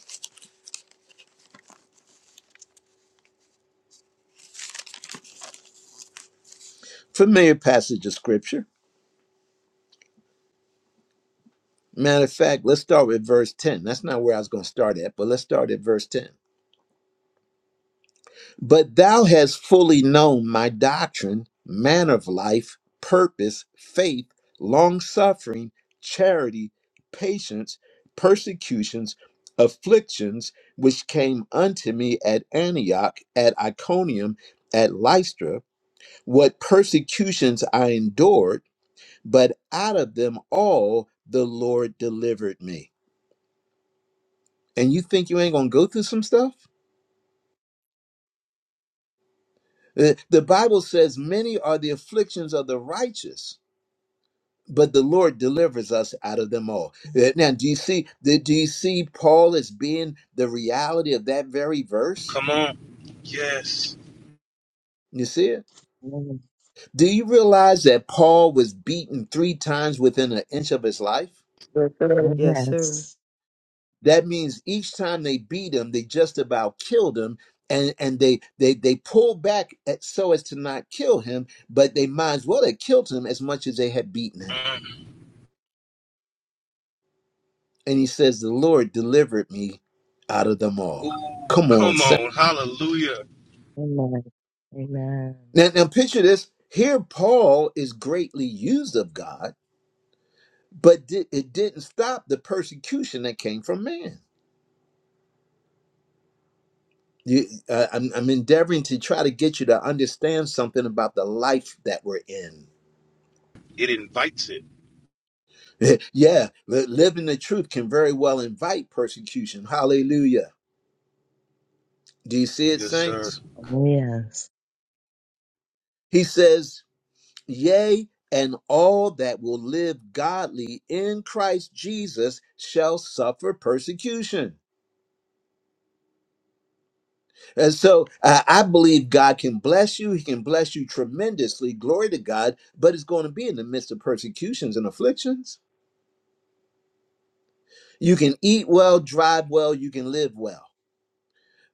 Speaker 1: Familiar passage of scripture Matter of fact, let's start with verse 10. That's not where I was going to start at, but let's start at verse 10. But thou hast fully known my doctrine, manner of life, purpose, faith, long suffering, charity, patience, persecutions, afflictions, which came unto me at Antioch, at Iconium, at Lystra, what persecutions I endured, but out of them all the Lord delivered me. and you think you ain't gonna go through some stuff? The the Bible says, Many are the afflictions of the righteous, but the Lord delivers us out of them all. Uh, Now, do you see the, do you see Paul as being the reality of that very verse?
Speaker 2: Come on. Yes.
Speaker 1: You see it?
Speaker 3: Amen.
Speaker 1: Do you realize that Paul was beaten three times within an inch of his life?
Speaker 5: Yes, sir.
Speaker 3: Oh,
Speaker 5: Yes, sir.
Speaker 3: yes.
Speaker 1: That means each time they beat him, they just about killed him, and and they they they pull back at, so as to not kill him, but they might as well have killed him as much as they had beaten him.
Speaker 2: Mm.
Speaker 1: And he says, "The Lord delivered me out of them
Speaker 2: Ooh,
Speaker 1: all." Come on,
Speaker 2: come
Speaker 1: sa-
Speaker 2: on. Hallelujah.
Speaker 3: Amen. Amen.
Speaker 1: now now picture this. Here, Paul is greatly used of God, but di- it didn't stop the persecution that came from man. You, uh, I'm, I'm endeavoring to try to get you to understand something about the life that we're in
Speaker 2: It invites it.
Speaker 1: (laughs) yeah, li- living the truth can very well invite persecution. Hallelujah. Do you see it,
Speaker 2: Yes, sir.
Speaker 1: saints?
Speaker 3: Oh, yes.
Speaker 1: He says, Yea, and all that will live godly in Christ Jesus shall suffer persecution. And so I I believe God can bless you. He can bless you tremendously. Glory to God. But it's going to be in the midst of persecutions and afflictions. You can eat well, drive well, you can live well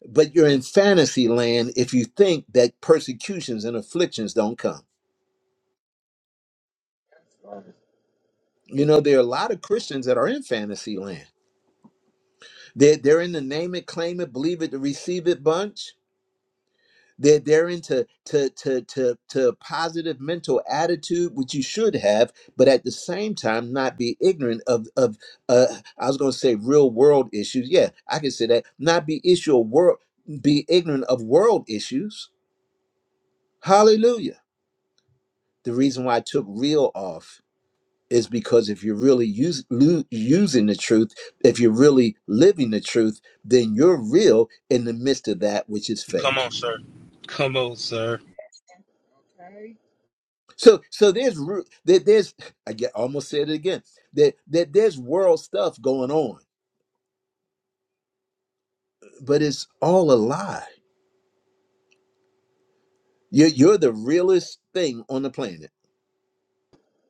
Speaker 1: but you're in fantasy land if you think that persecutions and afflictions don't come.
Speaker 9: sir.
Speaker 1: You know, there are a lot of Christians that are in fantasy land. They're, they're in the name it, claim it, believe it, receive it bunch. They're, they're into to, to, to, to a positive mental attitude, which you should have, but at the same time, not be ignorant of, of uh, I was going to say real world issues. Yeah, I can say that. Not be issue of world, be ignorant of world issues. Hallelujah. The reason why I took real off is because if you're really use, lu- using the truth, if you're really living the truth, then you're real in the midst of that which is
Speaker 2: Come
Speaker 1: fake.
Speaker 2: on, sir. Come on, sir.
Speaker 9: Okay.
Speaker 1: So, so there's ru- there, there's I get almost said it again that that there's world stuff going on, but it's all a lie. You're you're the realest thing on the planet.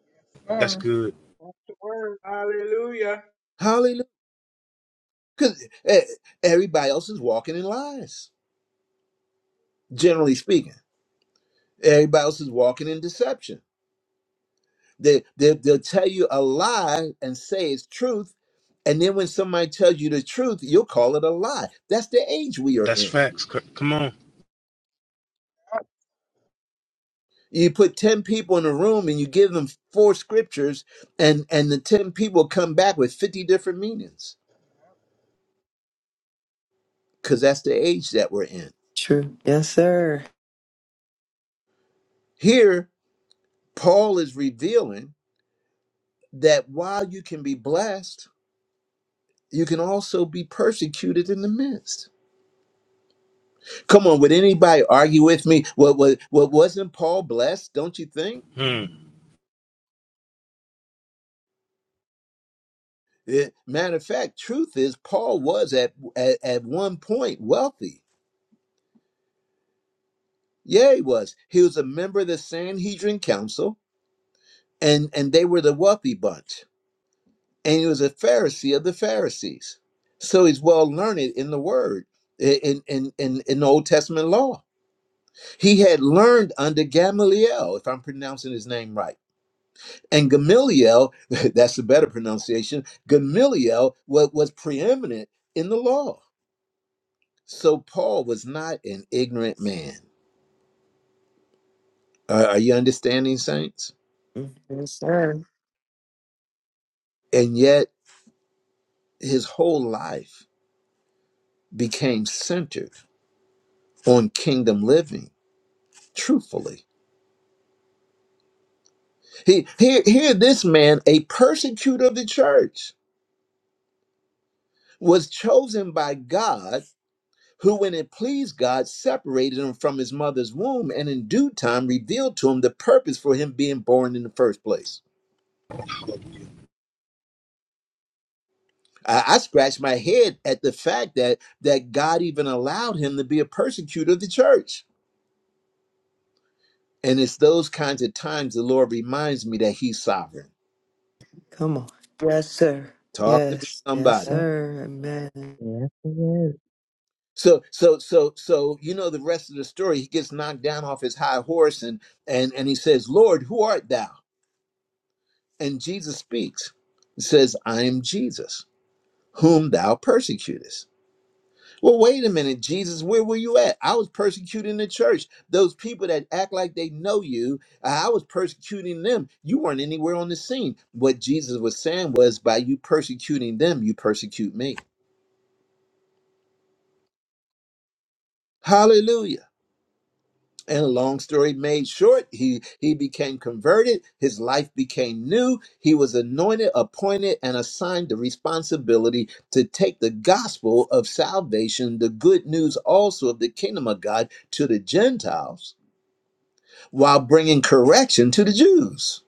Speaker 9: Yes,
Speaker 2: That's
Speaker 9: sir.
Speaker 2: good.
Speaker 7: That's the word. Hallelujah.
Speaker 1: Hallelujah! Because everybody else is walking in lies. Generally speaking, everybody else is walking in deception They, they, they'll tell you a lie and say it's truth. And then when somebody tells you the truth, you'll call it a lie. That's the age we are
Speaker 2: That's
Speaker 1: in.
Speaker 2: facts. C- Come on.
Speaker 1: You put 10 people in a room and you give them four scriptures, and, and the 10 people come back with 50 different meanings because that's the age that we're in.
Speaker 5: True. Yes, sir.
Speaker 1: Here, Paul is revealing that while you can be blessed, you can also be persecuted in the midst. Come on, would anybody argue with me? What, what, what wasn't Paul blessed? Don't you think?
Speaker 2: Mm.
Speaker 1: It- matter of fact, truth is, Paul was at, at at one point wealthy. Yeah, he was. He was a member of the Sanhedrin Council, and and they were the wealthy bunch. And he was a Pharisee of the Pharisees. So he's well learned in the Word, i- in in in, in the Old Testament law. He had learned under Gamaliel, if I'm pronouncing his name right. And Gamaliel, (laughs) that's the better pronunciation. Gamaliel was, was preeminent in the law So Paul was not an ignorant man. Are are you understanding, saints?
Speaker 5: Mm. Yes, sir.
Speaker 1: And yet his whole life became centered on kingdom living, truthfully. He, here, here, this man, a persecutor of the church, was chosen by God, who, when it pleased God, separated him from his mother's womb and in due time revealed to him the purpose for him being born in the first place. I, I scratched my head at the fact that that God even allowed him to be a persecutor of the church. And it's those kinds of times the Lord reminds me that He's sovereign.
Speaker 5: Come on. Yes, sir.
Speaker 1: Talk to me,
Speaker 5: Yes. Yes,
Speaker 3: Yep.
Speaker 1: somebody.
Speaker 5: sir. Amen.
Speaker 3: Yes, it is.
Speaker 1: So, so, so, so, you know the rest of the story. He gets knocked down off his high horse, and and and he says, "Lord, who art thou?" And Jesus speaks. He says, "I am Jesus, whom thou persecutest." Well, wait a minute, Jesus, where were you at? I was persecuting the church. Those people that act like they know you, I was persecuting them. You weren't anywhere on the scene. What Jesus was saying was, by you persecuting them, you persecute me. Hallelujah. And a long story made short, he he became converted. His life became new. He was anointed, appointed, and assigned the responsibility to take the gospel of salvation, the good news also of the kingdom of God, to the Gentiles while bringing correction to the Jews.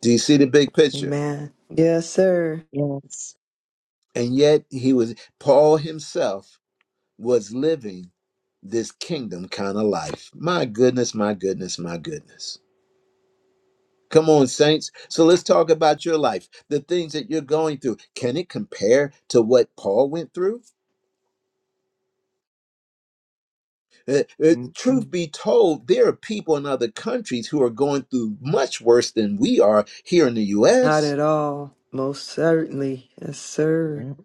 Speaker 1: Do you see the big picture?
Speaker 5: Amen. Yes, sir.
Speaker 3: Yes.
Speaker 1: And yet he was Paul himself was living this kingdom kind of life. My goodness, my goodness, my goodness. Come on, saints. So let's talk about your life, the things that you're going through. Can it compare to what Paul went through? Uh, uh,
Speaker 3: Mm-mm.
Speaker 1: truth be told, there are people in other countries who are going through much worse than we are here in the
Speaker 5: Not
Speaker 1: U.S.
Speaker 5: at all. Most certainly. Yes, sir.
Speaker 3: Yep.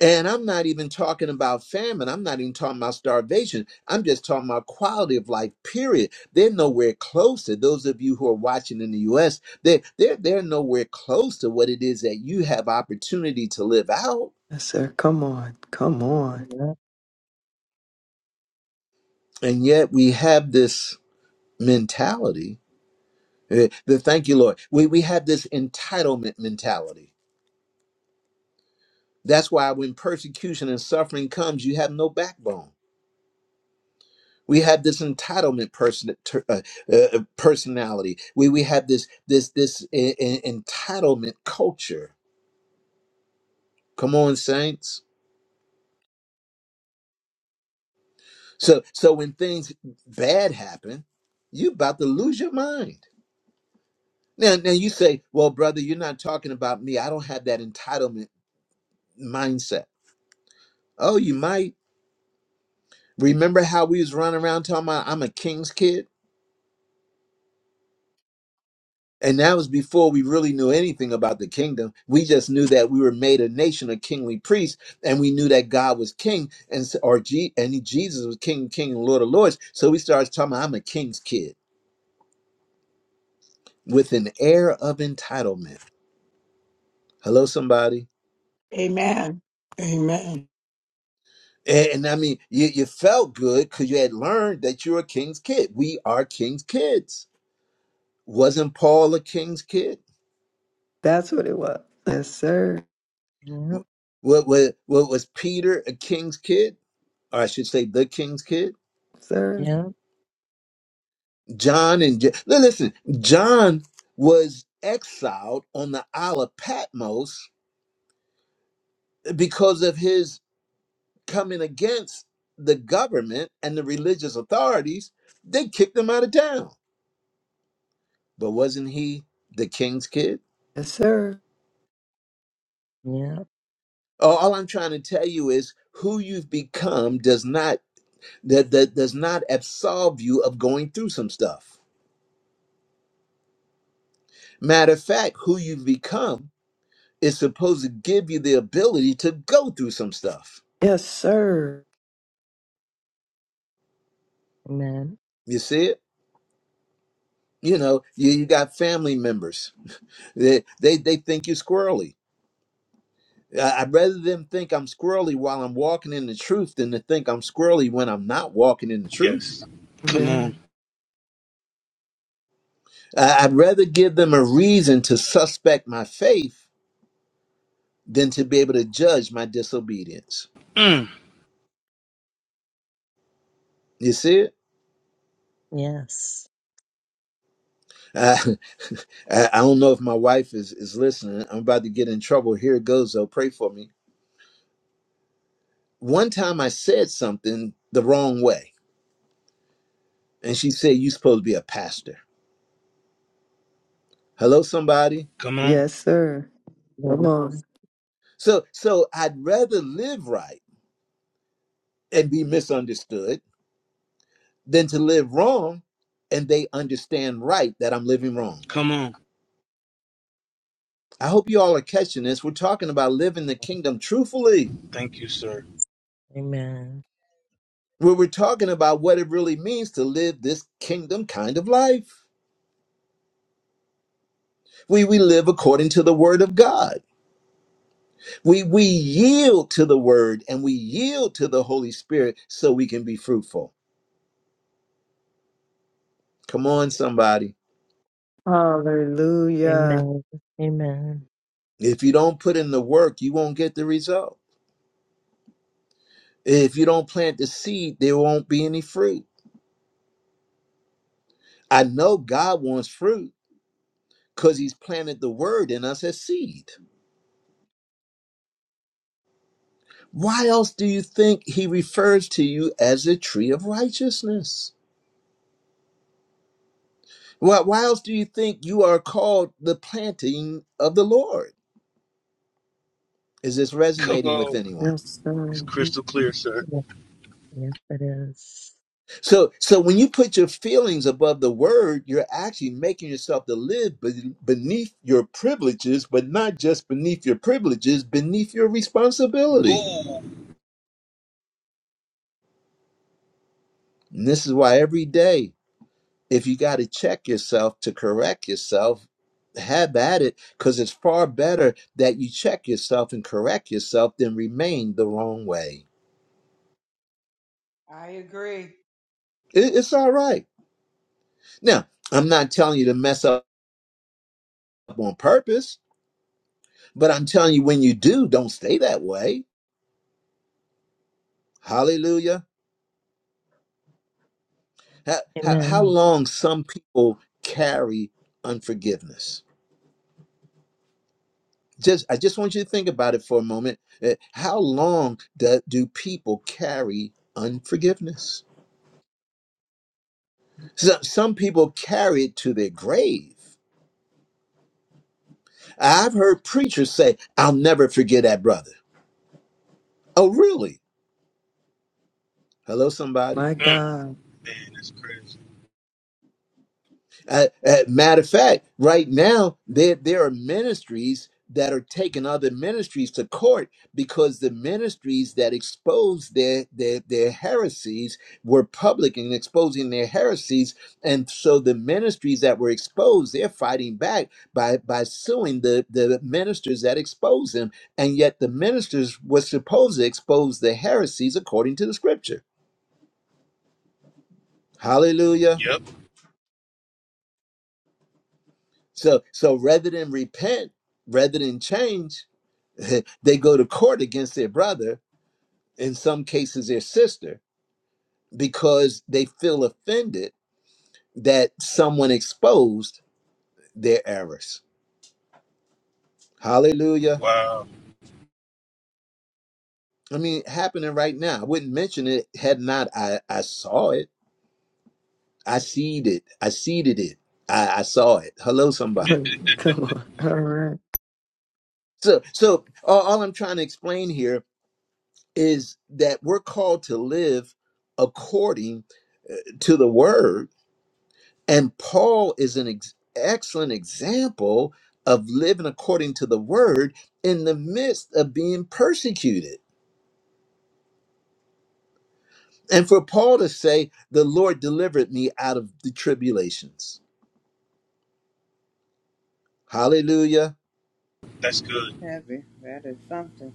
Speaker 1: And I'm not even talking about famine. I'm not even talking about starvation. I'm just talking about quality of life, period. They're nowhere close to those of you who are watching in the US. They're, they're, they're nowhere close to what it is that you have opportunity to live out.
Speaker 5: Yes, sir. Come on. Come on.
Speaker 3: Yep.
Speaker 1: And yet we have this mentality. eh, The thank you, Lord. We, we have this entitlement mentality. That's why when persecution and suffering comes, you have no backbone We have this entitlement person, ter- uh, uh, personality. We we have this this this e- e- entitlement culture. Come on, saints. So so when things bad happen, you about to lose your mind. Now now you say, well, brother, you're not talking about me. I don't have that entitlement mindset. Oh, you might remember how we was running around talking about I'm a king's kid. And that was before we really knew anything about the kingdom. We just knew that we were made a nation of kingly priests, and we knew that God was king, and s- or G, and he- Jesus was king, king, and Lord of lords. So we started talking. About, I'm a king's kid with an air of entitlement. Hello, somebody.
Speaker 6: Amen. Amen.
Speaker 1: And, and I mean, you, you felt good because you had learned that you're a king's kid. We are king's kids. Wasn't Paul a king's kid?
Speaker 5: That's what it was. Yes, sir.
Speaker 3: Yep.
Speaker 1: What, what, what was Peter a king's kid? Or I should say, the king's kid?
Speaker 5: Sir.
Speaker 3: Yep.
Speaker 1: John and Ja- li- listen, John was exiled on the Isle of Patmos because of his coming against the government and the religious authorities. They kicked him out of town. But wasn't he the king's kid?
Speaker 5: Yes, sir.
Speaker 3: Yep.
Speaker 1: All all I'm trying to tell you is who you've become does not that, that does not absolve you of going through some stuff. Matter of fact, who you've become is supposed to give you the ability to go through some stuff.
Speaker 5: Yes, sir.
Speaker 3: Amen.
Speaker 1: You see it? you know you, you got family members they, they they think you squirrely I- i'd rather them think i'm squirrely while i'm walking in the truth than to think i'm squirrely when i'm not walking in the truth
Speaker 2: Yes. Come on.
Speaker 5: Amen.
Speaker 1: I- i'd rather give them a reason to suspect my faith than to be able to judge my disobedience
Speaker 2: Mm.
Speaker 1: you see it
Speaker 3: Yes.
Speaker 1: uh, (laughs) i I don't know if my wife is is listening i'm about to get in trouble here it goes though pray for me one time i said something the wrong way and she said you supposed to be a pastor hello somebody
Speaker 2: Come on.
Speaker 5: Yes, sir. Come
Speaker 3: Yes.
Speaker 5: on.
Speaker 1: So so I'd rather live right and be misunderstood than to live wrong and they understand right that I'm living wrong.
Speaker 2: Come on.
Speaker 1: I hope you all are catching this. We're talking about living the kingdom truthfully.
Speaker 2: Thank you, sir.
Speaker 3: Amen.
Speaker 1: Where we're talking about what it really means to live this kingdom kind of life. We we live according to the word of God. We we yield to the word and we yield to the Holy Spirit so we can be fruitful. Come on, somebody.
Speaker 5: Hallelujah.
Speaker 3: Amen. Amen.
Speaker 1: If you don't put in the work, you won't get the result. If you don't plant the seed, there won't be any fruit. I know God wants fruit because He's planted the word in us as seed. Why else do you think He refers to you as a tree of righteousness? Why, why else do you think you are called the planting of the Lord? Is this
Speaker 2: Come
Speaker 1: resonating with
Speaker 2: on.
Speaker 1: anyone?
Speaker 5: Yes, sir.
Speaker 2: It's crystal clear, sir.
Speaker 3: Yes, yes, it is.
Speaker 1: So, so when you put your feelings above the word, you're actually making yourself to live be- beneath your privileges, but not just beneath your privileges, beneath your responsibility.
Speaker 2: Ooh.
Speaker 1: And this is why every day, if you got to check yourself to correct yourself, have at it, because it's far better that you check yourself and correct yourself than remain the wrong way.
Speaker 7: I agree.
Speaker 1: It- it's all right. Now, I'm not telling you to mess up on purpose, but I'm telling you when you do, don't stay that way. Hallelujah. How, how, how
Speaker 3: Amen.
Speaker 1: long some people carry unforgiveness? just I just want you to think about it for a moment. Uh, How long do, do people carry unforgiveness? So, some people carry it to their grave. I've heard preachers say, "I'll never forget that brother." Oh, really? Hello, somebody.
Speaker 5: My
Speaker 2: Mm.
Speaker 5: God.
Speaker 2: Man, that's crazy.
Speaker 1: Uh, uh, matter of fact, right now there there are ministries that are taking other ministries to court because the ministries that exposed their their their heresies were public and exposing their heresies, and so the ministries that were exposed they're fighting back by by suing the the ministers that exposed them, and yet the ministers were supposed to expose the heresies according to the scripture. Hallelujah.
Speaker 2: Yep.
Speaker 1: So so rather than repent, rather than change (laughs) they go to court against their brother, in some cases their sister, because they feel offended that someone exposed their errors. Hallelujah.
Speaker 2: Wow.
Speaker 1: I mean, happening right now. I wouldn't mention it had not I, I saw it. I seed it. I seeded it. I, I saw it. Hello,
Speaker 5: (laughs)
Speaker 1: somebody.
Speaker 2: (laughs)
Speaker 5: Come on. All right.
Speaker 1: So so all, all I'm trying to explain here is that we're called to live according to the word And Paul is an ex- excellent example of living according to the word in the midst of being persecuted. And for Paul to say, the Lord delivered me out of the tribulations. Hallelujah.
Speaker 2: that's
Speaker 10: That's
Speaker 2: good.
Speaker 10: heavy. That is something.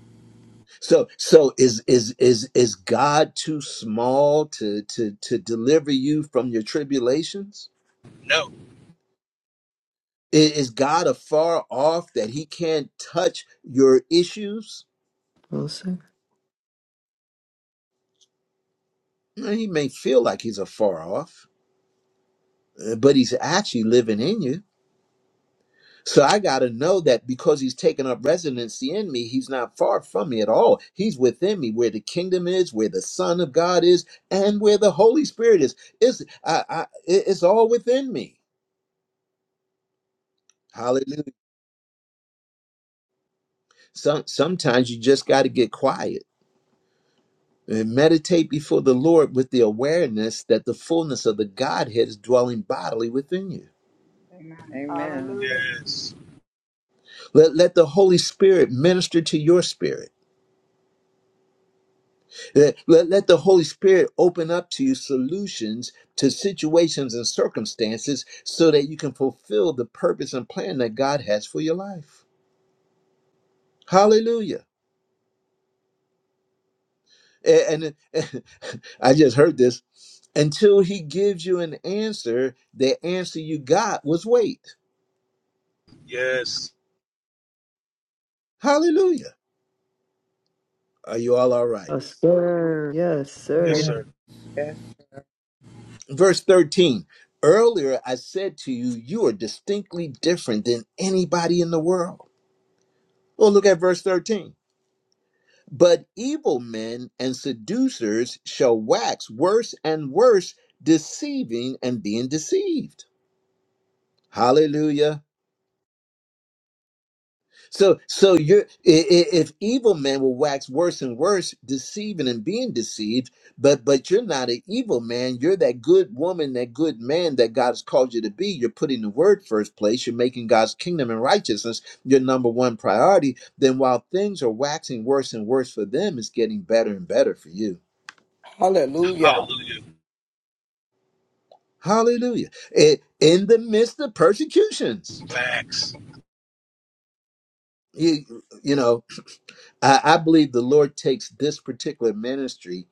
Speaker 1: So so is is is is God too small to to to deliver you from your tribulations?
Speaker 2: No.
Speaker 1: I- Is God afar off that he can't touch your issues?
Speaker 5: Yes, sir.
Speaker 1: He may feel like he's afar off uh, but he's actually living in you. So I got to know that because he's taken up residency in me, he's not far from me at all. He's within me where the kingdom is, where the Son of God is, and where the Holy Spirit is. It's, I, I, it- it's all within me. Hallelujah. Some, sometimes you just got to get quiet and meditate before the Lord with the awareness that the fullness of the Godhead is dwelling bodily within you.
Speaker 7: Amen.
Speaker 10: Amen.
Speaker 7: Hallelujah.
Speaker 2: Yes.
Speaker 1: Let, let the Holy Spirit minister to your spirit Let, let, let the Holy Spirit open up to you solutions to situations and circumstances so that you can fulfill the purpose and plan that God has for your life. Hallelujah. A- And, it- (laughs) I just heard this. Until he gives you an answer, the answer you got was wait.
Speaker 2: Yes.
Speaker 1: Hallelujah. Are you all all right?
Speaker 5: Yes, sir.
Speaker 2: Yes,
Speaker 10: Yes,
Speaker 3: Amen.
Speaker 2: sir.
Speaker 10: yes.
Speaker 1: Verse 13. Earlier I said to you, you are distinctly different than anybody in the world. Well, look at verse 13. But evil men and seducers shall wax worse and worse, deceiving and being deceived. Hallelujah. So, so you're i- i- if evil men will wax worse and worse, deceiving and being deceived, but but you're not an evil man. You're that good woman, that good man that God's called you to be. You're putting the word first place. You're making God's kingdom and righteousness your number one priority. Then while things are waxing worse and worse for them, it's getting better and better for you.
Speaker 6: Hallelujah.
Speaker 2: Hallelujah.
Speaker 1: Hallelujah. I- in the midst of persecutions.
Speaker 2: Facts.
Speaker 1: You, you know, I, I believe the Lord takes this particular ministry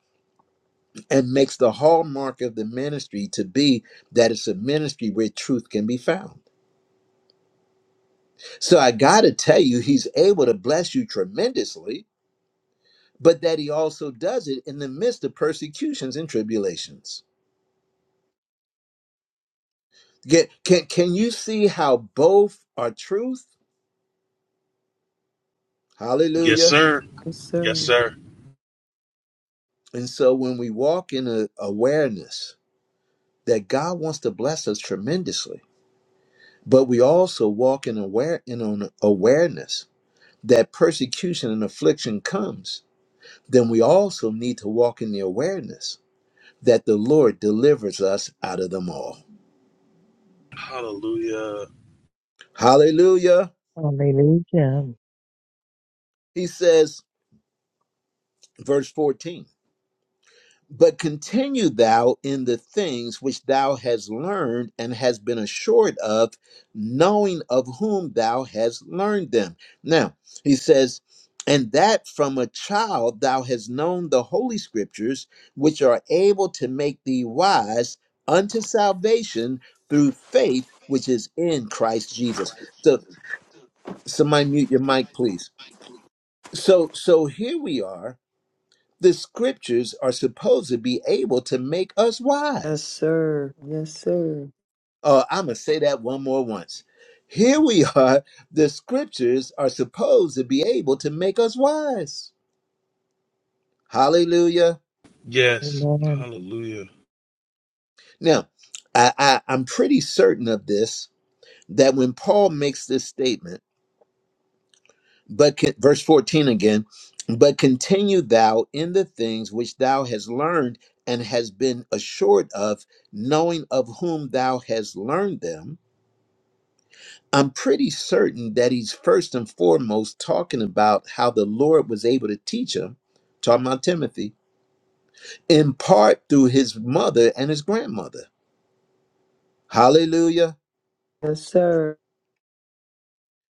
Speaker 1: and makes the hallmark of the ministry to be that it's a ministry where truth can be found. So I got to tell you, He's able to bless you tremendously, but that He also does it in the midst of persecutions and tribulations. Get, can, can you see how both are truth?
Speaker 2: Yes,
Speaker 1: Hallelujah.
Speaker 2: sir.
Speaker 5: Yes,
Speaker 2: Yes,
Speaker 5: sir.
Speaker 2: sir.
Speaker 1: And so when we walk in a awareness, that God wants to bless us tremendously, but we also walk in aware in an awareness that persecution and affliction comes, then we also need to walk in the awareness that the Lord delivers us out of them all.
Speaker 2: Hallelujah.
Speaker 1: Hallelujah.
Speaker 3: Hallelujah.
Speaker 1: He says, verse 14. But continue thou in the things which thou hast learned and hast been assured of, knowing of whom thou hast learned them. Now, he says, and that from a child thou hast known the holy scriptures, which are able to make thee wise unto salvation through faith which is in Christ Jesus. So, somebody mute your mic, please. So, so here we are the scriptures are supposed to be able to make us
Speaker 5: Yes,
Speaker 1: wise.
Speaker 5: sir. Yes, sir.
Speaker 1: Uh, I'm going to say that one more once. Here we (laughs) are. The scriptures are supposed to be able to make us wise. Hallelujah.
Speaker 2: Yes.
Speaker 3: Amen.
Speaker 2: Hallelujah.
Speaker 1: Now, I, I, I'm pretty certain of this that when Paul makes this statement, but con- verse 14 again, but continue thou in the things which thou hast learned and has been assured of, knowing of whom thou hast learned them I'm pretty certain that he's first and foremost talking about how the Lord was able to teach him, talking about Timothy, in part through his mother and his grandmother. Hallelujah.
Speaker 5: Yes, sir.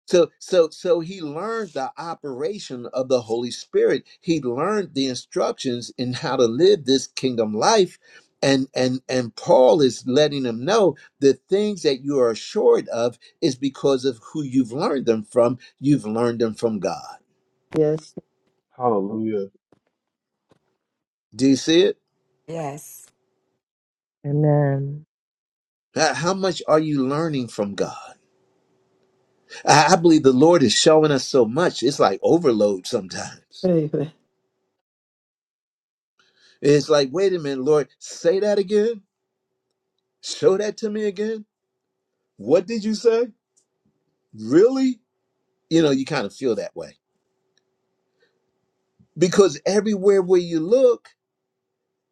Speaker 1: So so so he learned the operation of the Holy Spirit. He learned the instructions in how to live this kingdom life. And and and Paul is letting him know the things that you are assured of is because of who you've learned them from. You've learned them from God.
Speaker 5: Yes, sir. Yes,
Speaker 2: Hallelujah.
Speaker 1: Do you see it?
Speaker 6: Yes.
Speaker 3: Amen.
Speaker 1: How how much are you learning from God? I I believe the Lord is showing us so much. It's like overload sometimes.
Speaker 5: sir.
Speaker 1: It's like, wait a minute, Lord, say that again. Show that to me again. What did you say? Really? You know, you kind of feel that way because everywhere where you look,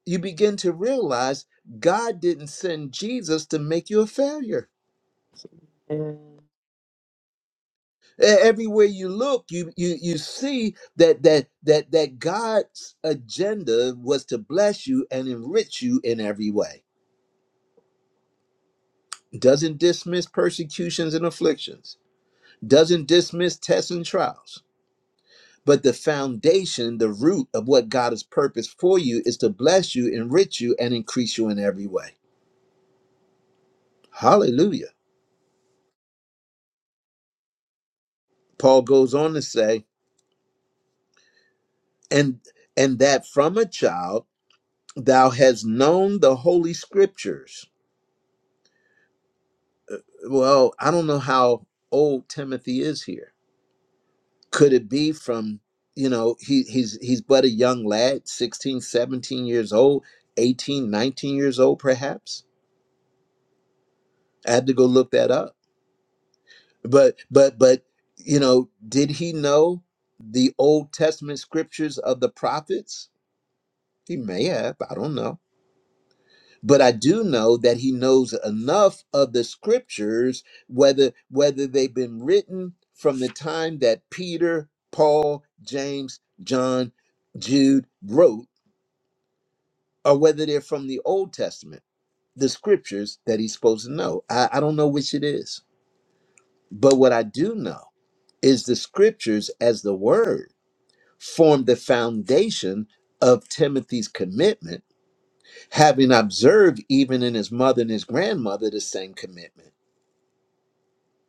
Speaker 1: you begin to realize God didn't send Jesus to make you a failure.
Speaker 5: Amen.
Speaker 1: E- everywhere you look you you you see that that that that god's agenda was to bless you and enrich you in every way doesn't dismiss persecutions and afflictions doesn't dismiss tests and trials but the foundation the root of what god has purposed for you is to bless you enrich you and increase you in every way hallelujah paul goes on to say and and that from a child thou hast known the holy scriptures well i don't know how old timothy is here could it be from you know he he's he's but a young lad 16, 17 years old 18, 19 years old perhaps i had to go look that up but but but you know did he know the old testament scriptures of the prophets he may have i don't know but I do know that he knows enough of the scriptures, whether whether they've been written from the time that Peter, Paul, James, John, Jude wrote, or whether they're from the Old Testament, the scriptures that he's supposed to know. I, I don't know which it is. But what I do know is the scriptures as the word form the foundation of Timothy's commitment, having observed even in his mother and his grandmother the same commitment.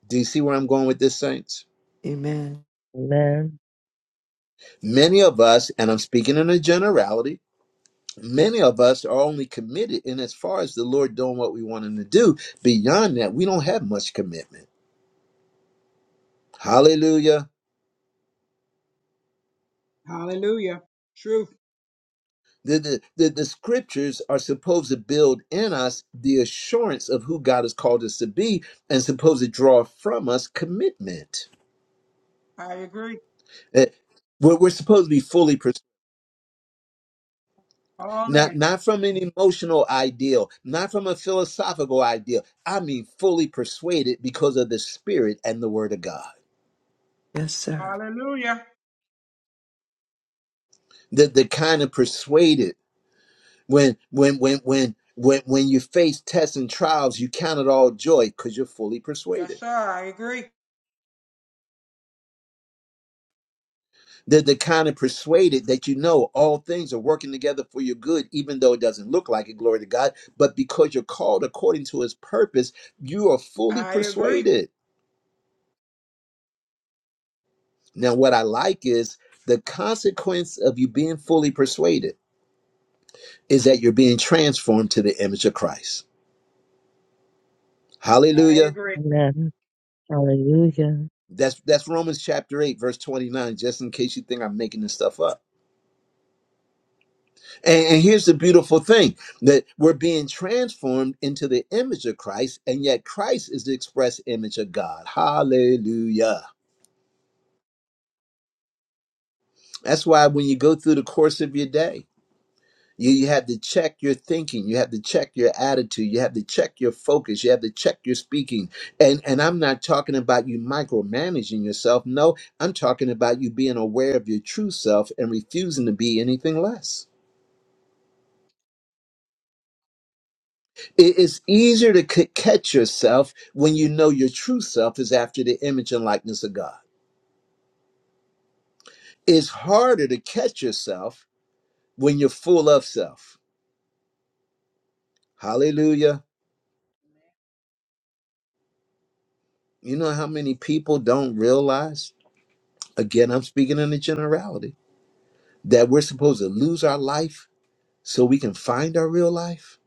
Speaker 1: Do you see where I'm going with this, saints?
Speaker 5: Amen.
Speaker 3: Amen.
Speaker 1: Many of us, and I'm speaking in a generality, many of us are only committed in as far as the Lord doing what we want Him to do. Beyond that, we don't have much commitment. Hallelujah.
Speaker 7: Hallelujah. Truth.
Speaker 1: The, the, the, the scriptures are supposed to build in us the assurance of who God has called us to be and supposed to draw from us commitment.
Speaker 7: I agree.
Speaker 1: Eh, We're, we're supposed to be fully
Speaker 7: All
Speaker 1: Not
Speaker 7: in.
Speaker 1: not from an emotional ideal, not from a philosophical ideal. I mean fully persuaded because of the spirit and the word of God.
Speaker 5: Yes, sir.
Speaker 7: Hallelujah.
Speaker 1: The the kind of persuaded when when when when when when you face tests and trials, you count it all joy because you're fully
Speaker 7: Yes,
Speaker 1: persuaded.
Speaker 7: sir, I agree.
Speaker 1: The the kind of persuaded that you know all things are working together for your good, even though it doesn't look like it, glory to God, but because you're called according to his purpose, you are fully
Speaker 7: I agree.
Speaker 1: persuaded. Now, what I like is the consequence of you being fully persuaded is that you're being transformed to the image of Christ.
Speaker 7: I
Speaker 1: Hallelujah.
Speaker 7: agree.
Speaker 3: Amen. Hallelujah.
Speaker 1: That's that's Romans chapter 8, verse 29, just in case you think I'm making this stuff up. And, and here's the beautiful thing that we're being transformed into the image of Christ, and yet Christ is the express image of God. Hallelujah. That's why when you go through the course of your day, You, you have to check your thinking. You have to check your attitude. You have to check your focus. You have to check your speaking. And and I'm not talking about you micromanaging yourself. No, I'm talking about you being aware of your true self and refusing to be anything less. It is easier to c- catch yourself when you know your true self is after the image and likeness of God. It's harder to catch yourself when you're full of self. Hallelujah. You know how many people don't realize? Again, I'm speaking in a generality that we're supposed to lose our life so we can find our real life?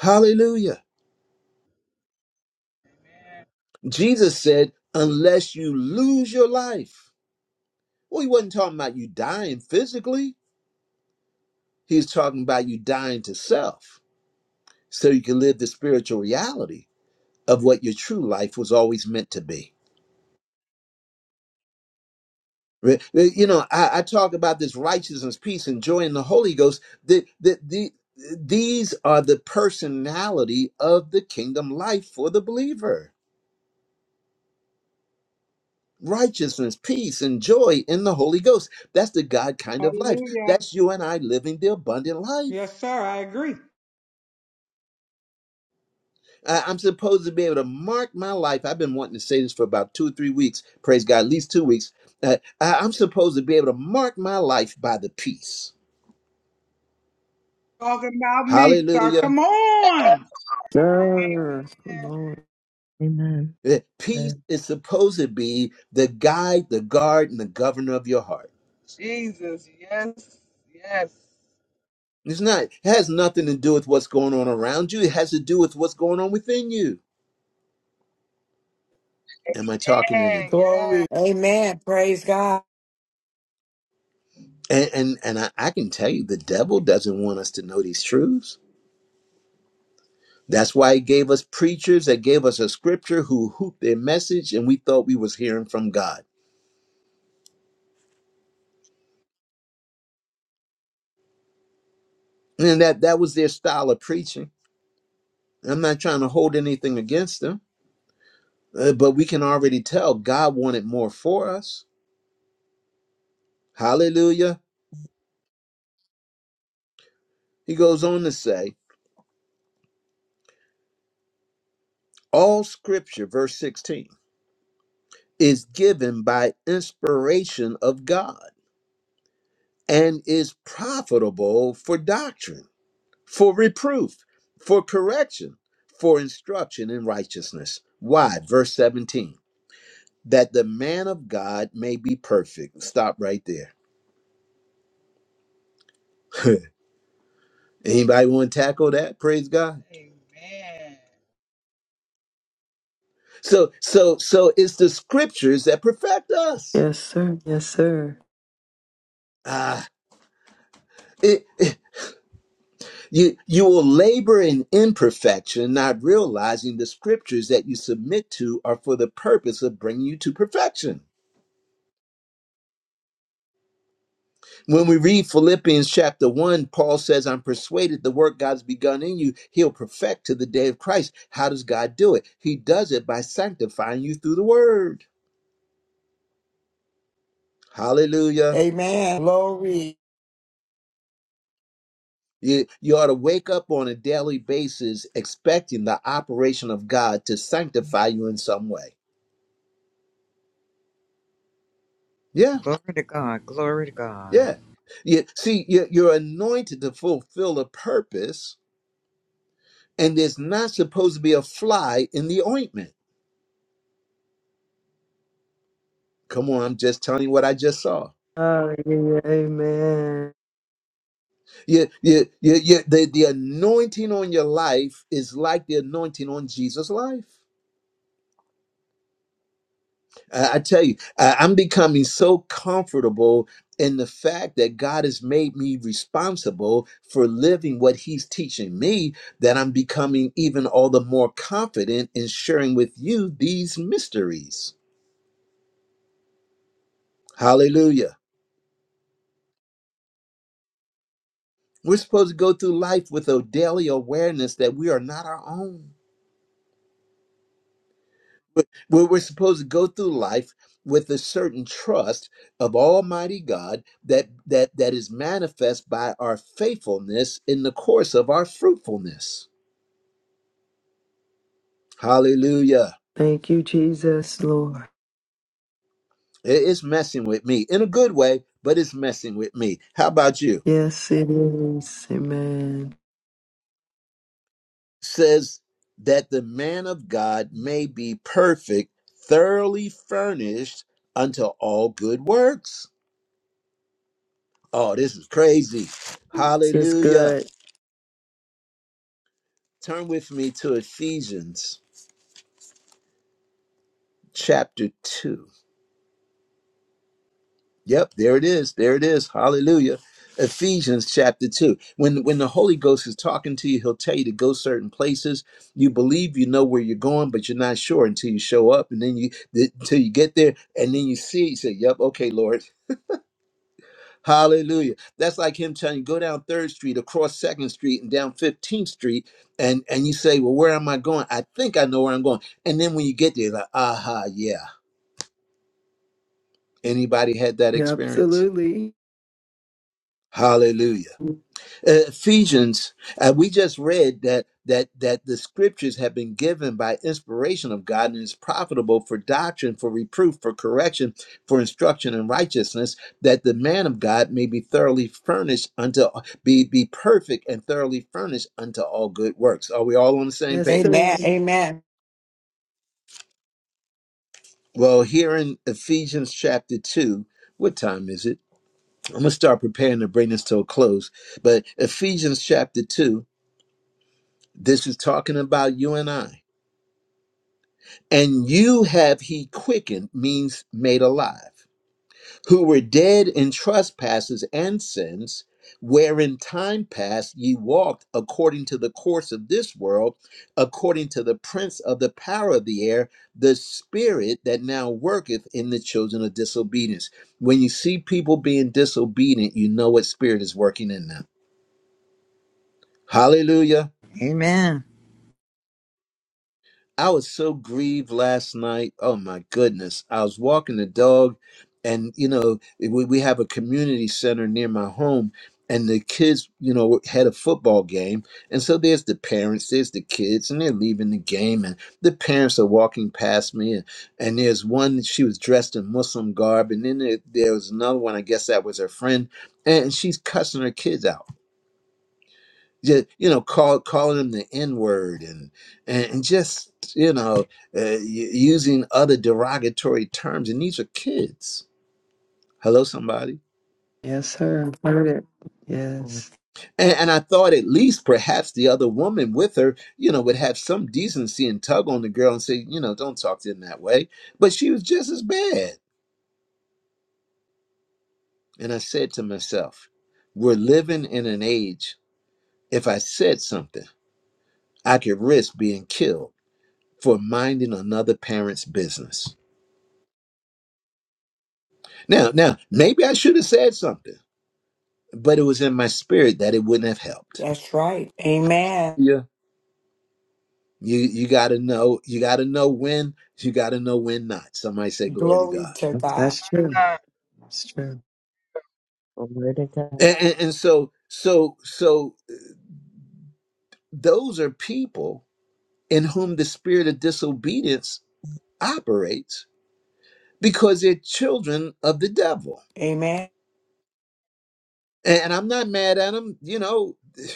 Speaker 1: Hallelujah. Jesus said, unless you lose your life. Well, he wasn't talking about you dying physically, he's talking about you dying to self so you can live the spiritual reality of what your true life was always meant to be. Re- re- You know, I, I talk about this righteousness, peace, and joy in the Holy Ghost. The, the, the, these are the personality of the kingdom life for the believer. righteousness, peace, and joy in the Holy Ghost. That's the God kind of life.
Speaker 7: Hallelujah.
Speaker 1: That's you and I living the abundant life.
Speaker 7: Yes, sir, I agree.
Speaker 1: I- I'm supposed to be able to mark my life. I've been wanting to say this for about two or three weeks. Praise God, at least two weeks. Uh, I- I'm supposed to be able to mark my life by the peace.
Speaker 7: Talking about me, sir.
Speaker 1: Hallelujah.
Speaker 7: Come on.
Speaker 5: Sir. Come
Speaker 9: Amen.
Speaker 5: on.
Speaker 3: Amen.
Speaker 1: Uh, Peace
Speaker 3: Amen.
Speaker 1: is supposed to be the guide, the guard, and the governor of your heart.
Speaker 9: Jesus. Yes. Yes.
Speaker 1: It's not, it has nothing to do with what's going on around you. It has to do with what's going on within you. Am I talking to anyone?
Speaker 9: Amen. Yeah.
Speaker 6: Glory. Amen. Praise God.
Speaker 1: And and, and I, I can tell you the devil doesn't want us to know these truths. That's why he gave us preachers that gave us a scripture who hooped their message and we thought we was hearing from God. And that that was their style of preaching. I'm not trying to hold anything against them, uh, but we can already tell God wanted more for us. Hallelujah. He goes on to say, all scripture, verse 16, is given by inspiration of God and is profitable for doctrine for reproof, for correction, for instruction in righteousness. Why? Verse 17, that the man of God may be perfect. Stop right there. (laughs) Anybody want to tackle that? Praise God. So, so, so it's the scriptures that perfect us.
Speaker 5: Yes, sir. Yes, sir.
Speaker 1: Ah, it, it- you you will labor in imperfection, not realizing the scriptures that you submit to are for the purpose of bringing you to perfection. When we read Philippians chapter 1, Paul says, I'm persuaded the work God's begun in you, he'll perfect to the day of Christ. How does God do it? He does it by sanctifying you through the word. Hallelujah.
Speaker 6: Amen. Glory.
Speaker 1: You, you ought to wake up on a daily basis expecting the operation of God to sanctify you in some way. Yeah,
Speaker 10: Glory to God. Glory to God.
Speaker 1: yeah. You, see, you you're anointed to fulfill a purpose, and there's not supposed to be a fly in the ointment. Come on, I'm just telling you what I just saw.
Speaker 5: Hallelujah. Amen.
Speaker 1: Your, your, your, your, the, the anointing on your life is like the anointing on Jesus' life. I I tell you, I- I'm becoming so comfortable in the fact that God has made me responsible for living what He's teaching me that I'm becoming even all the more confident in sharing with you these mysteries. Hallelujah. We're supposed to go through life with a daily awareness that we are not our own We're, we're supposed to go through life with a certain trust of Almighty God that that that is manifest by our faithfulness in the course of our fruitfulness. Hallelujah.
Speaker 5: Thank you, Jesus, Lord.
Speaker 1: It- It's messing with me in a good way, but it's messing with me. How about you?
Speaker 5: Yes, it is. Amen.
Speaker 1: Says that the man of God may be perfect, thoroughly furnished unto all good works. Oh, this is crazy.
Speaker 5: This is
Speaker 1: Hallelujah.
Speaker 5: good.
Speaker 1: Turn with me to Ephesians chapter 2. Yep, there it is. There it is. Hallelujah. Ephesians chapter 2. When when the Holy Ghost is talking to you, he'll tell you to go certain places. You believe you know where you're going, but you're not sure until you show up and then you th- until you get there and then you see you say, "Yep, okay, Lord." Hallelujah. That's like him telling you go down 3rd Street, across 2nd Street and down 15th Street and and you say, "Well, where am I going?" I think I know where I'm going. And then when you get there, you're like, "Aha, yeah." Anybody had that experience?
Speaker 5: Absolutely.
Speaker 1: Hallelujah. Uh, Ephesians, uh, we just read that that that the scriptures have been given by inspiration of God and is profitable for doctrine, for reproof, for correction, for instruction in righteousness, that the man of God may be thoroughly furnished unto be be perfect and thoroughly furnished unto all good works. Are we all on the same
Speaker 5: Yes,
Speaker 1: page?
Speaker 5: sir.
Speaker 6: Amen. Amen.
Speaker 1: Well, here in Ephesians chapter 2, what time is it? I'm going to start preparing to bring this to a close. But Ephesians chapter 2, this is talking about you and I. And you have he quickened, means made alive, who were dead in trespasses and sins, wherein time past ye walked according to the course of this world, according to the prince of the power of the air, the spirit that now worketh in the children of disobedience. When you see people being disobedient, you know what spirit is working in them Hallelujah.
Speaker 10: Amen.
Speaker 1: I was so grieved last night. Oh my goodness. I was walking the dog, and you know, we, we have a community center near my home, and the kids, you know, had a football game. And so there's the parents, there's the kids, and they're leaving the game, and the parents are walking past me. And, and there's one, she was dressed in Muslim garb, and then there, there was another one, I guess that was her friend, and she's cussing her kids out. just you know call calling him the n word and, and and just you know uh, y- using other derogatory terms and these are kids hello somebody
Speaker 5: Yes, sir. I've heard it.
Speaker 3: Oh,
Speaker 5: Yes.
Speaker 1: and, and i thought at least perhaps the other woman with her you know would have some decency and tug on the girl and say you know don't talk to him that way but she was just as bad and i said to myself we're living in an age if i said something i could risk being killed for minding another parent's business Now, now, maybe I should have said something, but it was in my spirit that it wouldn't have helped.
Speaker 6: That's right. Amen.
Speaker 1: Yeah. You you gotta know, you gotta know when, you gotta know when not. Somebody say glory to
Speaker 6: Glory
Speaker 1: God.
Speaker 6: to God.
Speaker 5: That's true.
Speaker 9: Amen.
Speaker 5: That's true.
Speaker 3: Glory to God.
Speaker 1: And, and, and so so so those are people in whom the spirit of disobedience operates because they're children of the devil.
Speaker 6: Amen.
Speaker 1: And, and I'm not mad at them, you know. (laughs)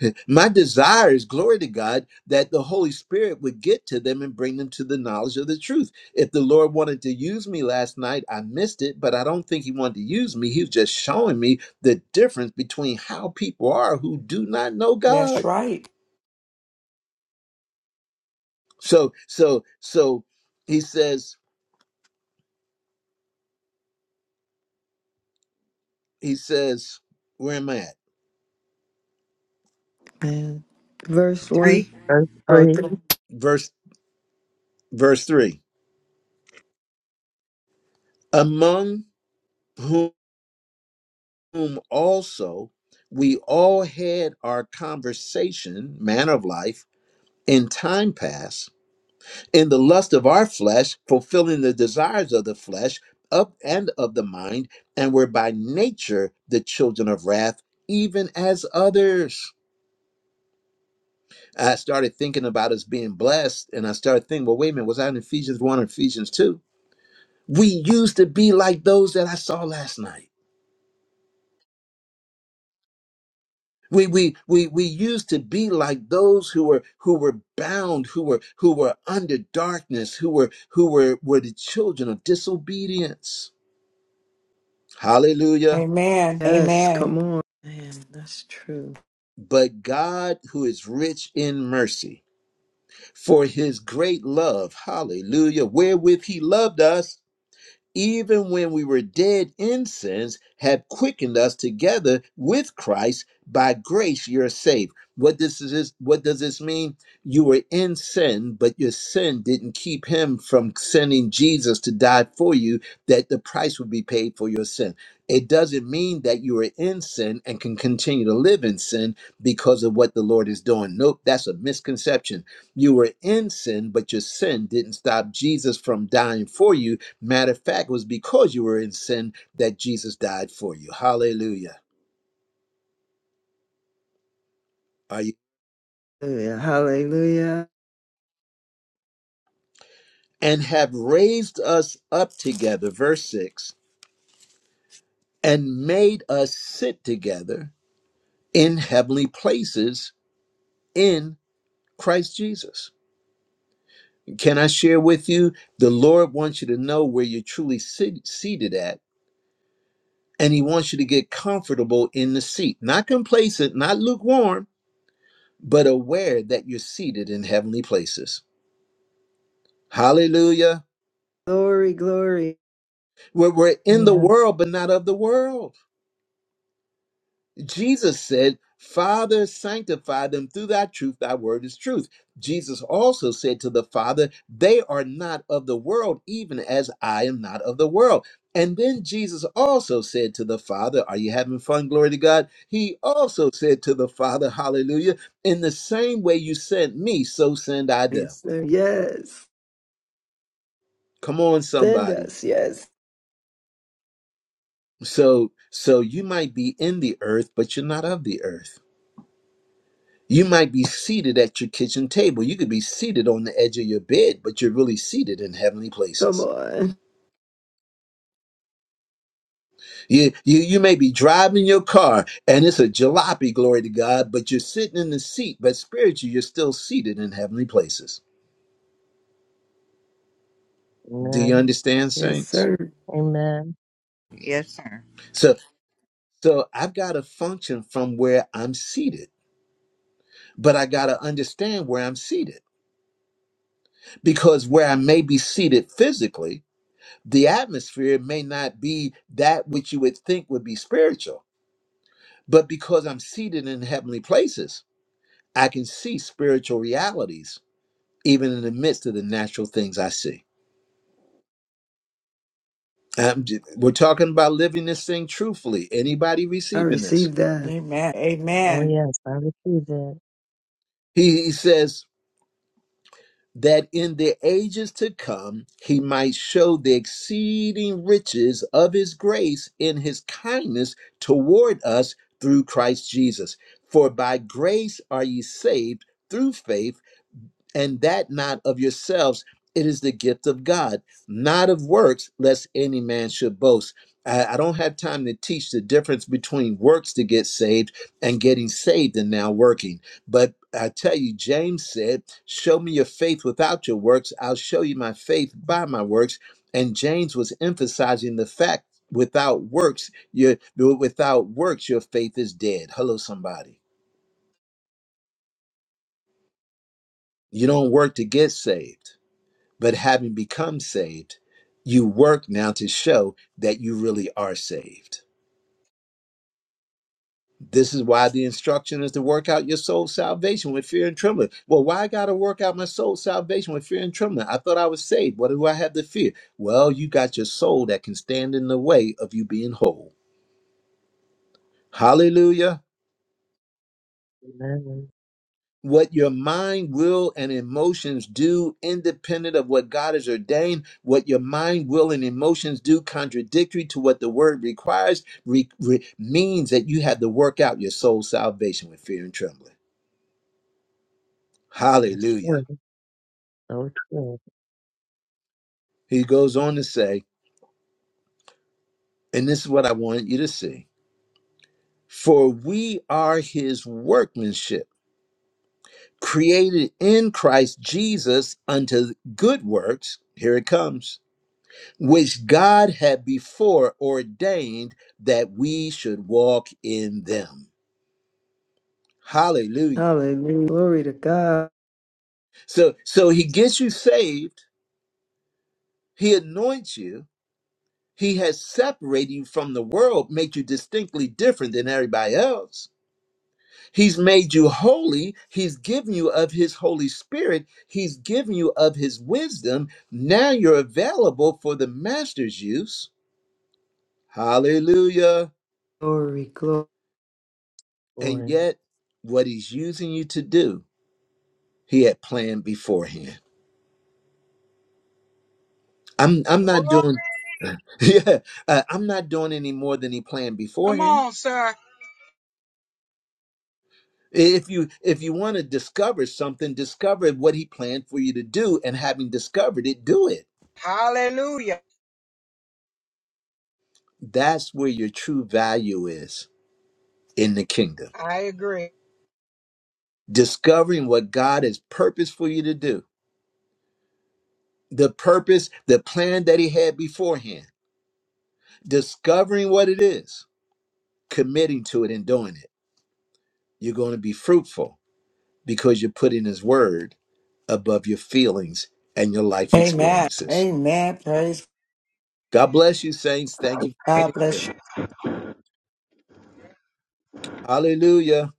Speaker 1: (laughs) My desire is, glory to God, that the Holy Spirit would get to them and bring them to the knowledge of the truth. If the Lord wanted to use me last night, I missed it, but I don't think He wanted to use me. He was just showing me the difference between how people are who do not know
Speaker 6: That's
Speaker 1: God.
Speaker 6: right.
Speaker 1: So, so, so He says, He says, where am I at?
Speaker 5: Man. Verse one.
Speaker 10: Three.
Speaker 3: Earth
Speaker 5: Oh,
Speaker 3: green.
Speaker 5: th-
Speaker 1: Verse, verse three. Among whom also we all had our conversation, manner of life in time past in the lust of our flesh, fulfilling the desires of the flesh up and of the mind, and were by nature the children of wrath, even as others. I started thinking about us being blessed, and I started thinking, well, wait a minute, was I in Ephesians 1 or Ephesians 2? We used to be like those that I saw last night. We, we we we used to be like those who were who were bound, who were who were under darkness, who were who were were the children of disobedience Hallelujah.
Speaker 6: Amen.
Speaker 5: yes.
Speaker 6: Amen.
Speaker 5: Come on. Man, that's true.
Speaker 1: But God, who is rich in mercy, for his great love, hallelujah, wherewith he loved us, even when we were dead in sins, have quickened us together with Christ. By grace, you're saved. What this is, what does this mean? You were in sin, but your sin didn't keep him from sending Jesus to die for you, that the price would be paid for your sin. It doesn't mean that you are in sin and can continue to live in sin because of what the Lord is doing. Nope, that's a misconception. You were in sin, but your sin didn't stop Jesus from dying for you Matter of fact, it was because you were in sin that Jesus died for you. Hallelujah. Are you?
Speaker 5: Hallelujah. Hallelujah.
Speaker 1: And have raised us up together, verse 6, and made us sit together in heavenly places in Christ Jesus. Can I share with you? The Lord wants you to know where you're truly sit- seated at, and He wants you to get comfortable in the seat. Not complacent, not lukewarm, but aware that you're seated in heavenly places. Hallelujah.
Speaker 5: Glory, glory.
Speaker 1: We're, we're in the
Speaker 3: Amen.
Speaker 1: world, but not of the world. Jesus said, Father, sanctify them through thy truth, thy word is truth. Jesus also said to the Father, They are not of the world, even as I am not of the world. And then Jesus also said to the Father, Are you having fun? Glory to God. He also said to the Father, Hallelujah, in the same way you sent me, so send I them.
Speaker 5: Yes, sir. Yes.
Speaker 1: Come on,
Speaker 5: Send
Speaker 1: somebody.
Speaker 5: us. Yes.
Speaker 1: So, so you might be in the earth, but you're not of the earth You might be seated at your kitchen table. You could be seated on the edge of your bed, but you're really seated in heavenly
Speaker 5: Come
Speaker 1: places.
Speaker 5: on.
Speaker 1: You, you, you may be driving your car and it's a jalopy, glory to God, but you're sitting in the seat, but spiritually, you're still seated in heavenly places. Do you
Speaker 3: Amen.
Speaker 1: understand,
Speaker 5: Yes,
Speaker 1: saints?
Speaker 5: sir.
Speaker 3: Amen.
Speaker 10: Yes, sir.
Speaker 1: So, so I've got to function from where I'm seated, but I got to understand where I'm seated because where I may be seated physically, the atmosphere may not be that which you would think would be spiritual But because I'm seated in heavenly places, I can see spiritual realities even in the midst of the natural things I see. I'm j- we're talking about living this thing truthfully. Anybody
Speaker 5: I
Speaker 1: receiving this?
Speaker 5: received that.
Speaker 6: Amen.
Speaker 3: Oh,
Speaker 6: Amen.
Speaker 3: yes, I receive it.
Speaker 1: He, he says that in the ages to come, he might show the exceeding riches of his grace in his kindness toward us through Christ Jesus. For by grace are ye saved through faith and that not of yourselves. It is the gift of God, not of works, lest any man should boast. I, I don't have time to teach the difference between works to get saved and getting saved and now working. But I tell you, James said, Show me your faith without your works. I'll show you my faith by my works. And James was emphasizing the fact without works, your without works, your faith is dead. Hello, somebody. You don't work to get saved But having become saved, you work now to show that you really are saved. This is why the instruction is to work out your soul's salvation with fear and trembling. Well, why I got to work out my soul's salvation with fear and trembling? I thought I was saved. What do I have to fear? Well, you got your soul that can stand in the way of you being whole. Hallelujah.
Speaker 3: Amen.
Speaker 1: what your mind, will, and emotions do independent of what God has ordained, what your mind, will, and emotions do contradictory to what the word requires, re- re- means that you have to work out your soul's salvation with fear and trembling.
Speaker 3: That's
Speaker 1: Hallelujah.
Speaker 3: true. So true.
Speaker 1: He goes on to say, and this is what I want you to see for we are his workmanship, created in Christ Jesus unto good works. Here it comes which God had before ordained that we should walk in them. Hallelujah.
Speaker 5: Hallelujah. Glory to God.
Speaker 1: So so he gets you saved, he anoints you, he has separated you from the world, made you distinctly different than everybody else. He's made you holy, he's given you of his Holy Spirit, he's given you of his wisdom. Now you're available for the master's use. Hallelujah.
Speaker 5: Glory, glory.
Speaker 1: And
Speaker 3: Lord.
Speaker 1: yet what he's using you to do He had planned beforehand. I'm I'm not
Speaker 7: Glory.
Speaker 1: doing (laughs) yeah, uh, I'm not doing any more than he planned
Speaker 7: Come
Speaker 1: beforehand.
Speaker 7: on, sir.
Speaker 1: If you if you want to discover something, discover what he planned for you to do and having discovered it, do it.
Speaker 7: Hallelujah.
Speaker 1: That's where your true value is in the kingdom.
Speaker 7: I agree.
Speaker 1: Discovering what God has purposed for you to do. The purpose, the plan that he had beforehand. Discovering what it is, committing to it and doing it. You're going to be fruitful because you're putting his word above your feelings and your life
Speaker 6: Amen.
Speaker 1: experiences.
Speaker 6: Amen. Praise
Speaker 1: God bless you, saints. Thank you for
Speaker 6: God.
Speaker 1: being
Speaker 6: Bless
Speaker 1: here.
Speaker 6: you.
Speaker 1: Hallelujah.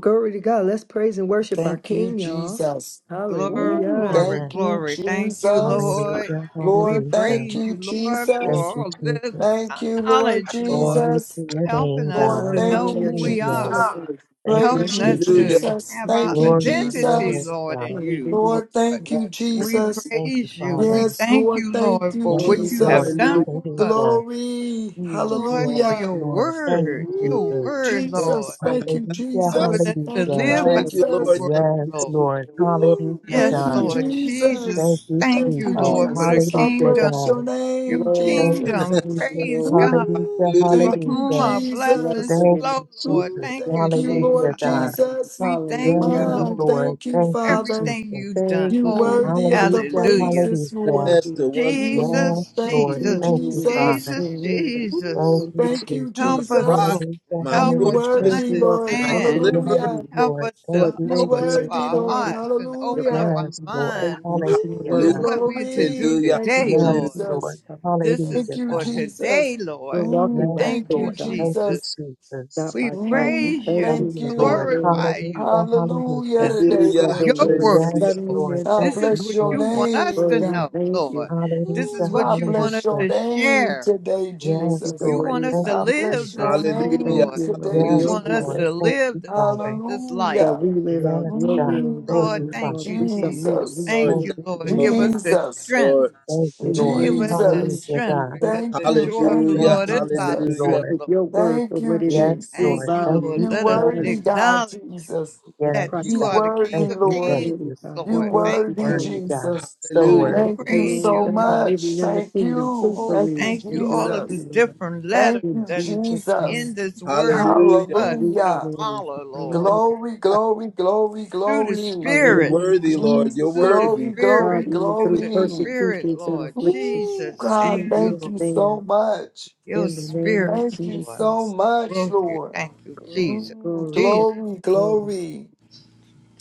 Speaker 5: Glory to God. Let's praise and worship our
Speaker 6: Thank you,
Speaker 5: King, y'all.
Speaker 6: Jesus.
Speaker 10: Glory,
Speaker 6: Ooh,
Speaker 5: Hallelujah.
Speaker 10: glory,
Speaker 6: thank
Speaker 3: Amen.
Speaker 6: you,
Speaker 10: glory. Thank you,
Speaker 6: Jesus.
Speaker 10: Lord.
Speaker 3: Hallelujah.
Speaker 10: We
Speaker 6: Lord,
Speaker 3: Hallelujah.
Speaker 6: thank
Speaker 10: praise
Speaker 6: you,
Speaker 10: you, Lord, for
Speaker 3: Thank
Speaker 6: Jesus.
Speaker 3: you,
Speaker 10: all this
Speaker 3: Jesus.
Speaker 6: Thank you, Lord
Speaker 10: knowledge, Lord,
Speaker 3: Glory
Speaker 6: Jesus.
Speaker 3: to your
Speaker 10: helping
Speaker 3: name,
Speaker 10: us
Speaker 6: Lord,
Speaker 10: to
Speaker 3: God.
Speaker 6: thank
Speaker 10: know
Speaker 6: you,
Speaker 5: Hallelujah.
Speaker 10: who we
Speaker 5: Thank you,
Speaker 3: Hallelujah.
Speaker 10: are,
Speaker 6: Jesus.
Speaker 5: Jesus.
Speaker 3: Thank you,
Speaker 6: Praise
Speaker 5: Bless
Speaker 10: helping
Speaker 6: you,
Speaker 5: you.
Speaker 10: us
Speaker 5: Thank
Speaker 3: Jesus.
Speaker 10: to
Speaker 1: Hallelujah.
Speaker 6: Jesus.
Speaker 10: have our
Speaker 6: Thank you,
Speaker 5: you,
Speaker 3: Glory to
Speaker 5: God.
Speaker 3: your
Speaker 10: identity,
Speaker 6: Jesus.
Speaker 3: name,
Speaker 10: Lord, in
Speaker 3: God.
Speaker 10: you,
Speaker 5: Hallelujah.
Speaker 10: Lord.
Speaker 6: Lord, thank
Speaker 3: Lord,
Speaker 6: you,
Speaker 10: We
Speaker 3: Lord,
Speaker 6: Jesus.
Speaker 3: Thank you,
Speaker 10: praise you.
Speaker 3: Father.
Speaker 10: We
Speaker 6: Yes,
Speaker 10: thank
Speaker 6: Lord,
Speaker 10: you,
Speaker 6: thank
Speaker 10: Lord,
Speaker 6: you,
Speaker 10: for
Speaker 5: Glory
Speaker 10: what
Speaker 3: Yes,
Speaker 5: to
Speaker 10: you
Speaker 5: your
Speaker 10: have
Speaker 3: Lord.
Speaker 6: Jesus.
Speaker 10: done
Speaker 1: Hallelujah.
Speaker 5: name.
Speaker 10: for us,
Speaker 3: Hallelujah.
Speaker 6: Glory.
Speaker 5: Mm,
Speaker 10: Lord,
Speaker 5: mm.
Speaker 10: for
Speaker 3: Yes,
Speaker 6: Hallelujah.
Speaker 10: your
Speaker 3: Lord. Thank
Speaker 5: Praise
Speaker 10: word,
Speaker 3: you,
Speaker 5: you.
Speaker 10: your
Speaker 3: Jesus.
Speaker 6: Ooh,
Speaker 10: word,
Speaker 5: Bless
Speaker 10: Lord,
Speaker 6: Jesus.
Speaker 5: your
Speaker 6: Thank
Speaker 5: name.
Speaker 6: you,
Speaker 3: Hallelujah.
Speaker 1: Ah,
Speaker 10: helping
Speaker 6: Jesus.
Speaker 10: us to
Speaker 6: Thank you,
Speaker 3: Hallelujah.
Speaker 10: live by
Speaker 1: Thank you,
Speaker 10: your
Speaker 5: Hallelujah.
Speaker 6: Jesus.
Speaker 1: Lord. Thank
Speaker 5: Thank
Speaker 10: word,
Speaker 3: Yes,
Speaker 5: you
Speaker 1: you,
Speaker 5: for
Speaker 10: Lord.
Speaker 5: giving
Speaker 3: Lord.
Speaker 5: the work.
Speaker 1: Lord.
Speaker 6: Woo!
Speaker 3: Hallelujah,
Speaker 10: Yes,
Speaker 6: Thank
Speaker 5: Thank
Speaker 6: you,
Speaker 3: God.
Speaker 5: you.
Speaker 10: Lord
Speaker 5: Lord.
Speaker 6: Jesus.
Speaker 3: Thank
Speaker 10: Jesus.
Speaker 3: you,
Speaker 10: Thank
Speaker 6: Thank
Speaker 10: you,
Speaker 6: you,
Speaker 3: Jesus.
Speaker 10: Lord, for the
Speaker 5: Hallelujah.
Speaker 6: Jesus. I
Speaker 3: Hallelujah,
Speaker 10: kingdom,
Speaker 6: praise
Speaker 3: God.
Speaker 6: your
Speaker 10: your
Speaker 6: name,
Speaker 3: Thank
Speaker 5: Glory,
Speaker 3: you,
Speaker 6: Jesus.
Speaker 10: kingdom.
Speaker 5: glory,
Speaker 3: Jesus.
Speaker 10: Praise
Speaker 5: glory,
Speaker 10: God,
Speaker 3: Hallelujah.
Speaker 6: Woo!
Speaker 10: for
Speaker 1: Hallelujah.
Speaker 6: Thank you,
Speaker 10: whom
Speaker 3: Hallelujah.
Speaker 10: our
Speaker 5: Bless the
Speaker 10: blessings
Speaker 6: Jesus.
Speaker 3: Thank
Speaker 10: flow,
Speaker 3: you,
Speaker 5: Lord.
Speaker 10: Lord.
Speaker 6: Woo!
Speaker 3: Jesus.
Speaker 10: Thank
Speaker 5: Bless
Speaker 10: you,
Speaker 6: Thank
Speaker 5: the
Speaker 6: you,
Speaker 5: Lord, my
Speaker 3: Hallelujah,
Speaker 10: Jesus.
Speaker 6: Lord
Speaker 3: God.
Speaker 5: God.
Speaker 6: Jesus.
Speaker 10: We thank you,
Speaker 3: Yes,
Speaker 5: Hallelujah.
Speaker 6: My,
Speaker 10: Lord, for
Speaker 3: Lord.
Speaker 6: thank you,
Speaker 3: Thank you,
Speaker 6: Father.
Speaker 10: everything
Speaker 3: Jesus.
Speaker 10: you've done.
Speaker 5: Thank
Speaker 6: You
Speaker 5: you for the
Speaker 10: Oh,
Speaker 6: worthy of the
Speaker 3: Hallelujah,
Speaker 10: hallelujah.
Speaker 6: praises,
Speaker 5: thank you
Speaker 3: hallelujah.
Speaker 6: Lord.
Speaker 1: That's
Speaker 5: for
Speaker 1: the wonderful
Speaker 3: Yes,
Speaker 6: You,
Speaker 10: Jesus,
Speaker 6: thank
Speaker 3: Lord.
Speaker 6: you,
Speaker 10: Jesus,
Speaker 5: being
Speaker 3: Thank
Speaker 5: who
Speaker 3: you,
Speaker 5: we are
Speaker 6: Jesus.
Speaker 3: Father.
Speaker 5: in
Speaker 10: Jesus,
Speaker 5: you.
Speaker 3: Thank
Speaker 10: Jesus.
Speaker 5: Lord.
Speaker 6: Woo!
Speaker 3: you,
Speaker 5: Thank you for
Speaker 6: Thank
Speaker 5: the
Speaker 6: you,
Speaker 3: Jesus.
Speaker 1: my
Speaker 10: Help us,
Speaker 5: Jesus.
Speaker 10: Lord.
Speaker 1: rock,
Speaker 6: Jesus.
Speaker 3: Hallelujah.
Speaker 1: my
Speaker 10: Help
Speaker 6: You
Speaker 3: Hallelujah.
Speaker 10: us to
Speaker 5: Thank
Speaker 1: fortress,
Speaker 6: worthy,
Speaker 5: you, Lord,
Speaker 6: Lord.
Speaker 5: for
Speaker 1: my
Speaker 10: understand.
Speaker 5: listening
Speaker 1: deliverer.
Speaker 5: to
Speaker 3: Yes,
Speaker 6: Hallelujah.
Speaker 5: you.
Speaker 10: Help
Speaker 3: Lord.
Speaker 10: us
Speaker 3: Thank
Speaker 5: Lord,
Speaker 10: to
Speaker 3: you,
Speaker 6: You
Speaker 5: thank
Speaker 10: open
Speaker 5: you
Speaker 10: up
Speaker 3: Jesus.
Speaker 5: Lord,
Speaker 6: worthy,
Speaker 5: for
Speaker 10: our
Speaker 6: Lord.
Speaker 5: walking with
Speaker 10: hearts and
Speaker 5: your
Speaker 10: open up
Speaker 6: Hallelujah.
Speaker 10: our
Speaker 3: Yes,
Speaker 5: my
Speaker 3: Lord.
Speaker 5: faith
Speaker 10: minds
Speaker 5: mixing the
Speaker 3: Hallelujah,
Speaker 6: Woo,
Speaker 3: God.
Speaker 5: word
Speaker 10: to
Speaker 1: Hallelujah.
Speaker 5: with
Speaker 10: what we're to do
Speaker 6: glory.
Speaker 1: Hallelujah.
Speaker 6: Thank you,
Speaker 10: today,
Speaker 5: your faith.
Speaker 3: Yes,
Speaker 10: Lord.
Speaker 1: Hallelujah.
Speaker 5: in
Speaker 3: Lord.
Speaker 6: Jesus.
Speaker 5: your
Speaker 10: This
Speaker 6: Thank
Speaker 3: Hallelujah,
Speaker 10: is
Speaker 6: you,
Speaker 10: for
Speaker 3: God.
Speaker 6: Jesus.
Speaker 10: today,
Speaker 5: We're
Speaker 10: Lord.
Speaker 6: Mm,
Speaker 5: walking
Speaker 3: Yes,
Speaker 5: by
Speaker 10: Thank
Speaker 6: thank
Speaker 5: faith,
Speaker 6: you,
Speaker 10: you,
Speaker 3: Lord.
Speaker 5: God,
Speaker 3: Thank you,
Speaker 10: Jesus.
Speaker 6: Jesus.
Speaker 3: Jesus.
Speaker 5: not
Speaker 10: We
Speaker 5: by sight. We
Speaker 10: praise
Speaker 6: Mm,
Speaker 5: thank
Speaker 10: you.
Speaker 3: Thank
Speaker 5: you
Speaker 6: thank
Speaker 5: Lord,
Speaker 3: you,
Speaker 10: We
Speaker 5: for your
Speaker 3: Lord.
Speaker 6: you.
Speaker 5: word.
Speaker 10: glorify
Speaker 3: Hallelujah.
Speaker 10: you.
Speaker 6: Hallelujah
Speaker 3: Hallelujah.
Speaker 10: This
Speaker 6: today,
Speaker 10: is
Speaker 5: That
Speaker 1: Hallelujah.
Speaker 5: your
Speaker 6: Lord
Speaker 10: your
Speaker 5: word
Speaker 10: word,
Speaker 5: is
Speaker 1: Hallelujah.
Speaker 6: Jesus.
Speaker 3: Yes,
Speaker 10: Lord.
Speaker 5: settling
Speaker 3: Lord.
Speaker 5: in,
Speaker 6: I
Speaker 3: Thank
Speaker 10: This is
Speaker 3: you,
Speaker 6: bless
Speaker 10: what
Speaker 6: your
Speaker 10: you
Speaker 5: Lord.
Speaker 3: Jesus.
Speaker 10: want us
Speaker 6: name,
Speaker 10: to
Speaker 5: Lord, we
Speaker 6: God.
Speaker 10: know,
Speaker 5: thank
Speaker 10: Lord.
Speaker 5: you.
Speaker 3: Hallelujah.
Speaker 10: This is
Speaker 6: Ooh, I
Speaker 10: what you want us
Speaker 6: bless
Speaker 3: Hallelujah.
Speaker 6: your
Speaker 10: to
Speaker 6: name
Speaker 10: share.
Speaker 6: today,
Speaker 5: Thank
Speaker 3: Yes,
Speaker 5: you for
Speaker 6: Jesus.
Speaker 10: You
Speaker 5: your
Speaker 3: Lord.
Speaker 10: want
Speaker 5: word.
Speaker 10: us
Speaker 3: Thank
Speaker 10: to
Speaker 6: I
Speaker 3: you,
Speaker 6: bless
Speaker 10: live
Speaker 3: Jesus.
Speaker 6: your
Speaker 10: this
Speaker 5: We
Speaker 10: way,
Speaker 1: Hallelujah.
Speaker 6: name
Speaker 5: thank
Speaker 10: Lord.
Speaker 5: you, Lord,
Speaker 6: today,
Speaker 5: for
Speaker 10: You
Speaker 1: Hallelujah.
Speaker 5: your
Speaker 3: Yes,
Speaker 10: want us
Speaker 5: will,
Speaker 3: Lord.
Speaker 10: to
Speaker 6: Jesus.
Speaker 3: Thank
Speaker 10: live
Speaker 3: you,
Speaker 10: this
Speaker 3: Father.
Speaker 10: way, this life.
Speaker 5: that
Speaker 6: Hallelujah.
Speaker 5: we live out
Speaker 3: Yes,
Speaker 5: your
Speaker 3: God.
Speaker 5: will, your
Speaker 3: Thank
Speaker 10: Lord,
Speaker 3: you,
Speaker 6: Mm,
Speaker 5: name,
Speaker 3: Father.
Speaker 10: thank
Speaker 5: Lord.
Speaker 10: you,
Speaker 5: We submit,
Speaker 10: Jesus.
Speaker 5: we
Speaker 6: Jesus.
Speaker 1: Lord,
Speaker 10: Thank
Speaker 3: Thank
Speaker 5: yield
Speaker 10: you,
Speaker 1: thank
Speaker 3: you,
Speaker 5: to
Speaker 1: you,
Speaker 10: Lord.
Speaker 5: you,
Speaker 10: Give
Speaker 3: Jesus.
Speaker 1: Lord,
Speaker 10: us
Speaker 5: God.
Speaker 10: the
Speaker 6: Jesus.
Speaker 10: strength
Speaker 1: Lord.
Speaker 3: Thank you,
Speaker 5: In the
Speaker 3: Lord.
Speaker 10: Give
Speaker 5: name of
Speaker 10: us the
Speaker 5: Jesus,
Speaker 6: Jesus.
Speaker 3: Hallelujah,
Speaker 10: strength
Speaker 5: we
Speaker 3: God.
Speaker 10: because
Speaker 5: bless
Speaker 6: Thank
Speaker 10: the
Speaker 5: you,
Speaker 6: you.
Speaker 5: Lord.
Speaker 10: joy of the
Speaker 6: Thank you,
Speaker 3: Thank
Speaker 1: Hallelujah.
Speaker 10: Lord
Speaker 3: you,
Speaker 10: is
Speaker 3: thank
Speaker 10: our
Speaker 3: you,
Speaker 6: Jesus.
Speaker 5: We
Speaker 1: Hallelujah.
Speaker 10: strength,
Speaker 3: Lord.
Speaker 5: take
Speaker 10: Lord.
Speaker 5: your word for
Speaker 6: Thank
Speaker 5: what
Speaker 6: you,
Speaker 5: it
Speaker 3: Yes,
Speaker 5: is, real
Speaker 3: Lord.
Speaker 6: Jesus.
Speaker 10: Thank you,
Speaker 3: Thank
Speaker 5: value,
Speaker 10: Lord.
Speaker 3: you,
Speaker 6: You
Speaker 5: it's
Speaker 10: Let us
Speaker 3: Jesus.
Speaker 6: worthy,
Speaker 5: valuable,
Speaker 6: God,
Speaker 10: acknowledge
Speaker 6: Jesus.
Speaker 5: it's
Speaker 3: Yes,
Speaker 10: that
Speaker 5: priceless.
Speaker 10: you
Speaker 6: You
Speaker 3: God.
Speaker 10: are the
Speaker 6: worthy,
Speaker 3: Thank
Speaker 10: King of
Speaker 3: you, thank
Speaker 6: Lord.
Speaker 5: Really,
Speaker 3: you.
Speaker 10: Kings,
Speaker 5: God, we
Speaker 6: You
Speaker 10: Lord.
Speaker 5: bless
Speaker 10: Thank
Speaker 5: you
Speaker 6: worthy,
Speaker 5: for
Speaker 10: you.
Speaker 3: Worthy,
Speaker 5: it.
Speaker 3: God.
Speaker 6: Jesus.
Speaker 3: So
Speaker 1: Hallelujah.
Speaker 10: Oh,
Speaker 3: worthy.
Speaker 5: Thank
Speaker 6: Thank you
Speaker 5: you,
Speaker 10: praise
Speaker 5: Lord,
Speaker 6: so
Speaker 10: you,
Speaker 5: God,
Speaker 10: Lord.
Speaker 6: much.
Speaker 5: living in the
Speaker 6: Thank
Speaker 5: kingdom
Speaker 6: you.
Speaker 10: Oh,
Speaker 6: Thank
Speaker 5: truthfully.
Speaker 6: you,
Speaker 10: thank
Speaker 5: We
Speaker 10: you. All
Speaker 5: bless
Speaker 10: of the
Speaker 6: Jesus.
Speaker 5: you, Lord.
Speaker 10: different letters
Speaker 6: Thank
Speaker 5: In
Speaker 6: you,
Speaker 10: that
Speaker 5: Jesus'
Speaker 10: in
Speaker 6: Jesus.
Speaker 5: name,
Speaker 10: this word for
Speaker 1: Hallelujah.
Speaker 10: us
Speaker 5: we
Speaker 10: to
Speaker 6: Hallelujah.
Speaker 5: glorify
Speaker 10: follow,
Speaker 5: your
Speaker 10: Lord.
Speaker 5: name.
Speaker 6: Glory, glory, glory,
Speaker 10: Through the
Speaker 6: glory.
Speaker 1: You're
Speaker 10: Spirit,
Speaker 1: worthy,
Speaker 5: Hallelujah.
Speaker 1: Lord. You're
Speaker 6: Mm,
Speaker 10: through the
Speaker 6: Glory,
Speaker 1: worthy.
Speaker 5: God,
Speaker 6: glory,
Speaker 10: Spirit,
Speaker 5: even
Speaker 10: through
Speaker 5: through
Speaker 10: the
Speaker 6: glory.
Speaker 10: Spirit,
Speaker 5: persecutions and
Speaker 10: Lord.
Speaker 5: affliction.
Speaker 6: Ooh,
Speaker 10: Jesus,
Speaker 5: We
Speaker 6: God,
Speaker 10: thank you,
Speaker 5: will
Speaker 6: thank
Speaker 10: Lord.
Speaker 6: you so
Speaker 5: stand
Speaker 6: much.
Speaker 10: Your
Speaker 5: in the name
Speaker 10: Spirit,
Speaker 5: of
Speaker 6: Thank you
Speaker 10: Lord.
Speaker 6: so
Speaker 5: Jesus.
Speaker 6: much,
Speaker 10: Thank you,
Speaker 6: Lord.
Speaker 10: thank you,
Speaker 5: Glory,
Speaker 10: Jesus.
Speaker 6: Mm,
Speaker 5: glory,
Speaker 10: Jesus,
Speaker 6: glory,
Speaker 5: glory,
Speaker 6: glory.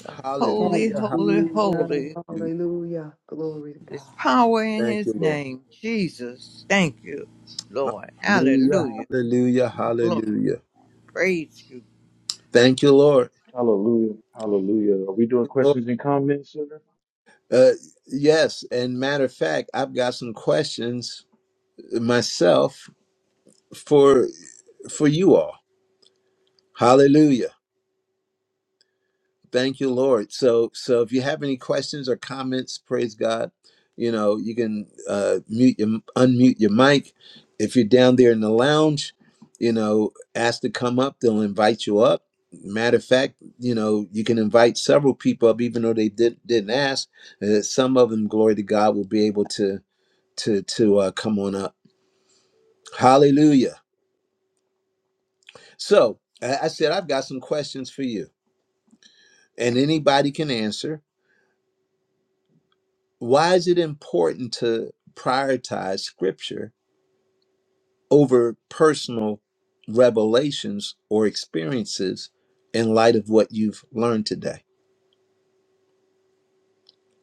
Speaker 10: the holy,
Speaker 5: glory.
Speaker 1: Hallelujah.
Speaker 10: holy,
Speaker 5: Hallelujah.
Speaker 10: holy.
Speaker 1: Hallelujah.
Speaker 5: Hallelujah. Glory to
Speaker 10: There's
Speaker 5: God.
Speaker 10: power in
Speaker 1: Thank you,
Speaker 10: his
Speaker 1: Lord.
Speaker 10: name. Jesus, thank you, Lord.
Speaker 1: Hallelujah.
Speaker 10: Hallelujah.
Speaker 1: Hallelujah.
Speaker 10: Lord,
Speaker 1: Hallelujah.
Speaker 10: praise you.
Speaker 1: Thank you, Lord.
Speaker 2: Hallelujah. Hallelujah. Are we doing
Speaker 1: Lord.
Speaker 2: questions and comments, sir?
Speaker 1: Uh, yes. And matter of fact, I've got some questions myself for for you all. Hallelujah. Thank you, Lord. So, so if you have any questions or comments, praise God. You know, you can uh, mute your unmute your mic. If you're down there in the lounge, you know, ask to come up. They'll invite you up. Matter of fact, you know, you can invite several people up, even though they did, didn't ask. Uh, some of them, glory to God, will be able to to to uh, come on up. Hallelujah. So I I said I've got some questions for you, and anybody can answer why is it important to prioritize scripture over personal revelations or experiences in light of what you've learned today?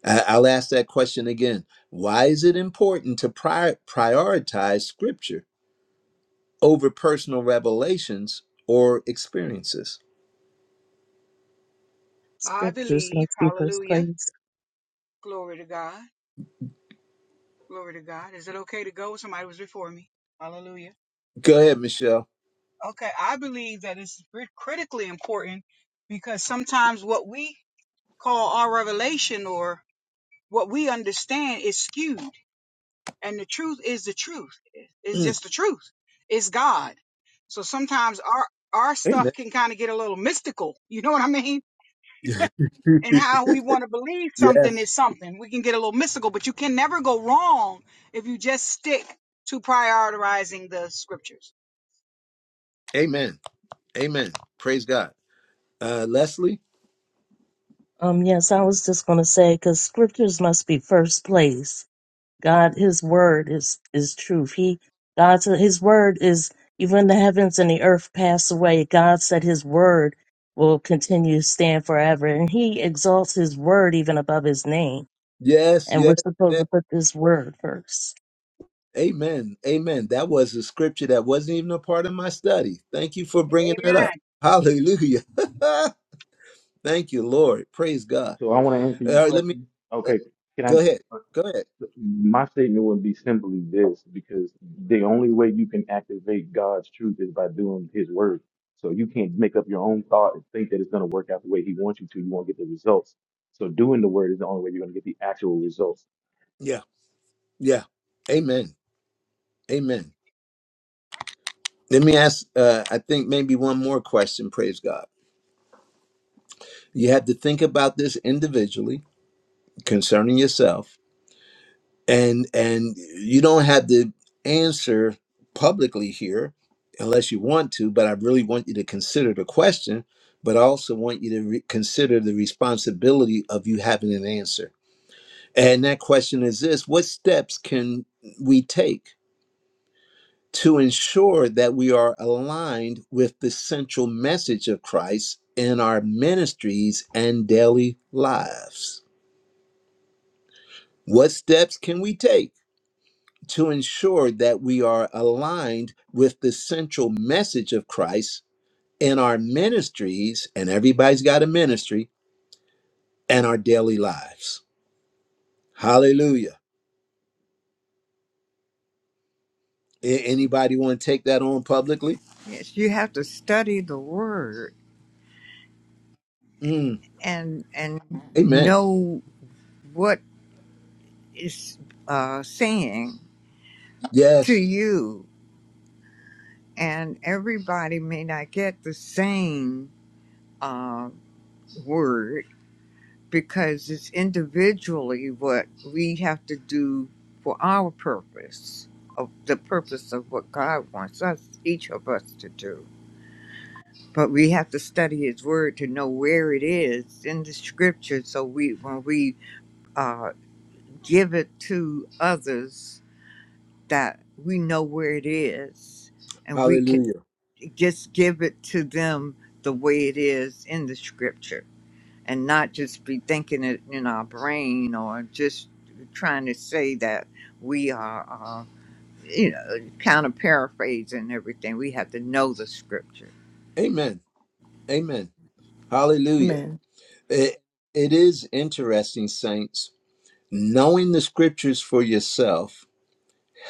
Speaker 1: I- I'll ask that question again. Why is it important to prior- prioritize scripture over personal revelations or experiences?
Speaker 7: I
Speaker 3: Scriptures
Speaker 7: believe.
Speaker 3: must be first
Speaker 7: Hallelujah.
Speaker 3: place.
Speaker 7: Glory to God. Glory to God. Is it okay to go? Somebody was before me. Hallelujah.
Speaker 1: Go ahead, Michelle.
Speaker 7: Okay. I believe that it's cri- critically important because sometimes what we call our revelation or what we understand is skewed. And the truth is the truth. It's
Speaker 1: Mm,
Speaker 7: just the truth. It's God. So sometimes our our
Speaker 1: amen.
Speaker 7: stuff can kind of get a little mystical. You know what I mean?
Speaker 1: (laughs)
Speaker 7: and how we want to believe something
Speaker 1: yes.
Speaker 7: is something. We can get a little mystical, but you can never go wrong if you just stick to prioritizing the scriptures.
Speaker 1: Amen. Amen. Praise God. Uh, Leslie?
Speaker 3: Um, yes, I was just going to say, because scriptures must be first place. God, His word is is truth. He, God, said His word is even the heavens and the earth pass away. God said His word will continue to stand forever, and He exalts His word even above His name.
Speaker 1: Yes,
Speaker 3: And we're
Speaker 1: yes, yes.
Speaker 3: supposed to put this word first.
Speaker 1: Amen. Amen. That was a scripture that wasn't even a part of my study. Thank you for bringing that
Speaker 7: Amen.
Speaker 1: up. Hallelujah. (laughs) Thank you, Lord. Praise God.
Speaker 2: So I want to answer
Speaker 1: All
Speaker 2: your
Speaker 1: right, let me
Speaker 2: question.
Speaker 1: uh,
Speaker 2: Okay.
Speaker 1: go
Speaker 2: Can
Speaker 1: ahead.
Speaker 2: I?
Speaker 1: Go ahead.
Speaker 2: my statement would be simply this because the only way you can activate God's truth is by doing his word. So you can't make up your own thought and think that it's going to work out the way he wants you to. You won't get the results. So doing the word is the only way you're going to get the actual results.
Speaker 1: Yeah. Yeah. Amen. Amen. Let me ask, uh, I think maybe one more question. Praise God. You have to think about this individually concerning yourself and and you don't have to answer publicly here unless you want to but i really want you to consider the question but i also want you to re- consider the responsibility of you having an answer and that question is this what steps can we take to ensure that we are aligned with the central message of christ in our ministries and daily lives what steps can we take to ensure that we are aligned with the central message of Christ in our ministries, and everybody's got a ministry, and our daily lives. Hallelujah. A- Anybody want to take that on publicly?
Speaker 10: Yes, you have to study the word
Speaker 1: Mm,
Speaker 10: and and
Speaker 1: amen.
Speaker 10: know what is uh, saying to
Speaker 1: Yes.
Speaker 10: you. And everybody may not get the same uh, word because it's individually what we have to do for our purpose of the purpose of what God wants us each of us to do. But we have to study His Word to know where it is in the Scripture, so we when we uh, give it to others, that we know where it is, and we can
Speaker 1: Hallelujah.
Speaker 10: just give it to them the way it is in the Scripture and not just be thinking it in our brain or just trying to say that we are, uh, you know, kind of paraphrase and everything. We have to know the scripture.
Speaker 1: Amen. Amen. Hallelujah.
Speaker 5: Amen.
Speaker 1: It, it is interesting, saints. Knowing the scriptures for yourself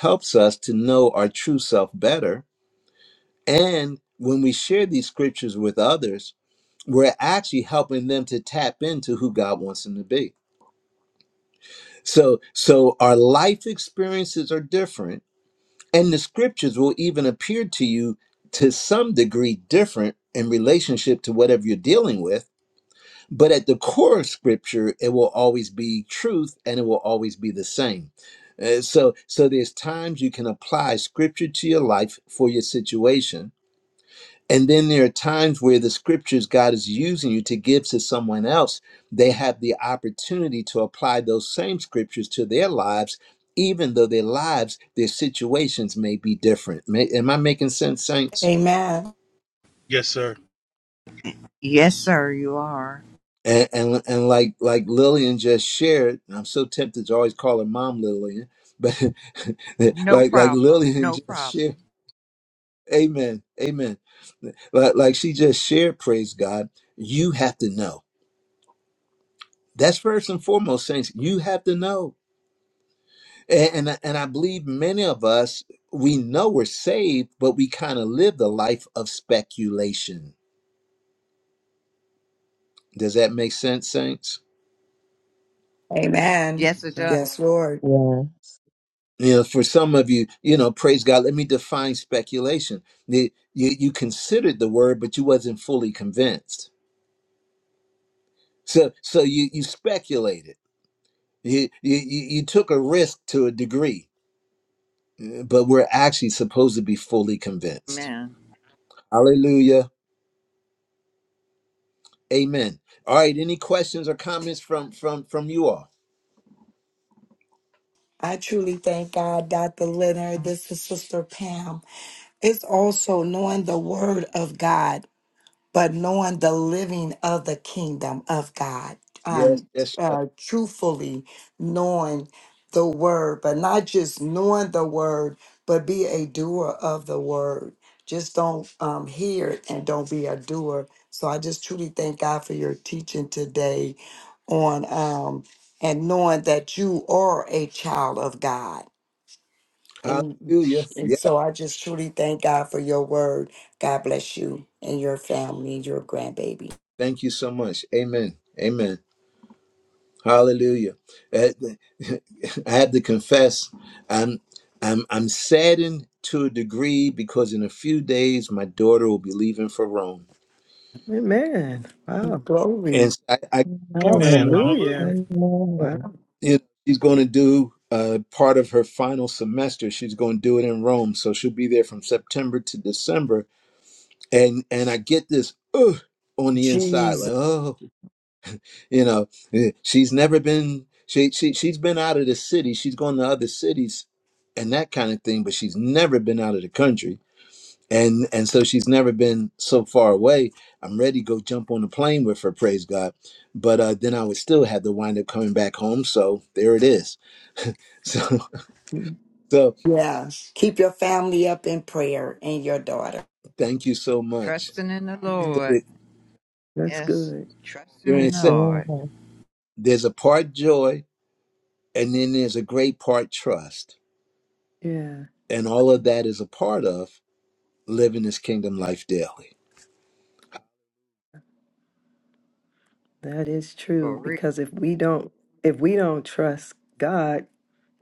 Speaker 1: helps us to know our true self better And when we share these scriptures with others, we're actually helping them to tap into who God wants them to be. So so our life experiences are different and the scriptures will even appear to you to some degree different in relationship to whatever you're dealing with, but at the core of scripture it will always be truth and it will always be the same. Uh, so so there's times you can apply scripture to your life for your situation And then there are times where the scriptures God is using you to give to someone else, they have the opportunity to apply those same scriptures to their lives, even though their lives, their situations may be different. May, am I making sense, saints?
Speaker 6: Amen.
Speaker 2: Yes, sir.
Speaker 10: Yes, sir, you are.
Speaker 1: And, and and like like Lillian just shared, and I'm so tempted to always call her mom Lillian, but (laughs)
Speaker 10: No
Speaker 1: like like
Speaker 10: problem.
Speaker 1: Lillian (laughs)
Speaker 10: No
Speaker 1: just
Speaker 10: problem.
Speaker 1: shared, Amen, Amen. Like like she just shared, praise God. You have to know. That's first and foremost, saints. You have to know, and and, and I believe many of us we know we're saved, but we kind of live the life of speculation. Does that make sense, saints?
Speaker 6: Amen.
Speaker 10: Yes, it
Speaker 5: God.
Speaker 10: does.
Speaker 6: Yes, Lord.
Speaker 3: Yeah.
Speaker 1: You know, for some of you, you know, praise God. Let me define speculation. The- You you considered the word, but you wasn't fully convinced. So so you you speculated. You you you you took a risk to a degree, but we're actually supposed to be fully convinced.
Speaker 10: Amen.
Speaker 1: Hallelujah. Amen. All right. Any questions or comments from from from you all?
Speaker 6: I truly thank God, Dr. Leonard. This is Sister Pam. It's also knowing the Word of God. but knowing the living of the kingdom of God,
Speaker 1: Yes.
Speaker 6: um,
Speaker 1: Yes. yes.
Speaker 6: uh, truthfully knowing the word, but not just knowing the word, but be a doer of the word. Just don't um, hear it and don't be a doer. So I just truly thank God for your teaching today on um, and knowing that you are a child of God and,
Speaker 1: Hallelujah.
Speaker 6: and
Speaker 1: Yeah.
Speaker 6: so I just truly thank God for your word. God bless you and your family and your grandbaby.
Speaker 1: Thank you so much. Amen. Amen. Hallelujah. Uh, (laughs) I had to confess, I'm I'm I'm saddened to a degree because in a few days my daughter will be leaving for Rome,
Speaker 5: Amen. Wow.
Speaker 6: Glory.
Speaker 1: and so I, I it's-
Speaker 2: Amen.
Speaker 3: Amen.
Speaker 2: Hallelujah.
Speaker 5: Hallelujah. Wow.
Speaker 1: you know, she's going to do. Uh, part of her final semester, she's going to do it in Rome. So she'll be there from September to December and and I get this ugh on the inside, like
Speaker 6: Jesus.
Speaker 1: oh, you know, eh, she's never been she she she's been out of the city, she's gone to other cities, and that kind of thing, but she's never been out of the country, and and so she's never been so far away. I'm ready to go jump on the plane with her, praise God, but uh, then I would still have to wind up coming back home. So there it is. (laughs) So so
Speaker 6: Yeah. Keep your family up in prayer and your daughter.
Speaker 1: thank you so much.
Speaker 10: Trusting in the
Speaker 1: So
Speaker 5: Yeah,
Speaker 10: Lord.
Speaker 1: it,
Speaker 5: that's
Speaker 10: Yes,
Speaker 5: good.
Speaker 10: trusting
Speaker 1: you're gonna
Speaker 10: in
Speaker 5: Good.
Speaker 10: the
Speaker 1: say
Speaker 10: Lord.
Speaker 3: Amen.
Speaker 1: there's a part joy, and then there's a great part trust
Speaker 5: Yeah,
Speaker 1: And all of that is a part of living this kingdom life daily.
Speaker 5: that is
Speaker 10: For
Speaker 5: true.
Speaker 10: real.
Speaker 5: Because if we don't, if we don't trust God,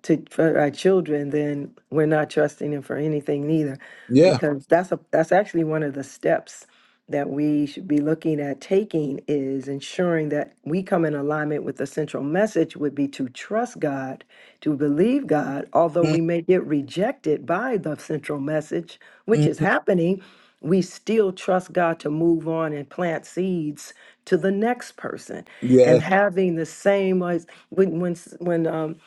Speaker 5: to for our children, then we're not trusting him for anything neither,
Speaker 1: Yeah.
Speaker 5: because that's a that's actually one of the steps that we should be looking at taking is ensuring that we come in alignment with the central message would be to trust God, to believe God, although
Speaker 1: mm
Speaker 5: we may get rejected by the central message, which
Speaker 1: mm.
Speaker 5: is happening, we still trust God to move on and plant seeds to the next person.
Speaker 1: Yeah.
Speaker 5: And having the same as when when s- when um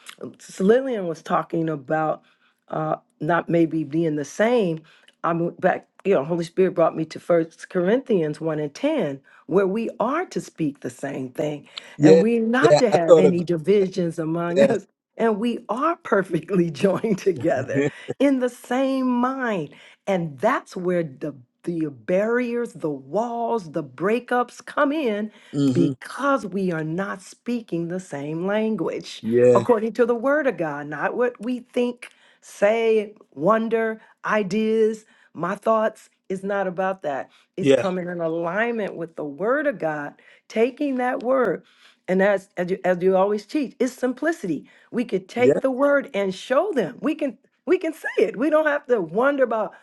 Speaker 5: S- Lillian was talking about uh, not maybe being the same. i went back, you know, Holy Spirit brought me to First Corinthians 1 and 10, where we are to speak the same thing and
Speaker 1: Yeah.
Speaker 5: we're not
Speaker 1: Yeah.
Speaker 5: to
Speaker 1: I
Speaker 5: have
Speaker 1: thought
Speaker 5: any
Speaker 1: about
Speaker 5: divisions among (laughs)
Speaker 1: that.
Speaker 5: us. And we are perfectly (laughs) joined together
Speaker 1: (laughs)
Speaker 5: in the same mind. And that's where the, the barriers, the walls, the breakups come in
Speaker 1: hmm
Speaker 5: because we are not speaking the same language
Speaker 1: Yeah.
Speaker 5: according to the word of God, not what we think, say, wonder, ideas, my thoughts. is not about that. It's
Speaker 1: Yeah.
Speaker 5: coming in alignment with the word of God, taking that word. And as, as, you, as you always teach, it's simplicity. We could take
Speaker 1: Yeah.
Speaker 5: the word and show them. We can we can say it. We don't have to wonder about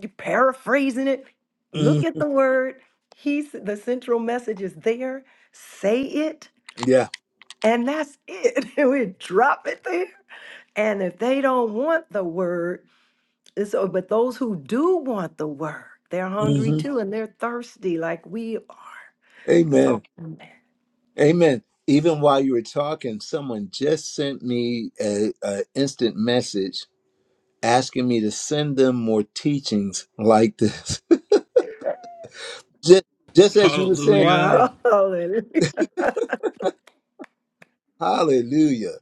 Speaker 5: you paraphrasing it. Look
Speaker 1: mm
Speaker 5: at the word. He's the central message is there. Say it,
Speaker 1: Yeah.
Speaker 5: and that's it. (laughs) we drop it there and if they don't want the word, it's, so- but those who do want the word, they're hungry
Speaker 1: hmm
Speaker 5: too and they're thirsty like we are.
Speaker 1: Amen.
Speaker 5: So,
Speaker 1: Amen. Even while you were talking, someone just sent me a, a instant message asking me to send them more teachings like this. (laughs) just, just as you were saying,
Speaker 2: Hallelujah.
Speaker 5: wow. (laughs) Hallelujah.
Speaker 1: Hallelujah.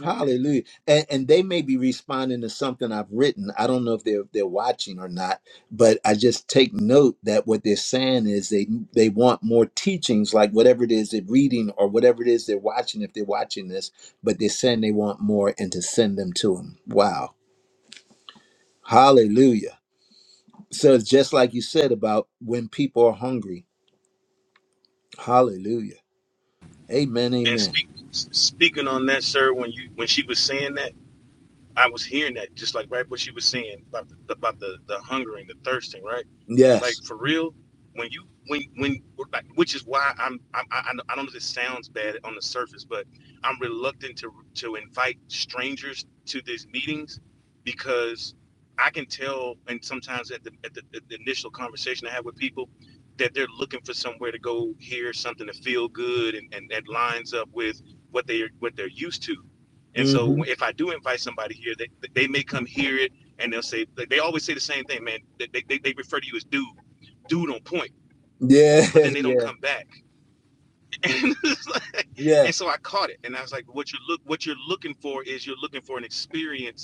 Speaker 1: Hallelujah. And, and they may be responding to something I've written. I don't know if they're they're watching or not, but I just take note that what they're saying is they they want more teachings, like whatever it is they're reading or whatever it is they're watching, if they're watching this, but they're saying they want more and to send them to them. Wow. Hallelujah. So it's just like you said about when people are hungry. Hallelujah. Amen.
Speaker 2: And
Speaker 1: Amen.
Speaker 2: speak, speaking on that, sir, when you when she was saying that. I was hearing that just like right what she was saying about the, about the the hungering, the thirsting, right?
Speaker 1: Yes.
Speaker 2: Like for real, when you when when like, which is why I'm i I I I don't know if this sounds bad on the surface, but I'm reluctant to to invite strangers to these meetings because I can tell, and sometimes at the at the, at the initial conversation I have with people. That they're looking for somewhere to go hear something to feel good and, and that lines up with what they what they're used to and so
Speaker 1: hmm
Speaker 2: if I do invite somebody here, they, they may come hear it and they'll say, they always say the same thing, man. They, they, they refer to you as dude, dude on point,
Speaker 1: Yeah.
Speaker 2: but then
Speaker 1: (laughs)
Speaker 2: they don't
Speaker 1: Yeah.
Speaker 2: come back. (laughs) And, it's like-
Speaker 1: Yeah.
Speaker 2: and so I caught it. And I was like, what you look, what you're looking for is you're looking for an experience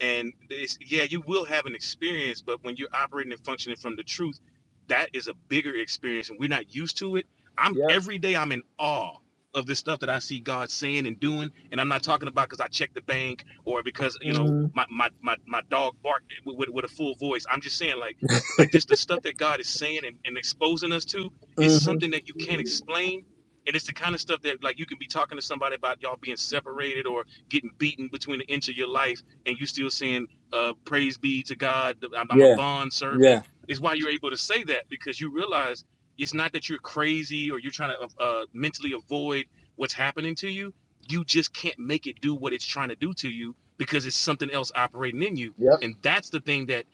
Speaker 2: and it's, yeah, you will have an experience, but when you're operating and functioning from the truth, that is a bigger experience, and we're not used to it. I'm
Speaker 1: Yep.
Speaker 2: every day I'm in awe of the stuff that I see God saying and doing, and I'm not talking about because I checked the bank or because you know
Speaker 1: hmm
Speaker 2: my my my, my dog barked with, with, with a full voice. I'm just saying like like just the stuff that God is saying and, and exposing us to is
Speaker 1: hmm
Speaker 2: something that you can't explain. And it's the kind of stuff that like you can be talking to somebody about y'all being separated or getting beaten between the inch of your life and you still saying, uh, praise be to God, I'm, I'm a
Speaker 1: Yeah.
Speaker 2: bond servant.
Speaker 1: Yeah.
Speaker 2: It's why you're able to say that because you realize it's not that you're crazy or you're trying to uh, mentally avoid what's happening to you. You just can't make it do what it's trying to do to you because it's something else operating in you.
Speaker 1: Yep.
Speaker 2: And that's the thing that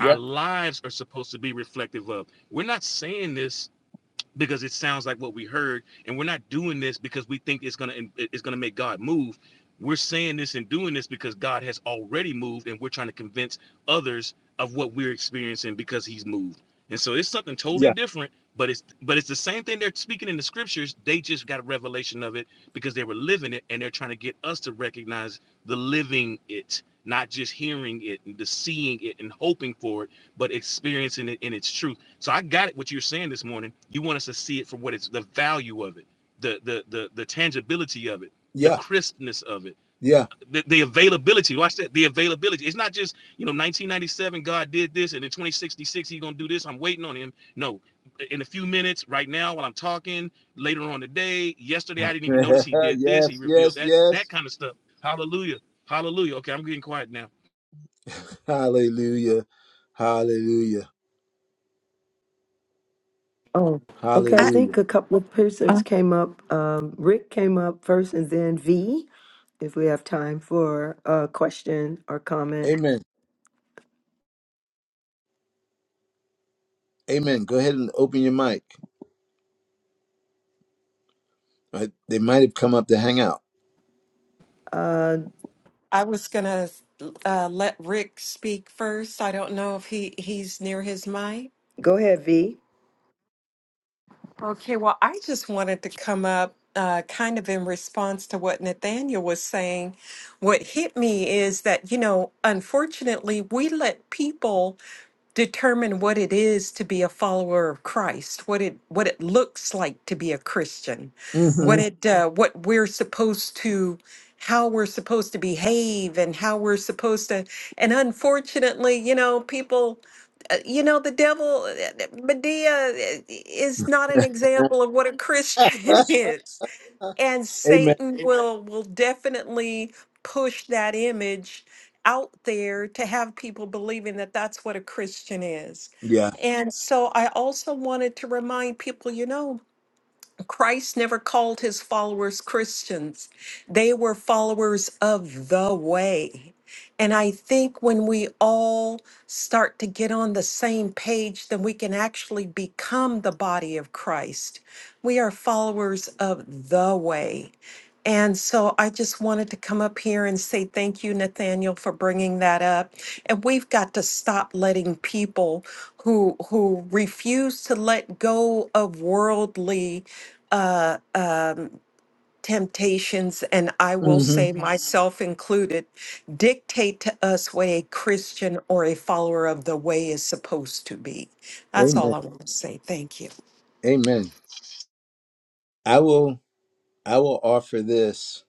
Speaker 2: our lives are supposed to be reflective of. We're not saying this because it sounds like what we heard and we're not doing this because we think it's going to it's going to make god move we're saying this and doing this because god has already moved and we're trying to convince others of what we're experiencing because he's moved and so it's something totally
Speaker 1: Yeah.
Speaker 2: different but it's but it's the same thing they're speaking in the scriptures they just got a revelation of it because they were living it and they're trying to get us to recognize the living it not just hearing it and the seeing it and hoping for it but experiencing it in its truth so I got it. What you're saying this morning, you want us to see it for what it's the value of it, the the the the tangibility of it, the
Speaker 1: Yeah.
Speaker 2: crispness of it,
Speaker 1: Yeah.
Speaker 2: the, the availability. Watch that. The availability. It's not just you know 1997. God did this, and in 2066 He's gonna do this. I'm waiting on Him. No, in a few minutes, right now, while I'm talking, later on today, yesterday I didn't
Speaker 1: (laughs)
Speaker 2: even notice He did this. He
Speaker 1: yes.
Speaker 2: revealed
Speaker 1: Yes.
Speaker 2: that that
Speaker 1: Yes.
Speaker 2: kind of stuff. Hallelujah. Hallelujah. Okay, I'm getting quiet now.
Speaker 1: Hallelujah. Hallelujah.
Speaker 5: Oh, okay. I
Speaker 11: I,
Speaker 1: Hallelujah.
Speaker 5: think a couple of persons came up. Um, Rick came up first and then V, if we have time for a question or comment.
Speaker 1: Amen. Amen. Go ahead and open your mic. Uh, They might have come up to hang out.
Speaker 5: Uh,
Speaker 11: I was going to uh, let Rick speak first. I don't know if he, he's near his mic.
Speaker 5: go ahead, V.
Speaker 11: Okay, well, I just wanted to come up uh, kind of in response to what Nathaniel was saying. What hit me is that, you know, unfortunately, we let people determine what it is to be a follower of Christ, what it what it looks like to be a Christian, what
Speaker 1: Mm-hmm.
Speaker 11: it uh, what we're supposed to how we're supposed to behave and how we're supposed to and unfortunately, you know, people you know, the devil, Medea eh, is not an example of what a Christian (laughs) is. And Satan Amen. will will definitely push that image out there to have people believing that that's what a Christian is.
Speaker 1: Yeah.
Speaker 11: And so I also wanted to remind people, you know, Christ never called his followers Christians. They were followers of the way. And I think when we all start to get on the same page, then we can actually become the body of Christ. We are followers of the way. And so I just wanted to come up here and say thank you, Nathaniel, for bringing that up. And we've got to stop letting people who who refuse to let go of worldly uh, uh, temptations, and I will say Mhm.
Speaker 1: Mm-hmm.
Speaker 11: myself included, dictate to us what a Christian or a follower of the way is supposed to be. That's
Speaker 1: Amen.
Speaker 11: all I want to say. Thank you.
Speaker 1: Amen. I will. I will offer this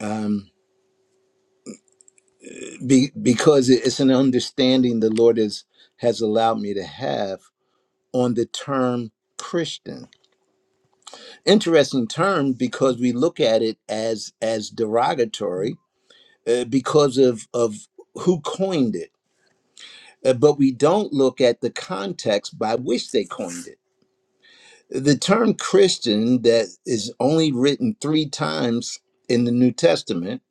Speaker 1: um, be, because it's an understanding the Lord has has allowed me to have on the term Christian. interesting term because we look at it as as derogatory uh, because of of who coined it Uh, but we don't look at the context by which they coined it the term christian that is only written three times in the new testament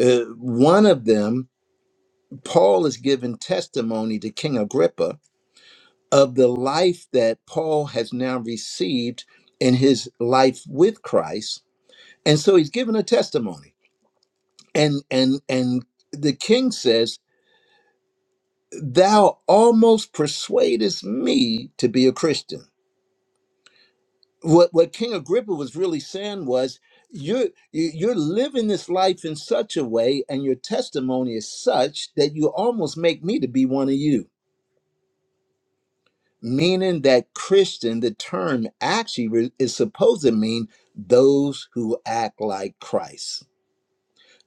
Speaker 1: uh, one of them paul is giving testimony to king agrippa of the life that paul has now received in his life with christ and so he's given a testimony and and and the king says thou almost persuadest me to be a christian what what king agrippa was really saying was you're you- you're living this life in such a way and your testimony is such that you almost make me to be one of you meaning that christian the term actually re- is supposed to mean those who act like christ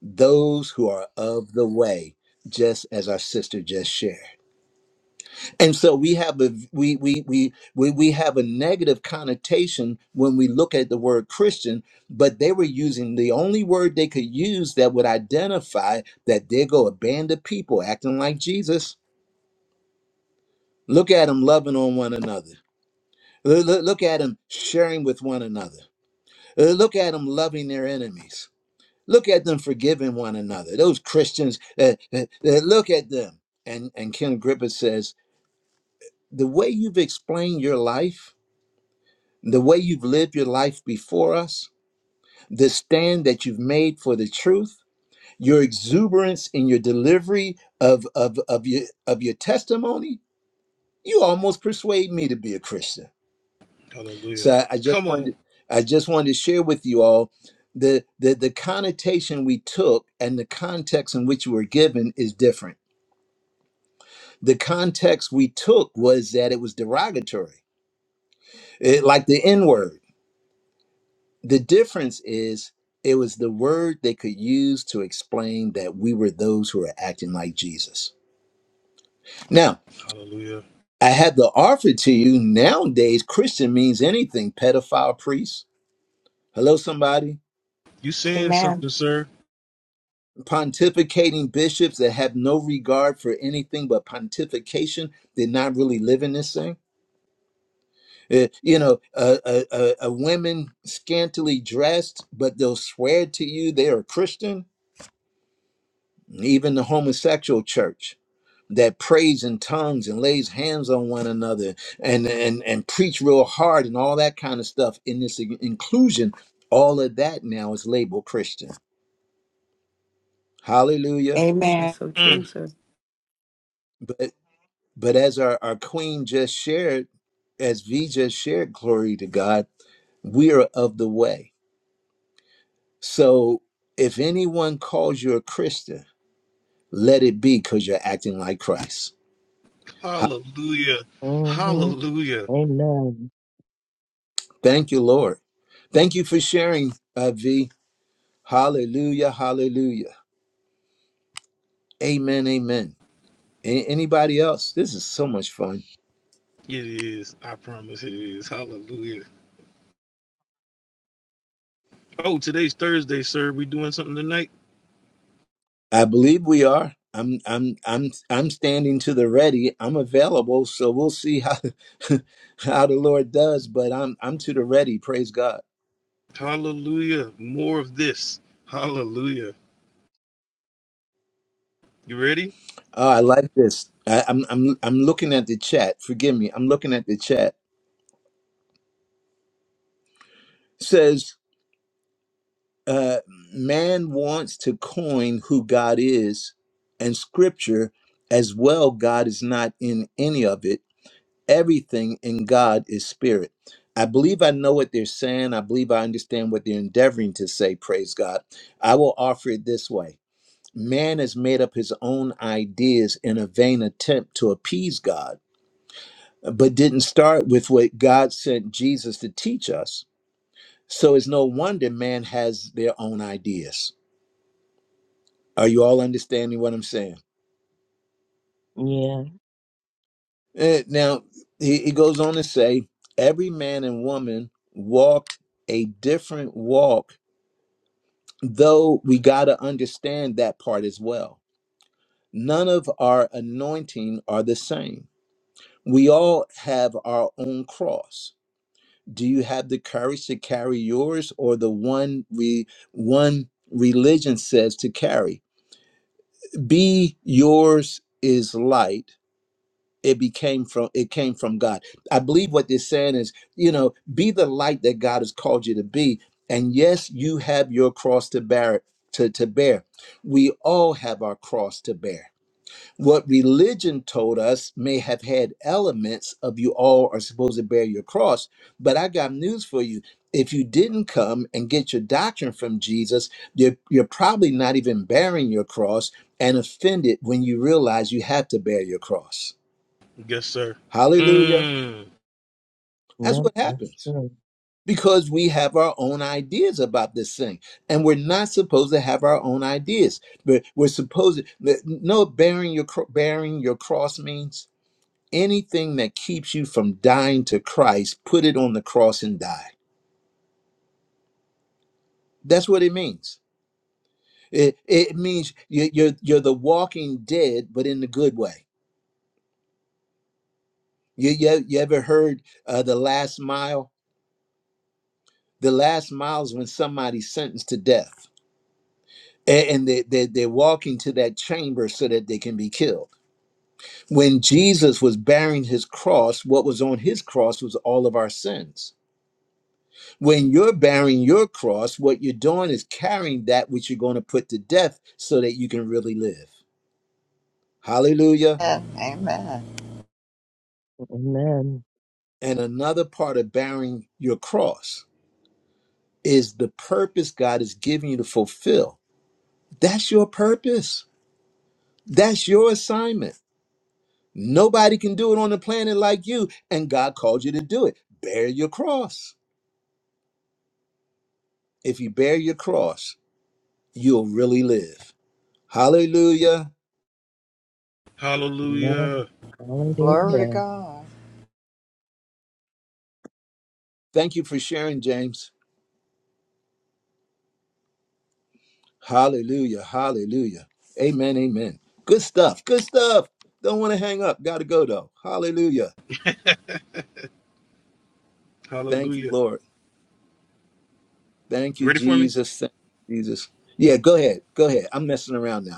Speaker 1: those who are of the way just as our sister just shared and so we have a we we we we we have a negative connotation when we look at the word Christian, but they were using the only word they could use that would identify that there go a band of people acting like Jesus. Look at them loving on one another. Lo- lo- Look at them sharing with one another. Uh, Look at them loving their enemies. Look at them forgiving one another. Those Christians, uh, uh, uh, look at them. And and Ken Griffith says the way you've explained your life. the way you've lived your life before us, the stand that you've made for the truth, your exuberance in your delivery of, of, of, your, of your testimony, you almost persuade me to be a Christian.
Speaker 2: Hallelujah.
Speaker 1: So I, I just
Speaker 2: Come
Speaker 1: wanted
Speaker 2: on.
Speaker 1: I just wanted to share with you all the, the the connotation we took and the context in which we were given is different. The context we took was that it was derogatory, it, like the N word The difference is it was the word they could use to explain that we were those who are acting like Jesus. Now,
Speaker 2: Hallelujah.
Speaker 1: I had to offer to you nowadays, Christian means anything pedophile priests. Hello, somebody.
Speaker 2: You saying
Speaker 6: Amen.
Speaker 2: something, sir?
Speaker 1: Pontificating bishops that have no regard for anything but pontification, they're not really living this thing. Uh, you know, uh, uh, uh, uh, women scantily dressed, but they'll swear to you they are Christian, even the homosexual church that prays in tongues and lays hands on one another and and and preach real hard and all that kind of stuff in this in- inclusion all of that now is labeled christian hallelujah
Speaker 6: Amen.
Speaker 5: That's so
Speaker 2: Mm.
Speaker 5: true, sir.
Speaker 1: but but as our, our queen just shared as v just shared glory to god we are of the way so if anyone calls you a christian let it be because you're acting like christ Ha-
Speaker 2: Hallelujah.
Speaker 3: Yeah. hmm
Speaker 2: Hallelujah.
Speaker 3: Amen.
Speaker 1: thank you lord thank you for sharing uh, v hallelujah hallelujah Amen, amen. A- anybody else? This is so much fun.
Speaker 2: It is. I promise it is. Hallelujah. Oh, today's Thursday, sir. We doing something tonight?
Speaker 1: I believe we are. I'm I'm I'm I'm standing to the ready. I'm available, so we'll see how (laughs) how the Lord does, but I'm I'm to the ready, praise God.
Speaker 2: Hallelujah. More of this. Hallelujah. You ready?
Speaker 1: Oh, I like this. I, I'm I'm I'm looking at the chat. Forgive me. I'm looking at the chat. says uh man wants to coin who God is and scripture as well God is not in any of it everything in God is spirit. I believe I know what they're saying. I believe I understand what they're endeavoring to say. Praise God. I will offer it this way Man has made up his own ideas in a vain attempt to appease God, but didn't start with what God sent Jesus to teach us. So it's no wonder man has their own ideas. Are you all understanding what I'm saying?
Speaker 3: Yeah.
Speaker 1: Eh, Now, he, he goes on to say, Every man and woman walked a different walk though we got to understand that part as well. None of our anointing are the same. We all have our own cross. Do you have the courage to carry yours or the one we one religion says to carry? Be yours is light it became from it came from god i believe what they're saying is you know be the light that god has called you to be and yes you have your cross to bear to, to bear we all have our cross to bear what religion told us may have had elements of you all are supposed to bear your cross but i got news for you if you didn't come and get your doctrine from jesus you're, you're probably not even bearing your cross and offended when you realize you have to bear your cross
Speaker 2: Yes, sir.
Speaker 1: Hallelujah.
Speaker 2: Mm.
Speaker 1: That's
Speaker 3: Yep.
Speaker 1: what
Speaker 3: That's
Speaker 1: happens
Speaker 3: true.
Speaker 1: because we have our own ideas about this thing. And we're not supposed to have our own ideas. But we're supposed to no bearing your cro- bearing your cross means anything that keeps you from dying to Christ, put it on the cross and die. That's what it means. It, it means you- you're you're the walking dead, but in the good way. You you, you ever heard uh, the last mile? The last mile is when somebody's sentenced to death A- and they, they, they walk into that chamber so that they can be killed. When Jesus was bearing his cross, what was on his cross was all of our sins. When you're bearing your cross, what you're doing is carrying that which you're going to put to death so that you can really live. Hallelujah.
Speaker 10: Amen. Amen.
Speaker 3: Amen.
Speaker 1: And another part of bearing your cross is the purpose God is giving you to fulfill. That's your purpose, that's your assignment. Nobody can do it on the planet like you, and God called you to do it. Bear your cross. If you bear your cross, you'll really live. Hallelujah.
Speaker 3: Amen.
Speaker 2: Hallelujah.
Speaker 10: Glory to
Speaker 3: Hallelujah.
Speaker 10: God.
Speaker 1: Thank you for sharing, James. Hallelujah. Hallelujah. Amen. Amen. Good stuff. Good stuff. Don't want to hang up. Got to go, though. Hallelujah. Thank you,
Speaker 2: Hallelujah.
Speaker 1: Lord. Thank
Speaker 2: You
Speaker 1: you,
Speaker 2: ready for me?
Speaker 1: Jesus. Thank you, Jesus. Yeah, go ahead. Go ahead. I'm messing around now.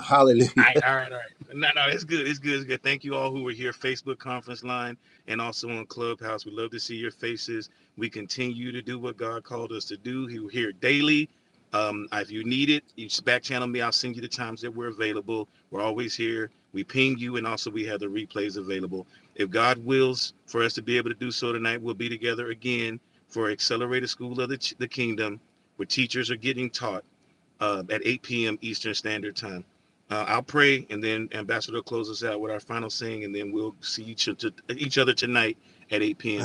Speaker 2: All
Speaker 1: Hallelujah.
Speaker 2: right, all right, all right. No, no, it's good. It's good. It's good. Thank you all who were here, Facebook conference line, and also on Clubhouse. We love to see your faces. We continue to do what God called us to do. He- will hear daily. Um, uh, if you need it, you just back channel me. I'll send you the times that we're available. We're always here. We ping you, and also we have the replays available. If God wills for us to be able to do so tonight, we'll be together again for Accelerated School of the, the Kingdom, where teachers are getting taught uh, at 8 p.m. Eastern Standard Time. Uh, I'll pray, and then Ambassador will close us out with our final saying, and then we'll see each, each other tonight at 8
Speaker 1: (laughs)
Speaker 2: p.m.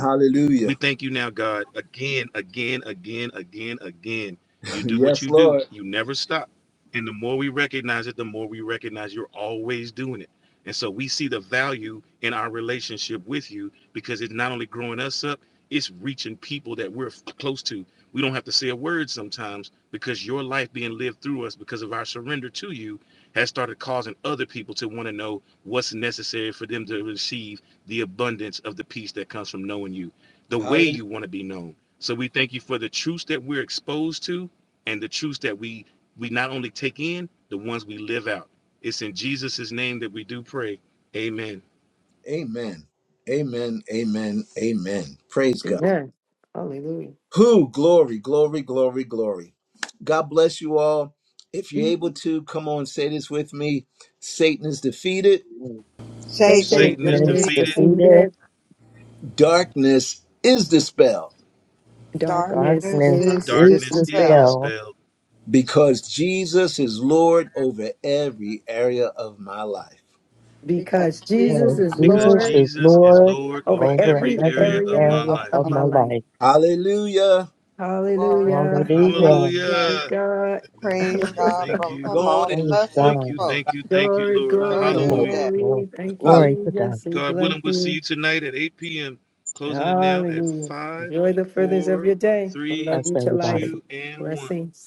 Speaker 2: We
Speaker 1: (laughs)
Speaker 2: thank you now, God. Again, again, again, again, again. You do what
Speaker 1: Yes,
Speaker 2: you do.
Speaker 1: Lord.
Speaker 2: You never stop. And the more we recognize it, the more we recognize you're always doing it. And so we see the value in our relationship with you because it's not only growing us up, it's reaching people that we're close to. We don't have to say a word sometimes because your life being lived through us because of our surrender to you has started causing other people to want to know what's necessary for them to receive the abundance of the peace that comes from knowing you the way you want to be known. So we thank you for the truths that we're exposed to and the truths that we we not only take in, the ones we live out. It's in Jesus' name that we do pray. Amen.
Speaker 1: Amen. Amen. Amen. Amen. Praise God.
Speaker 5: Amen. Hallelujah.
Speaker 1: Who? Glory, glory, glory, glory. God bless you all. If you're
Speaker 5: Mhm.
Speaker 1: able to, come on, say this with me Satan is defeated,
Speaker 10: Satan
Speaker 5: Satan
Speaker 2: Satan
Speaker 10: is
Speaker 2: is
Speaker 3: Satan is
Speaker 5: is
Speaker 2: defeated,
Speaker 10: defeated.
Speaker 3: defeated.
Speaker 5: defeated.
Speaker 1: darkness is dispelled
Speaker 5: darkness
Speaker 10: Darkness
Speaker 3: Darkness
Speaker 10: is
Speaker 5: is
Speaker 3: is
Speaker 2: darkness is
Speaker 10: dispelled
Speaker 5: dispelled
Speaker 3: dispelled
Speaker 2: dispelled
Speaker 1: because Jesus is Lord over every area of my life.
Speaker 10: because
Speaker 5: because
Speaker 10: Jesus
Speaker 5: Jesus
Speaker 3: because
Speaker 5: is
Speaker 10: is
Speaker 2: because
Speaker 3: Jesus
Speaker 10: Lord
Speaker 5: Lord
Speaker 3: is
Speaker 2: Jesus is
Speaker 10: over
Speaker 3: Lord
Speaker 2: Lord over
Speaker 5: over
Speaker 10: every
Speaker 3: over
Speaker 10: area
Speaker 2: every
Speaker 5: every
Speaker 2: area
Speaker 3: every
Speaker 2: of
Speaker 5: area
Speaker 2: my
Speaker 3: area
Speaker 10: of
Speaker 2: life.
Speaker 5: of
Speaker 3: of
Speaker 10: our
Speaker 5: my
Speaker 3: my
Speaker 5: life.
Speaker 3: life.
Speaker 1: Hallelujah.
Speaker 10: life. Glory to
Speaker 5: Hallelujah.
Speaker 10: God.
Speaker 5: Glory,
Speaker 3: Hallelujah.
Speaker 5: glory,
Speaker 10: Amen.
Speaker 2: Hallelujah.
Speaker 5: God.
Speaker 10: Praise God
Speaker 5: (laughs)
Speaker 2: Thank
Speaker 10: from whom
Speaker 2: you.
Speaker 1: Go
Speaker 10: all
Speaker 1: on and lose
Speaker 3: Praise
Speaker 1: your
Speaker 10: blessings
Speaker 2: Thank
Speaker 3: God.
Speaker 2: you.
Speaker 10: flow.
Speaker 2: Thank you. Thank you,
Speaker 5: glory,
Speaker 2: Lord.
Speaker 1: mind
Speaker 10: Joy
Speaker 5: glory,
Speaker 1: some
Speaker 10: this
Speaker 3: Yes,
Speaker 1: more.
Speaker 2: Hallelujah.
Speaker 10: day.
Speaker 3: Lord.
Speaker 5: glory. Thank you,
Speaker 3: Glory to God.
Speaker 5: Jesus. We
Speaker 2: God
Speaker 5: bless
Speaker 2: willing, we'll see
Speaker 5: you.
Speaker 2: you tonight at 8 p.m. Closing it now at
Speaker 5: Hallelujah.
Speaker 2: 5,
Speaker 5: Enjoy the furthers of
Speaker 2: 4,
Speaker 5: your day. I
Speaker 2: 3,
Speaker 5: love
Speaker 3: Bless
Speaker 5: you to
Speaker 3: everybody.
Speaker 5: life.
Speaker 2: 2, and 1.
Speaker 5: Blessings.